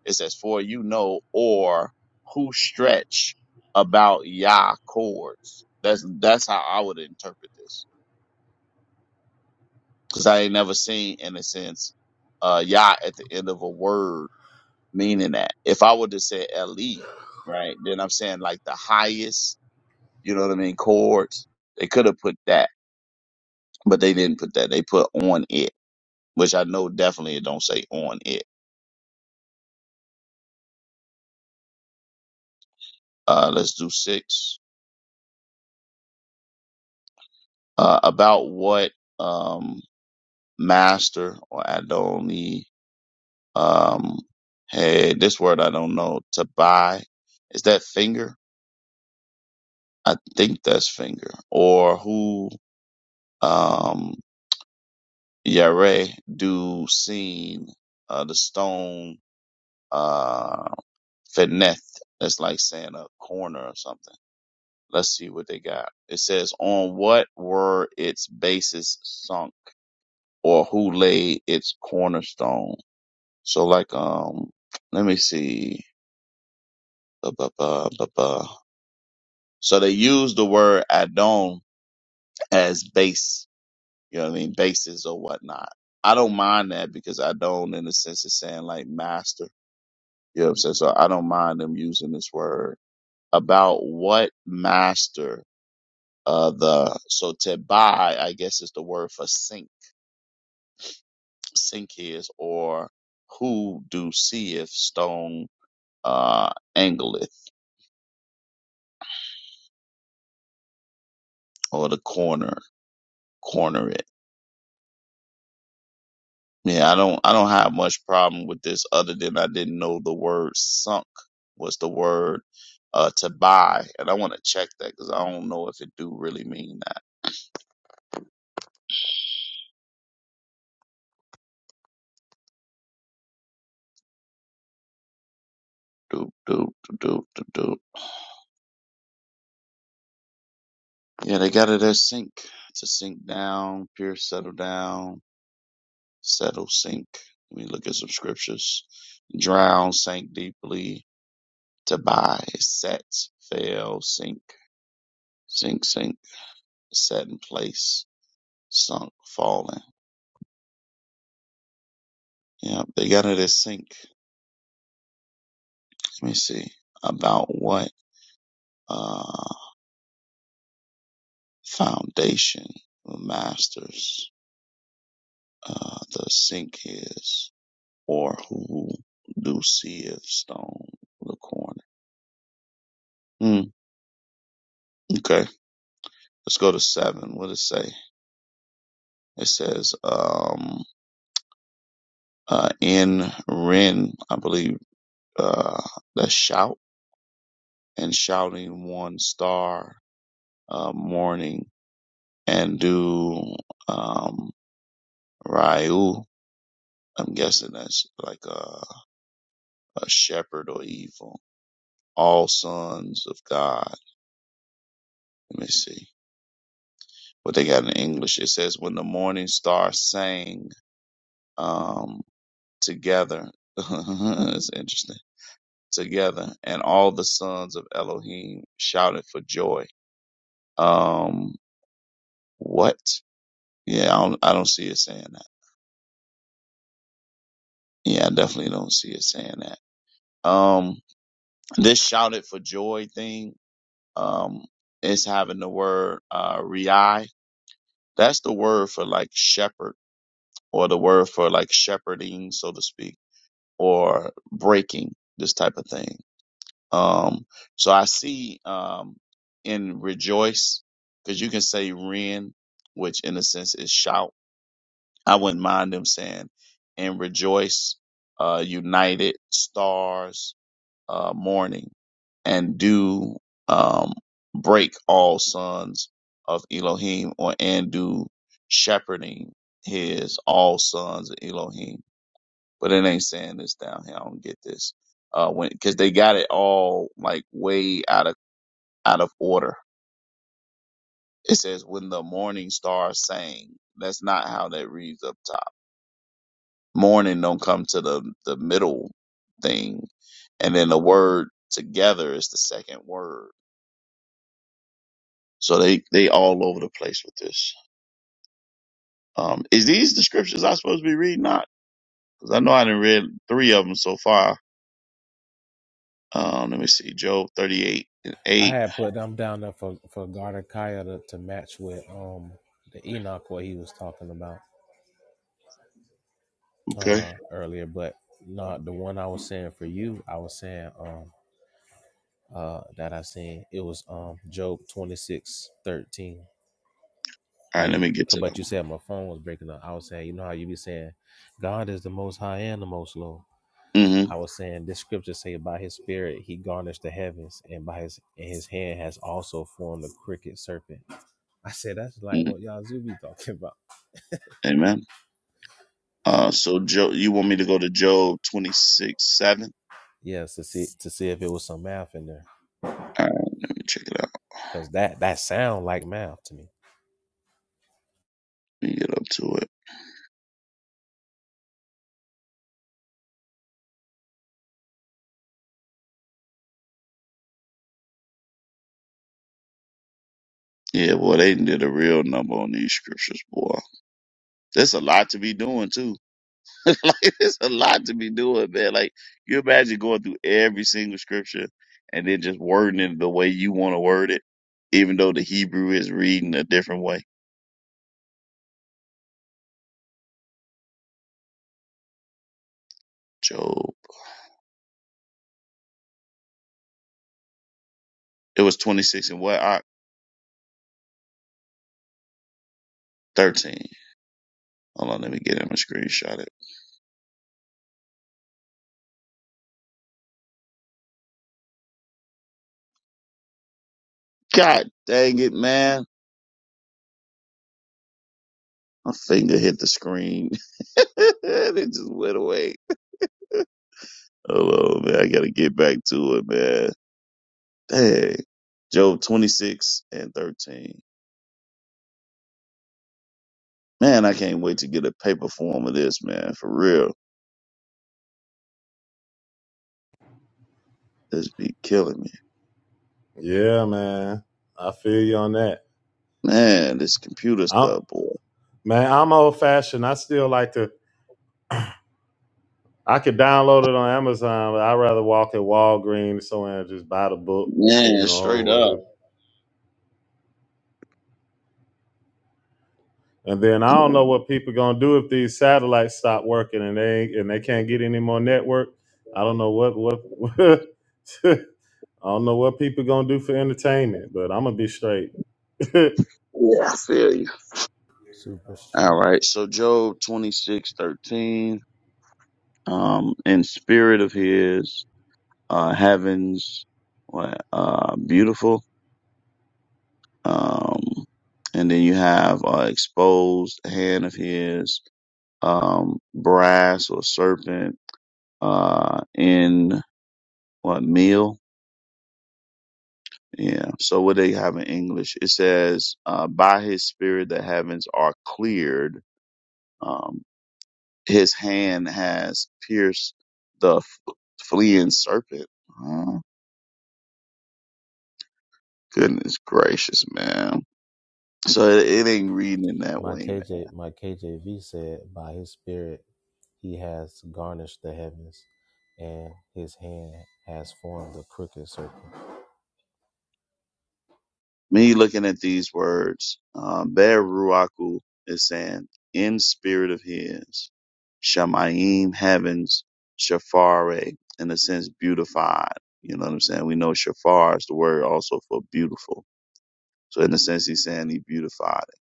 D: It says for you know or who stretch about Yah chords. That's that's how I would interpret this because I ain't never seen in a sense uh Yah at the end of a word meaning that if I would to say LE, right, then I'm saying like the highest, you know what I mean, chords. They could have put that, but they didn't put that. They put on it, which I know definitely it don't say on it. Uh, let's do six. Uh, about what um master or Adoni um hey this word I don't know to buy is that finger I think that's finger or who Um. Yare do seen uh, the stone, uh, Feneth. That's like saying a corner or something. Let's see what they got. It says, on what were its bases sunk or who laid its cornerstone? So like, um, let me see. Ba, ba, ba, ba, ba. So they use the word Adon as base, you know what I mean? Bases or whatnot. I don't mind that because Adon in the sense is saying like master You know what I'm saying? So I don't mind them using this word about what master uh the so tebai, I guess is the word for sink sink is or who do seeth stone uh angleth or the corner corner it. Yeah, I don't I don't have much problem with this other than I didn't know the word sunk was the word uh to buy and I want to check that because I don't know if it do really mean that. Do do do do do do. Yeah, they got it as sink. To sink down, pure settle down, settle, sink. Let me look at some scriptures. Drown, sink deeply, to buy, set, fail, sink, sink, sink, set in place, sunk, fallen. Yeah, they got it as sink. Let me see. About what uh foundation or masters uh the sink is, or who do see if stone the corner. Mm, okay, let's go to seven. What does it say? It says, um, uh, in Ren, I believe, uh, the shout and shouting one star, uh, morning and do, um, Ryu. I'm guessing that's like a, a shepherd or evil. All sons of God. Let me see what they got in English. It says, when the morning star sang, um, together. <laughs> It's interesting together, and all the sons of Elohim shouted for joy. Um, what? Yeah, I don't, I don't see it saying that. Yeah, I definitely don't see it saying that. Um, this shouted for joy thing, um, is having the word, uh, rei. That's the word for like shepherd or the word for like shepherding, so to speak, or breaking, this type of thing. Um, so I see um, in rejoice, because you can say ren, which in a sense is shout. I wouldn't mind them saying in rejoice, uh, united stars, uh, morning, and do um, break all sons of Elohim, or and do shepherding his all sons of Elohim but it ain't saying this down here. I don't get this. Uh, when because they got it all like way out of out of order. It says when the morning star sang. That's not how that reads up top. Morning don't come to the the middle thing, and then the word together is the second word. So they they all over the place with this. Um, is these the scriptures I supposed to be reading? Not because I know I didn't read three of them so far. Um, let me see, Job thirty eight and
B: I
D: eight.
B: had put them down there for for Garden Kaya to, to match with um the Enoch what he was talking about
D: Okay,
B: uh earlier, but not the one I was saying for you. I was saying um uh that I seen it was um Job twenty six thirteen.
D: all
B: How
D: right. Let
B: you
D: me get to those.
B: but you said my phone was breaking up. I was saying you know how you be saying God is the most high and the most low. I
D: Mm-hmm.
B: was saying this scripture say by his spirit he garnished the heavens and by his and his hand has also formed the crooked serpent I said, that's like what
D: Mm-hmm.
B: Yazoo be talking about.
D: Amen. Uh, so Joe, you want me to go to Job twenty six seven?
B: Yes, to see to see if it was some math in there,
D: All right, let me check it out.
B: cause that that sound like math to me.
D: Let me get up to it. Yeah, boy, they did a real number on these scriptures, boy. There's a lot to be doing too. <laughs> like, there's a lot to be doing, man. Like, you imagine going through every single scripture and then just wording it the way you want to word it, even though the Hebrew is reading a different way. Job, it was twenty six and what? I, Thirteen. Hold on, let me get him a screenshot. God dang it, man. My finger hit the screen. <laughs> And it just went away. Hold on, man. I gotta get back to it, man. Dang. Job 26 and 13. Man, I can't wait to get a paper form of this, man. For real. This be killing me.
C: Yeah, man. I feel you on that.
D: Man, this computer
C: I'm,
D: stuff, boy.
C: man, I'm old fashioned. I still like to. I could download it on Amazon, but I'd rather walk at Walgreens somewhere and just buy the book, you
D: Man,
C: know,
D: straight
C: with
D: up.
C: it. And then I don't know what people gonna do if these satellites stop working and they and they can't get any more network. I don't know what what, <laughs> what I don't know what people gonna do for entertainment, but I'm gonna be straight.
D: Yeah, I feel you.
B: Super
D: All
B: straight.
D: right. So Job 26 13. Um, in spirit of his. uh, heavens, what, uh, beautiful. Um, and then you have uh, exposed hand of his, um, brass or serpent uh, in what meal? Yeah. So what they have in English, it says, uh, by his spirit the heavens are cleared. Um, his hand has pierced the f- fleeing serpent. Oh, goodness gracious, man. So it, it ain't reading in that
B: My
D: way,
B: KJ my KJV said, by His Spirit, He has garnished the heavens, and His hand has formed the crooked circle.
D: Me looking at these words, um, Be'er Ruaku is saying, in spirit of his, Shamayim heavens, Shafare, in a sense, beautified. You know what I'm saying? We know Shafar is the word also for beautiful. So in a sense, he's saying he beautified it.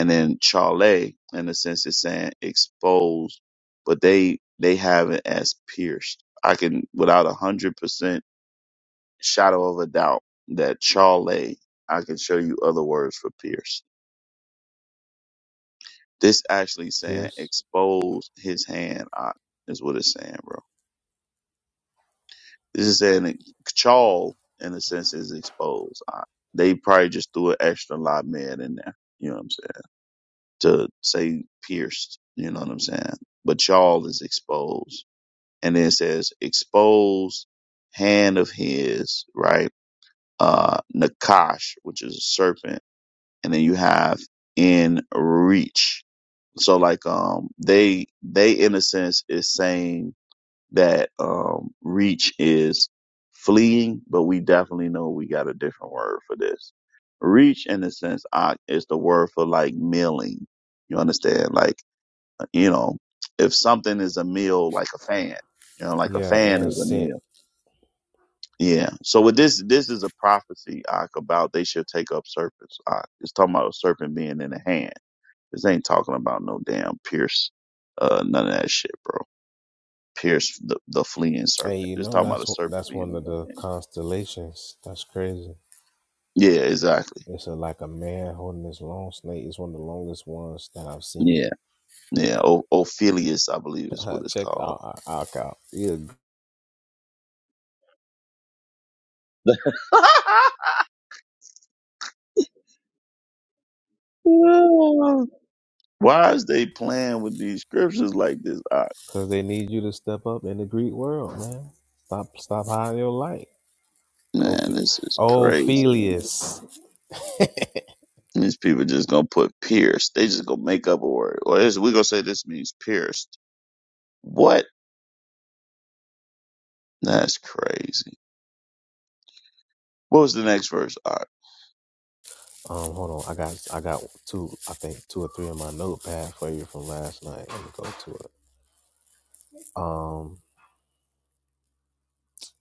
D: And then Chale, in a sense, is saying exposed, but they, they have it as pierced. I can, without a hundred percent shadow of a doubt that Chale, I can show you other words for pierce. This actually saying
B: Pierce,
D: expose his hand, ah, is what it's saying, bro. This is saying that Chal, in a sense, is exposed. ah. They probably just threw an extra lot man in there, you know what I'm saying, to say pierced, you know what I'm saying? But Chal is exposed. And then it says exposed hand of his, right? Uh, Nakash, which is a serpent and then you have in reach. So like um they they in a sense is saying that um reach is fleeing, but we definitely know we got a different word for this. Reach in a sense I, is the word for like milling. You understand? Like you know, if something is a meal like a fan, you know, like a
B: yeah,
D: fan
B: and
D: is a
B: sent
D: meal. Yeah. So with this this is a prophecy Ak, about they shall take up serpents. Ak. It's talking about a serpent being in the hand. This ain't talking about no damn Pierce, uh, none of that shit, bro. Pierce the, the fleeing
B: Hey,
D: serpent.
B: you
D: Just
B: know
D: talking about a
B: that's one-
D: serpent
B: that's
D: being
B: one
D: in
B: of
D: your
B: the
D: hand.
B: constellations. That's crazy.
D: Yeah, exactly.
B: It's a, like a man holding this long snake. It's one of the longest ones that I've seen.
D: Yeah, yeah. O- Ophelius, I believe, is
B: <laughs>
D: what it's
B: Check
D: called.
B: out Alcow. Yeah,
D: <laughs> Why is they playing with these scriptures like this? I,
B: because they need you to step up in the Greek world, man. Stop, stop hiding your light.
D: man,
B: Oph-
D: this is crazy.
B: Ophelius.
D: These people just gonna put pierced. They just gonna make up a word. Or this, we gonna say this means pierced. What? That's crazy. What was the next verse? All right.
B: Um, hold on. I got, I got two. I think two or three in my notepad for you from last night. Let me go to it. Um,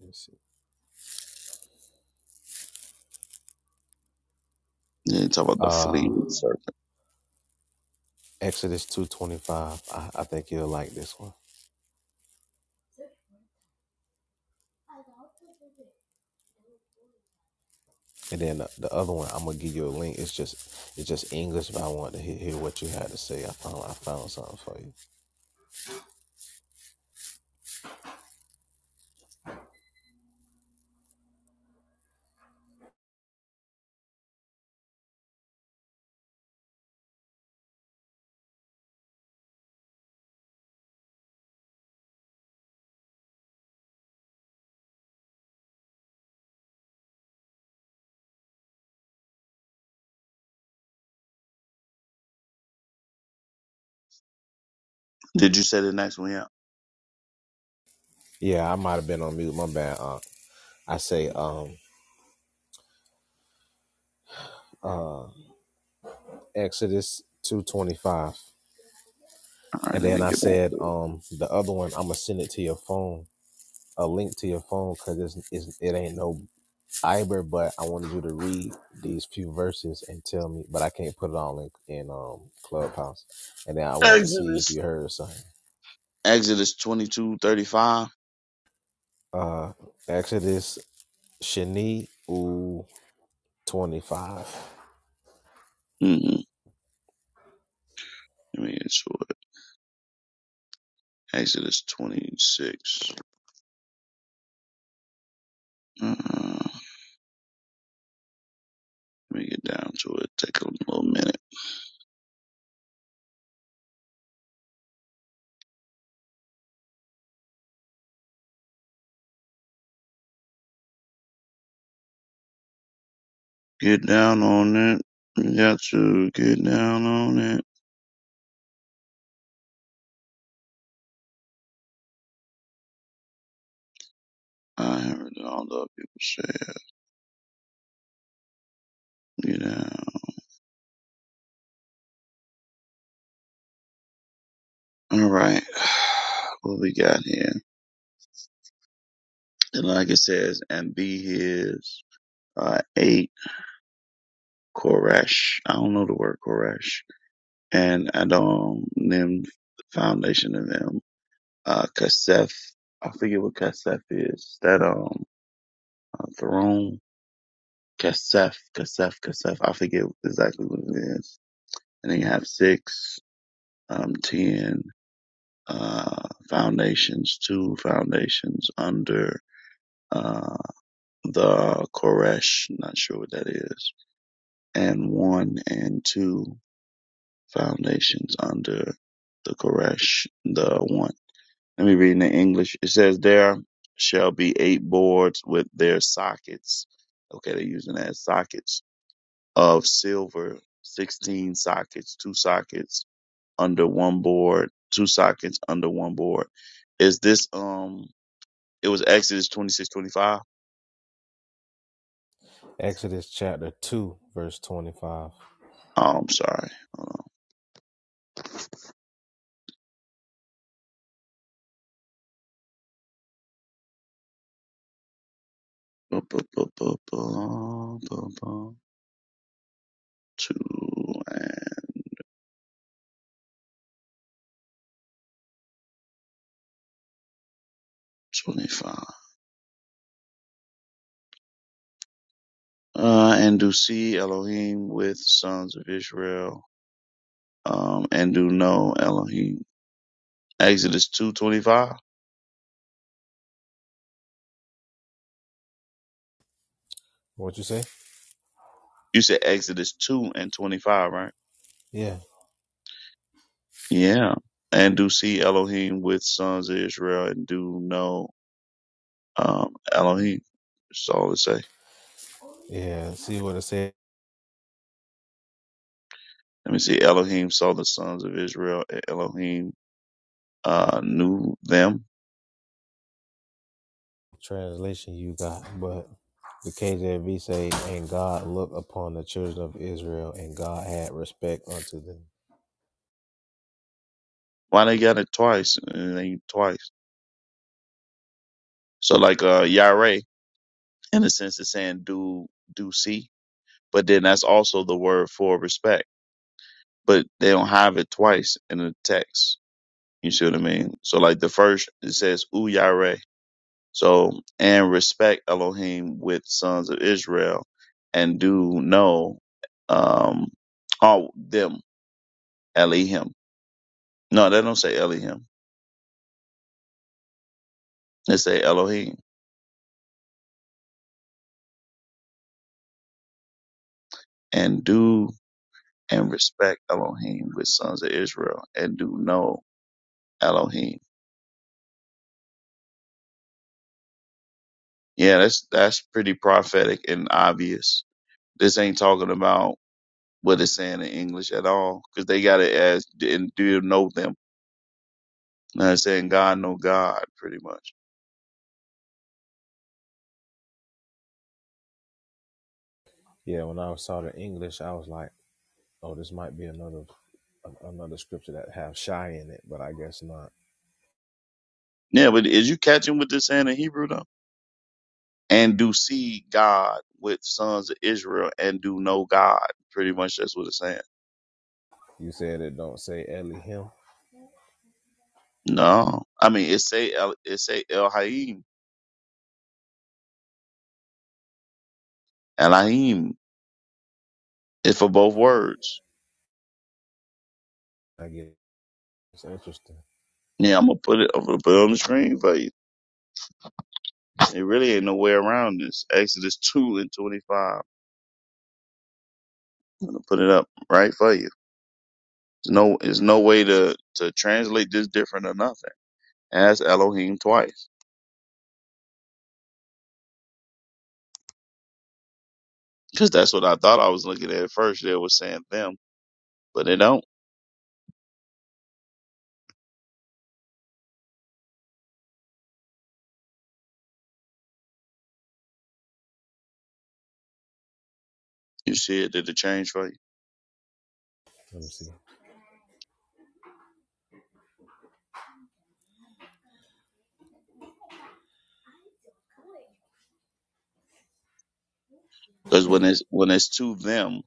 B: let me see.
D: Yeah, talk about the fleet.
B: Uh,
D: Sorry.
B: Exodus two twenty five. I, I think you'll like this one. And then the the other one, I'm gonna give you a link. It's just it's just English, but I want to hear, hear what you had to say. I found I found something for you.
D: Did you say the next one? Yeah.
B: Yeah, I might have been on mute. My bad. Uh, I say um uh Exodus two twenty five,
D: All right,
B: and
D: let
B: then
D: me
B: I
D: get back.
B: said um the other one. I'm gonna send it to your phone, a link to your phone, cause it's, it's it ain't no Iber, but I wanted you to read these few verses and tell me, but I can't put it on in, in um Clubhouse, and then I want to see if
D: Exodus.
B: you heard something.
D: Exodus twenty two thirty five.
B: Uh, Exodus Shani U 25.
D: Mm-hmm. Let me get to it. Exodus 26. Uh, let me get down to it. Take a little minute. Get down on it. You got to get down on it. I haven't done all the other people say it. Get down. All right. <sighs> What we got here? And like it says, and be his. Uh, eight. Koresh. I don't know the word Koresh. And Adam named the foundation of them. Uh, Kasef. I forget what Kasef is. That, um, uh, throne. Kasef, Kasef, Kasef. I forget exactly what it is. And then you have six, um, ten, uh, foundations, two foundations under, uh, the Koresh. Not sure what that is. And one and two. foundations under the Koresh, the one. Let me read in the English. It says, There shall be eight boards with their sockets. Okay, they're using that as sockets of silver, 16 sockets, two sockets under one board, two sockets under one board. Is this, um, it was Exodus twenty
B: Exodus chapter 2, verse 25.
D: Oh, I'm sorry. Hold on. Bu- bu- bu- bu- bu- bu- bu- Two and 25. uh, and do see Elohim with sons of Israel, um, and do know Elohim. Exodus two twenty five.
B: What you say?
D: You said Exodus two and twenty five, right?
B: Yeah.
D: Yeah. And do see Elohim with sons of Israel, and do know um, Elohim. That's all it say.
B: Yeah. See what it said.
D: Let me see. Elohim saw the sons of Israel, and Elohim uh, knew them.
B: Translation you got. But the KJV say, And God looked upon the children of Israel, and God had respect unto them.
D: Why they got it twice? And they twice. So like uh, Yireh, in a sense, it's saying do do see. But then that's also the word for respect. But they don't have it twice in the text. You see what I mean? So like the first it says Uyare. So and respect Elohim with sons of Israel and do know um all them Elohim. No, they don't say Elohim. They say Elohim. And do and respect Elohim with sons of Israel and do know Elohim. Yeah, that's that's pretty prophetic and obvious This ain't talking about what it's saying in English at all, because they got it as and do you know them? You know I'm saying God know God pretty much.
B: Yeah, when I saw the English, I was like, oh, this might be another another scripture that have shy in it, but I guess not.
D: Yeah, but is you catching what they're saying in Hebrew though? And do see God with sons of Israel and do know God. Pretty much that's what it's saying.
B: You said it don't say Ellie
D: No, I mean it say El, it say El Haim, Elohim. It's for both words.
B: I guess it's interesting.
D: Yeah, I'm gonna put it. I'm gonna put it on the screen for you. It really ain't no way around this. Exodus two and twenty five. I'm gonna put it up right for you. There's no, there's no way to, to translate this different or nothing. Ask Elohim twice. Cause that's what I thought I was looking at at first. They were saying them, but they don't. You see it, did it change for you?
B: Let me see.
D: Cause when it's, when it's to them,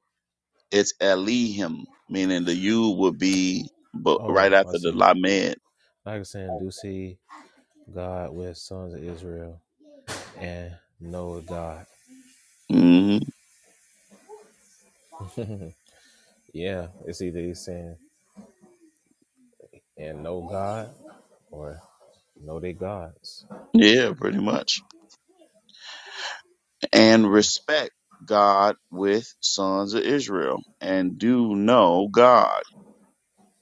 D: it's Elohim, meaning the you would be but right
B: Oh, I
D: after the
B: see.
D: Lamed.
B: Like I saying, do see God with sons of Israel and know God.
D: hmm
B: <laughs> yeah, it's either he's saying and know God or know they gods.
D: Yeah, pretty much. And respect God with sons of Israel and do know God.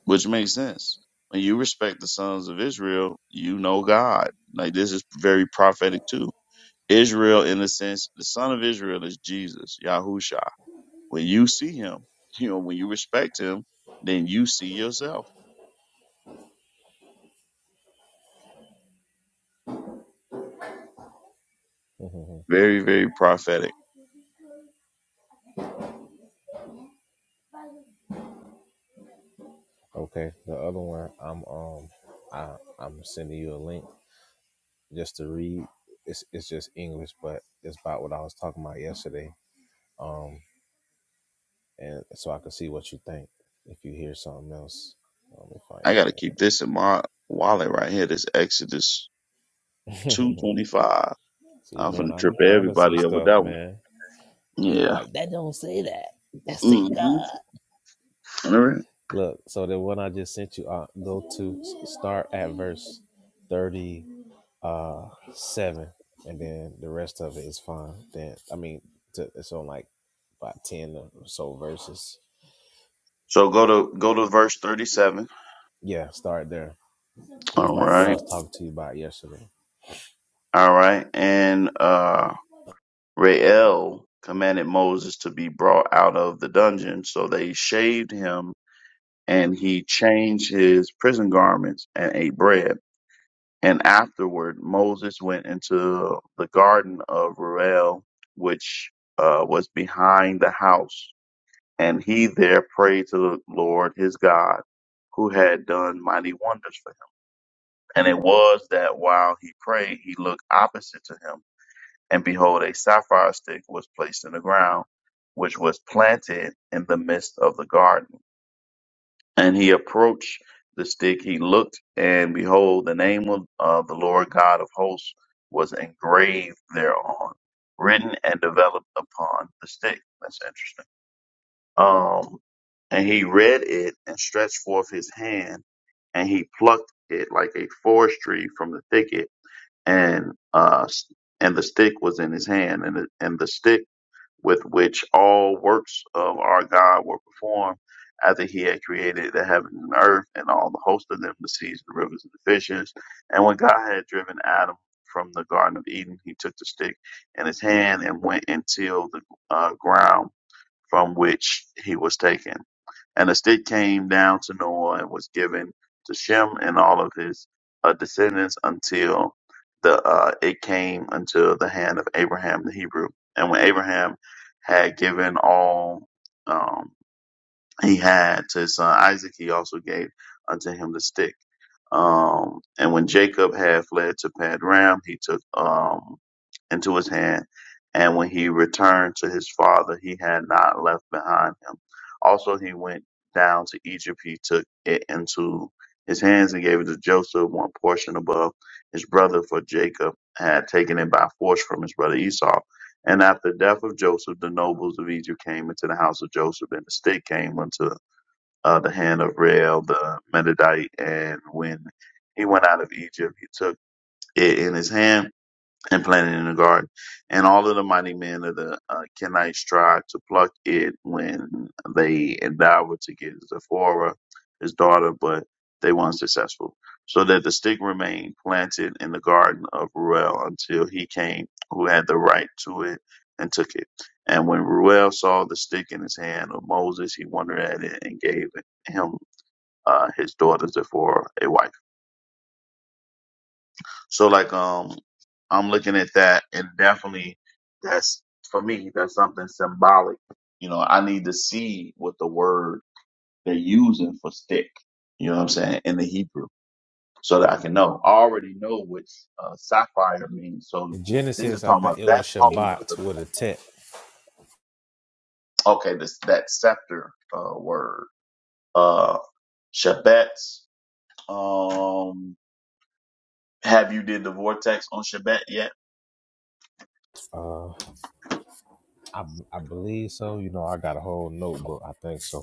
D: which makes sense. When you respect the sons of Israel, you know God. Like this is very prophetic too. Israel, in a sense, the son of Israel is Jesus, Yahusha. When you see him, <laughs> you know, when you respect him, then you see yourself.
B: Mhm.
D: Very, very prophetic.
B: <laughs> okay, the other one I'm um I I'm sending you a link just to read. It's it's just English, but it's about what I was talking about yesterday. Um, and so I can see what you think if you hear something else. Let me find
D: I gotta keep this in my wallet right here, this Exodus
B: your name.
D: two
B: <laughs>
D: twenty five.
B: See,
D: I'm
B: man,
D: gonna
B: I
D: trip
B: be finding some
D: everybody up with
B: stuff,
D: that one.
B: man. You
D: Yeah.
B: like that?
D: Mm-hmm. All right.
B: Look, so the one I just sent you, uh, go to s- start at verse thirty uh seven, and then the rest of it is fine. Then I mean, to, it's on like about ten or so verses.
D: So go to go to verse thirty seven.
B: Yeah, start there. It's
D: All
B: about what I
D: right.
B: was talking to you about yesterday.
D: All right. And uh, Rael commanded Moses to be brought out of the dungeon. So they shaved him and he changed his prison garments and ate bread. And afterward, Moses went into the garden of Rael, which uh, was behind the house. And he there prayed to the Lord his God, who had done mighty wonders for him. And it was that while he prayed, he looked opposite to him And behold, a sapphire stick was placed in the ground, which was planted in the midst of the garden. And he approached the stick, he looked, and behold, the name of uh, the Lord God of hosts was engraved thereon, written and developed upon the stick. That's interesting. Um, and he read it and stretched forth his hand, and he plucked it like a forest tree from the thicket, and uh, and the stick was in his hand, and the, and the stick with which all works of our God were performed after he had created the heaven and earth and all the host of them, the seas, the rivers, and the fishes. And when God had driven Adam from the Garden of Eden, he took the stick in his hand and went and tilled the uh, ground from which he was taken. And the stick came down to Noah and was given to Shem and all of his uh, descendants until the uh, it came unto the hand of Abraham the Hebrew. And when Abraham had given all, um, he had to his son Isaac, he also gave unto him the stick. Um, and when Jacob had fled to Padram, he took um, into his hand. And when he returned to his father, he had not left behind him. Also, he went down to Egypt. He took it into his hands and gave it to Joseph, one portion above his brother, for Jacob had taken it by force from his brother Esau. And after the death of Joseph, the nobles of Egypt came into the house of Joseph, and the stick came into uh, the hand of Reuel the Medadite. And when he went out of Egypt, he took it in his hand and planted in the garden. And all of the mighty men of the uh, Kenites tried to pluck it when they endeavored to get Zephora, his daughter, but they were unsuccessful. So that the stick remained planted in the garden of Ruel until he came who had the right to it and took it. And when Ruel saw the stick in his hand of Moses, he wondered at it and gave him uh, his daughter Zephora a wife. So like um I'm looking at that and definitely that's for me, that's something symbolic. You know, I need to see what the word they're using for stick, you know what I'm saying, in the Hebrew, so that I can know. I already know what uh, sapphire means. So
B: In
D: this is
B: Genesis, I
D: talking
B: think
D: about
B: it was
D: that's talking about
B: Shabbat
D: the
B: with a Tet.
D: okay, this that scepter uh word. Uh Shabbat. Um have you did the vortex on Shabbat yet?
B: Uh, I, I believe so. You know, I got a whole notebook. I think so.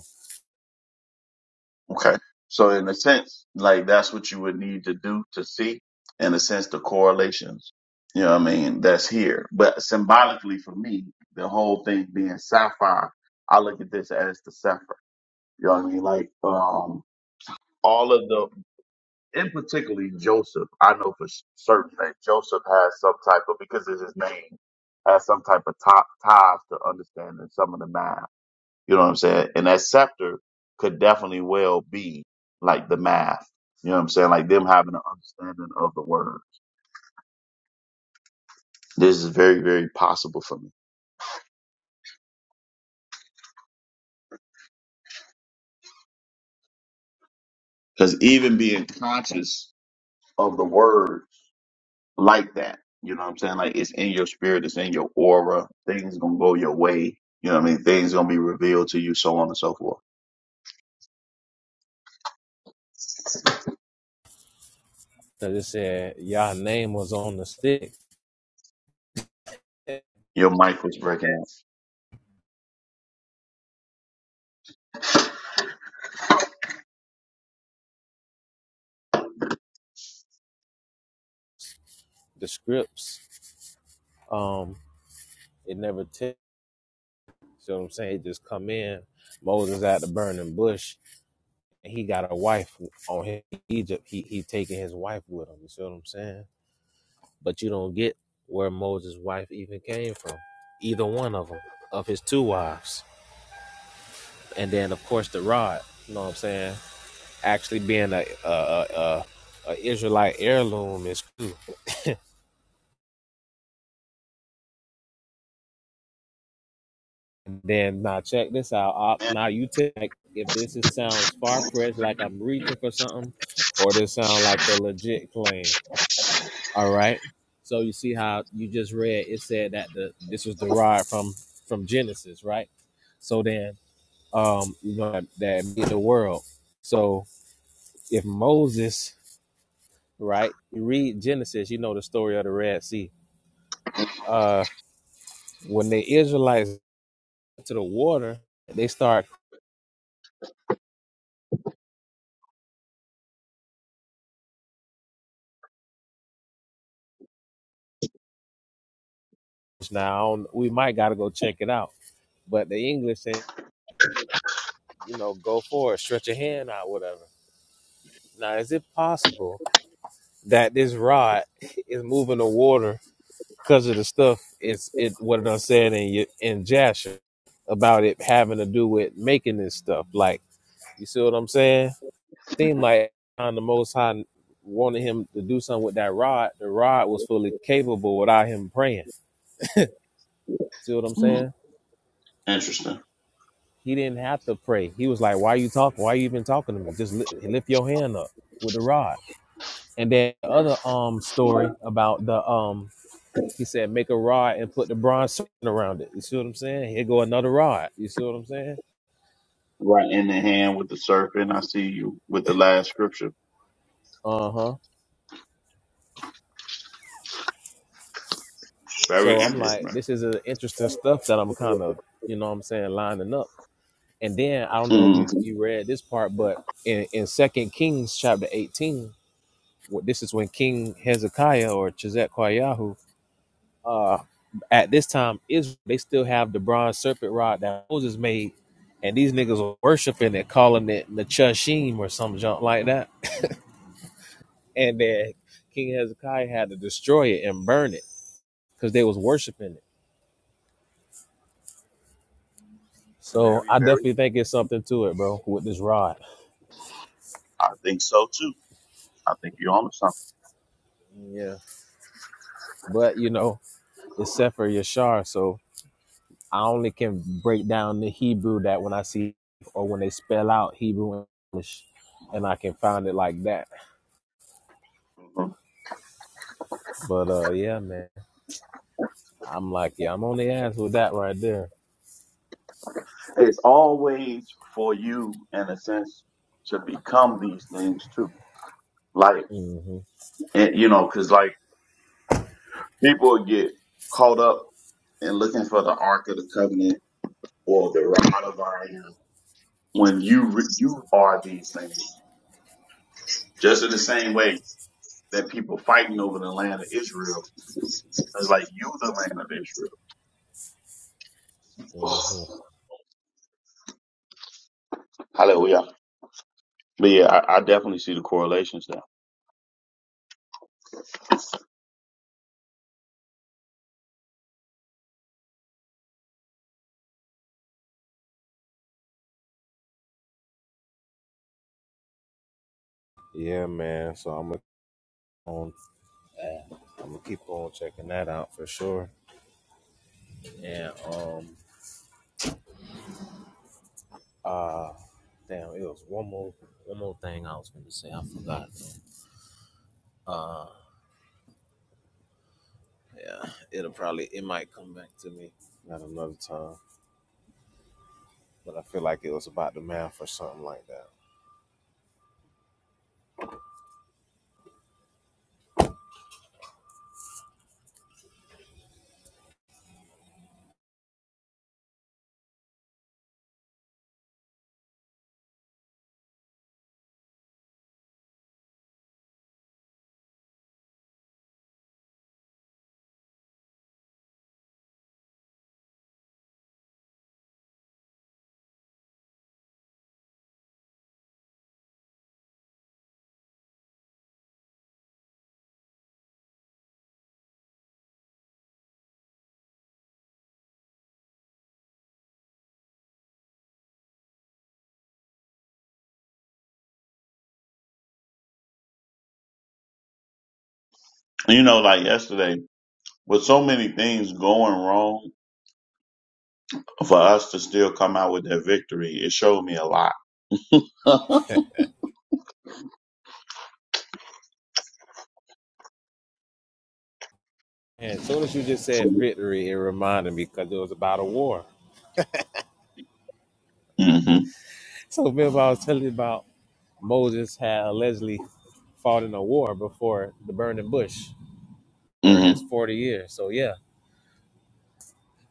D: Okay. So in a sense, like that's what you would need to do to see, in a sense, the correlations. You know what I mean? That's here. But symbolically for me, the whole thing being sapphire, I look at this as the sapphire. You know what I mean? Like, um, all of the, in particularly Joseph, I know for s- certain that Joseph has some type of, because it's his name, has some type of top ties to understanding some of the math. You know what I'm saying? And that scepter could definitely well be like the math. You know what I'm saying? Like them having an understanding of the word. This is very, very possible for me. Because even being conscious of the word like that, you know what I'm saying? Like it's in your spirit, it's in your aura. Things gonna go your way. You know what I mean? Things gonna be revealed to you, so on and so forth.
B: Cause it said Yah name was on the stick the
D: Your mic was breaking. out.
B: scripts. Um, it never took. You know what I'm saying? It just come in. Moses at the burning bush, and he got a wife on him. Egypt. He he taking his wife with him. You see what I'm saying? But you don't get where Moses' wife even came from. Either one of them, of his two wives, and then of course the rod. You know what I'm saying? Actually being a a a, a, Israelite heirloom is cool. And then now check this out. Uh, now you take if this is, sounds far fetched, like I'm reaching for something, or this sound like a legit claim. All right. So you see how you just read it said that the this was derived from from Genesis, right? So then um you know that that made the world. So if Moses, right, you read Genesis, you know the story of the Red Sea. Uh when the Israelites went to the water, they start now. I don't- We might got to go check it out. But the English say, you know, go for it, stretch your hand out, whatever. Now, is it possible that this rod <laughs> is moving the water because of the stuff it's it what I said in your- in Jasher about it having to do with making this stuff? Like, you see what I'm saying? Seemed like on the Most High wanted him to do something with that rod. The rod was fully capable without him praying. See what I'm
D: Hmm,
B: saying?
D: interesting.
B: He didn't have to pray. He was like, "Why you talking? Why you even talking to me? Just li- lift your hand up with the rod." And then the other um story about the um he said make a rod and put the bronze circle around it. You see what I'm saying? Here go another rod. You see what I'm saying?
D: Right in the hand with the serpent. I see you with the last scripture.
B: Uh huh.
D: Very
B: So I'm like,
D: interesting.
B: this is a interesting stuff that I'm kind of you know what I'm saying lining up. And then I don't know if
D: hmm
B: you you read this part, but in in Second Kings chapter 18, wh- this is when King Hezekiah or Chizet Kwayahu uh, at this time, Israel they still have the bronze serpent rod that Moses made, and these niggas are worshiping it, calling it Nechushim or some junk like that. And then King Hezekiah had to destroy it and burn it because they was worshiping it. So
D: Very,
B: I
D: very.
B: definitely think it's something to it, bro, with this rod.
D: I think so too. I think you're onto something.
B: Yeah, but you know, it's Sefer Yashar, so I only can break down the Hebrew that when I see or when they spell out Hebrew and English, and I can find it like that.
D: Mhm.
B: But uh, yeah, man. I'm like, yeah, I'm on the ass with that right there.
D: It's always for you, in a sense, to become these things too. Like,
B: mm hmm
D: and, you know, because like people get caught up in looking for the Ark of the Covenant or the Rod of Iron when you re- you are these things. Just in the same way that people fighting over the land of Israel, it's like you the land of Israel.
B: mm hmm
D: <sighs> Hallelujah. But yeah, I, I definitely see the correlations there.
B: Yeah, man. So I'm gonna keep on uh, I'm gonna keep on checking that out for sure. And um uh damn, it was one more one more thing I was gonna say. I forgot. Uh yeah, it'll probably it might come back to me at another time. But I feel like it was about the math or something like that.
D: You know, like yesterday, with so many things going wrong, for us to still come out with that victory, it showed me a lot. <laughs> hmm
B: And as soon as you just said victory, it reminded me because it was about a war.
D: hmm
B: So remember I was telling you about Moses had allegedly fought in a war before the burning bush during his 40 years. So yeah,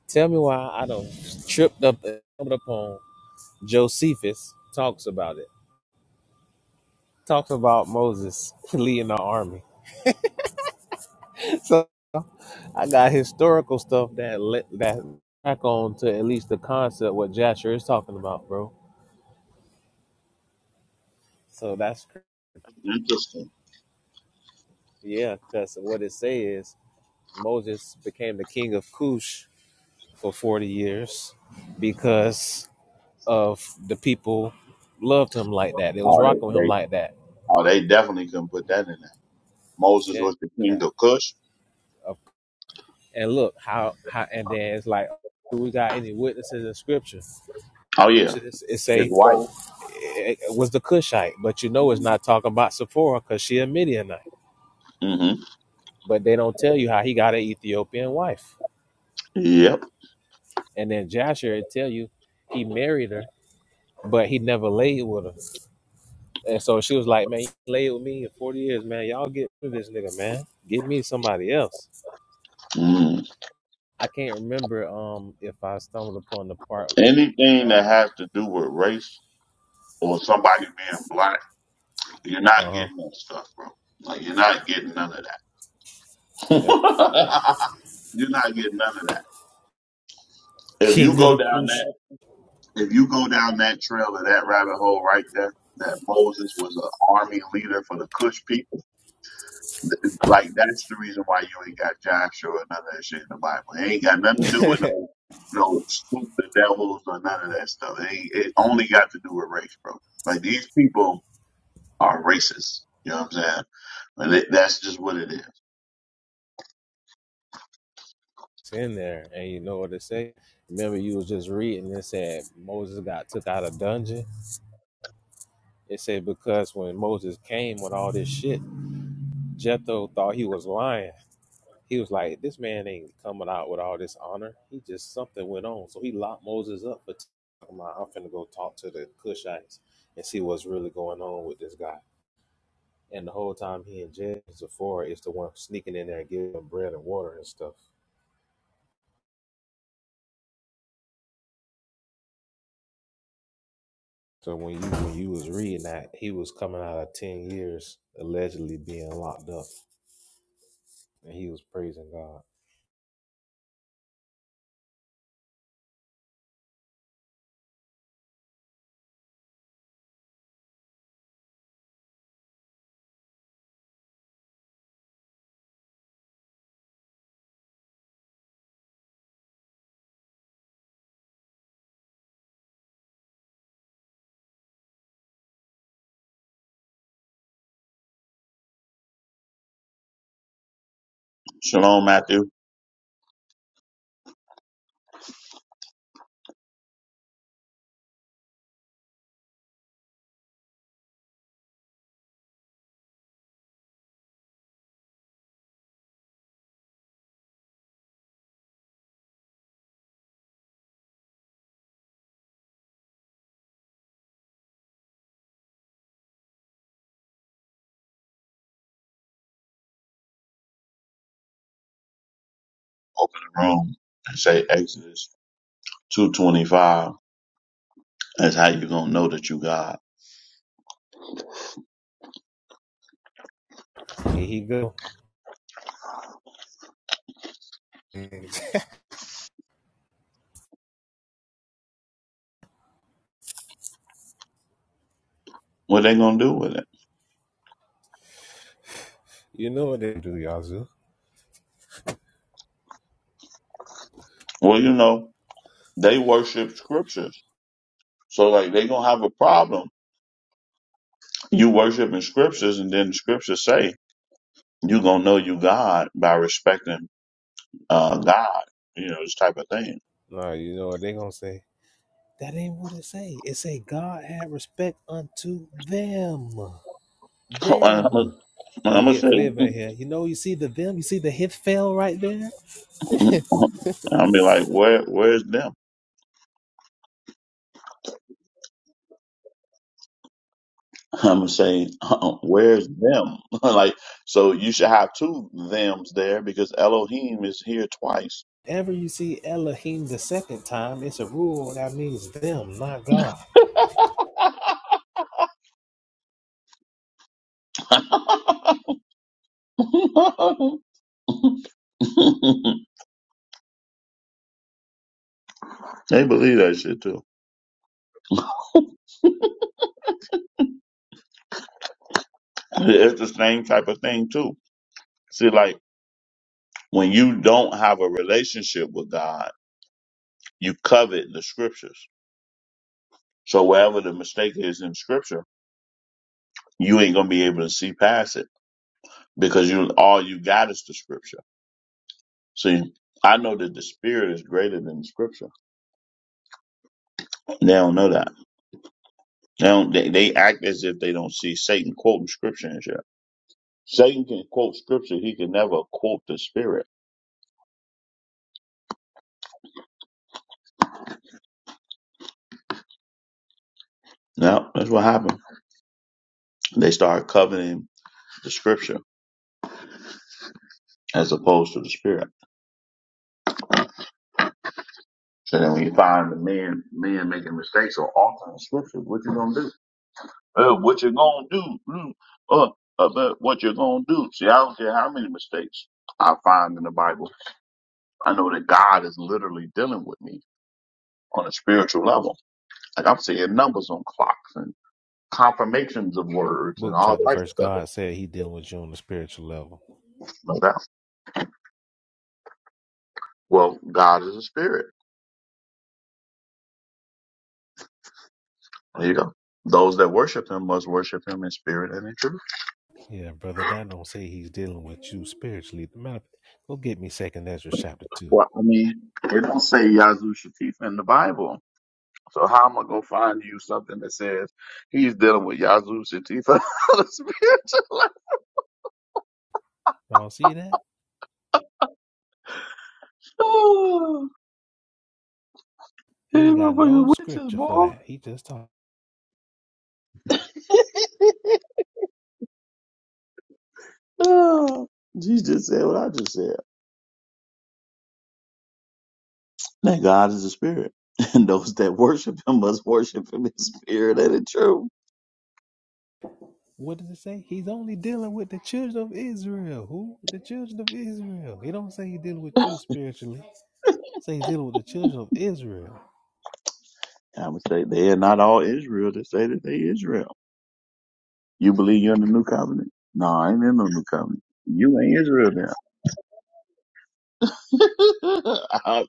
B: tell me why I don't tripped up and stumbled upon Josephus talks about it. Talks about Moses <laughs> leading the army. So I got historical stuff that let that back on to at least the concept what Jasher is talking about, bro. So that's cr-
D: Interesting.
B: yeah, because what it say is Moses became the king of Cush for 40 years because of the people loved him like that. They was
D: Oh,
B: rocking
D: they,
B: with him
D: they,
B: like that.
D: oh, they definitely couldn't put that in there. Moses
B: Yeah.
D: was the king
B: That.
D: of Cush.
B: Of- And look how how and then it's like do we got any witnesses in scripture?
D: Oh yeah,
B: It's- It
D: his
B: say
D: wife.
B: it it was the Cushite, but you know it's not talking about Sephora because she a Midianite.
D: hmm
B: But they don't tell you how he got an Ethiopian wife.
D: Yep.
B: And then Jasher would tell you he married her, but he never laid with her. And so she was like, "Man, you laid with me in forty years, man. Y'all get rid of this nigga, man. Get me somebody else."
D: Mm.
B: I can't remember um if I stumbled upon the part
D: Anything that
B: uh
D: has to do with race or somebody being black, you're not
B: uh
D: getting that stuff, bro. Like you're not getting none of
B: yep.
D: that. <laughs> You're not getting none of that. If you
B: King of
D: go
B: the
D: down
B: Cush
D: that, if you go down that trail of that rabbit hole right there, that Moses was an army leader for the Cush people. th- Like that's the reason why you ain't got Joshua or none of that shit in the Bible. It ain't got nothing to do with no no stupid devils or none of that stuff. It, ain't, it only got to do with race, bro. Like these people are racist. You know what I'm saying? And it, that's just what it is.
B: in there and you know what it say. Remember you was just reading it said Moses got took out of dungeon. It said because when Moses came with all this shit, Jethro thought he was lying. He was like, This man ain't coming out with all this honor. He just something went on. So he locked Moses up But I'm finna go talk to the Cushites and see what's really going on with this guy. And the whole time he and Jen Zafora is the one sneaking in there and giving him bread and water and stuff. So when you when you was reading that, he was coming out of ten years allegedly being locked up, and he was praising God.
D: Shalom, Matthew. Open the room and say Exodus two twenty five. That's how you gonna know that you God.
B: Here he go. <laughs>
D: What they gonna do with it?
B: you know what they do, Yazoo.
D: Well, you know, they worship scriptures. So like they gonna have a problem. You worshiping scriptures and then the scriptures say you gonna know you God by respecting uh God, you know, this type of thing.
B: Nah, you know what they gonna say? That ain't what it say. It say God had respect unto them, them.
D: <laughs> And I'm
B: Don't
D: gonna
B: get
D: say
B: flavor in here. You know, you see the them, you see the hit fail right there.
D: <laughs> I'll be like, where where's them? <laughs> I'm gonna say, <laughs> where's them? <laughs> like, so you should have two thems there because Elohim is here twice.
B: Ever you see Elohim the second time, it's a rule that means them, not God.
D: <laughs> <laughs> they believe that shit too. It's the same type of thing too. See, like when you don't have a relationship with God, you covet the scriptures. So wherever the mistake is in scripture, you ain't gonna be able to see past it because you all you got is the scripture. See, I know that the spirit is greater than the scripture. They don't know that. They don't. They, they act as if they don't see Satan quoting scripture and shit. Satan can quote scripture. He can never quote the spirit. No, that's what happened. They started coveting the scripture as opposed to the spirit. So then when you find the men men making mistakes or altering scripture, what you gonna do? Uh, what you gonna do? Mm, Uh, uh, but what you gonna do? See, I don't care how many mistakes I find in the Bible. I know that God is literally dealing with me on a spiritual level. Like I'm seeing numbers on clocks and confirmations of words and
B: Book
D: all
B: chapter
D: types of
B: verse,
D: stuff.
B: God said he dealing with you on the spiritual level.
D: No doubt. Well, God is a spirit. There you go. Those that worship him must worship him in spirit and in truth.
B: Yeah, brother, that don't say he's dealing with you spiritually. Matter of fact, go get me second Ezra chapter two.
D: Well, I mean, it don't say Yazoo in the Bible. So how am I gonna find you something that says he's dealing with Yazoo Shatif <laughs> on the spiritual level?
B: Y'all see that?
D: Oh, hey,
B: He ain't got no
D: motherfucking witches,
B: scripture for
D: boy.
B: that. He just talk.
D: <laughs> Oh, Jesus said what I just said. That God is a spirit, <laughs> and those that worship Him must worship Him in spirit and in truth.
B: What does it say? He's only dealing with the children of Israel. Who? The children of Israel. He don't say he dealing with you spiritually. He Say he's dealing with the children of Israel.
D: I would say they are not all Israel. They say that they Israel. You believe you're in the new covenant? No, I ain't in the new covenant. You ain't Israel now. <laughs> I,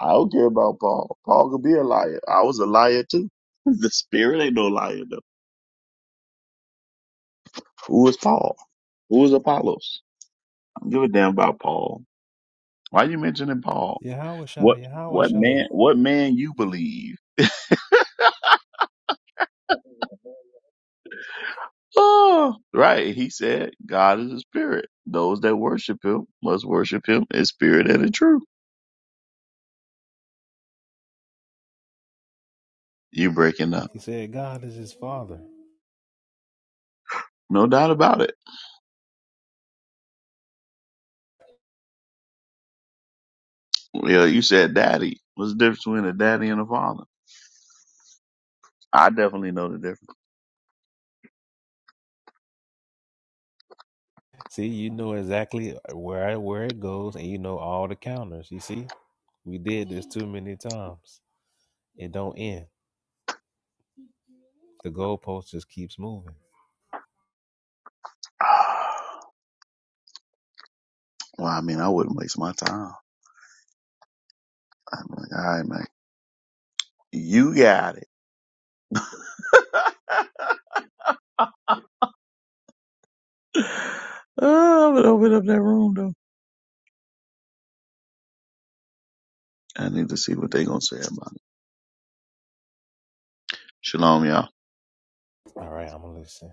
D: I don't care about Paul. Paul could be a liar. I was a liar too. <laughs> The spirit ain't no liar though. Who is Paul? Who is Apollos? I don't give a damn about Paul. Why you mentioning Paul?
B: Yahweh Shah,
D: What what man what man you believe? Oh, right. He said God is a spirit. Those that worship him must worship him in spirit and in truth. You breaking up.
B: He said God is his father.
D: No doubt about it. Yeah, you said daddy. What's the difference between a daddy and a father? I definitely know the difference.
B: See, you know exactly where where it goes, and you know all the counters. You see, we did this too many times. It don't end. The goalpost just keeps moving.
D: <sighs> well, I mean, I wouldn't waste my time. I'm like, all right, man, you got it. <sighs> Oh, I'm gonna open up that room though. I need to see what they gonna say about it. Shalom, y'all.
B: All right, I'm gonna listen.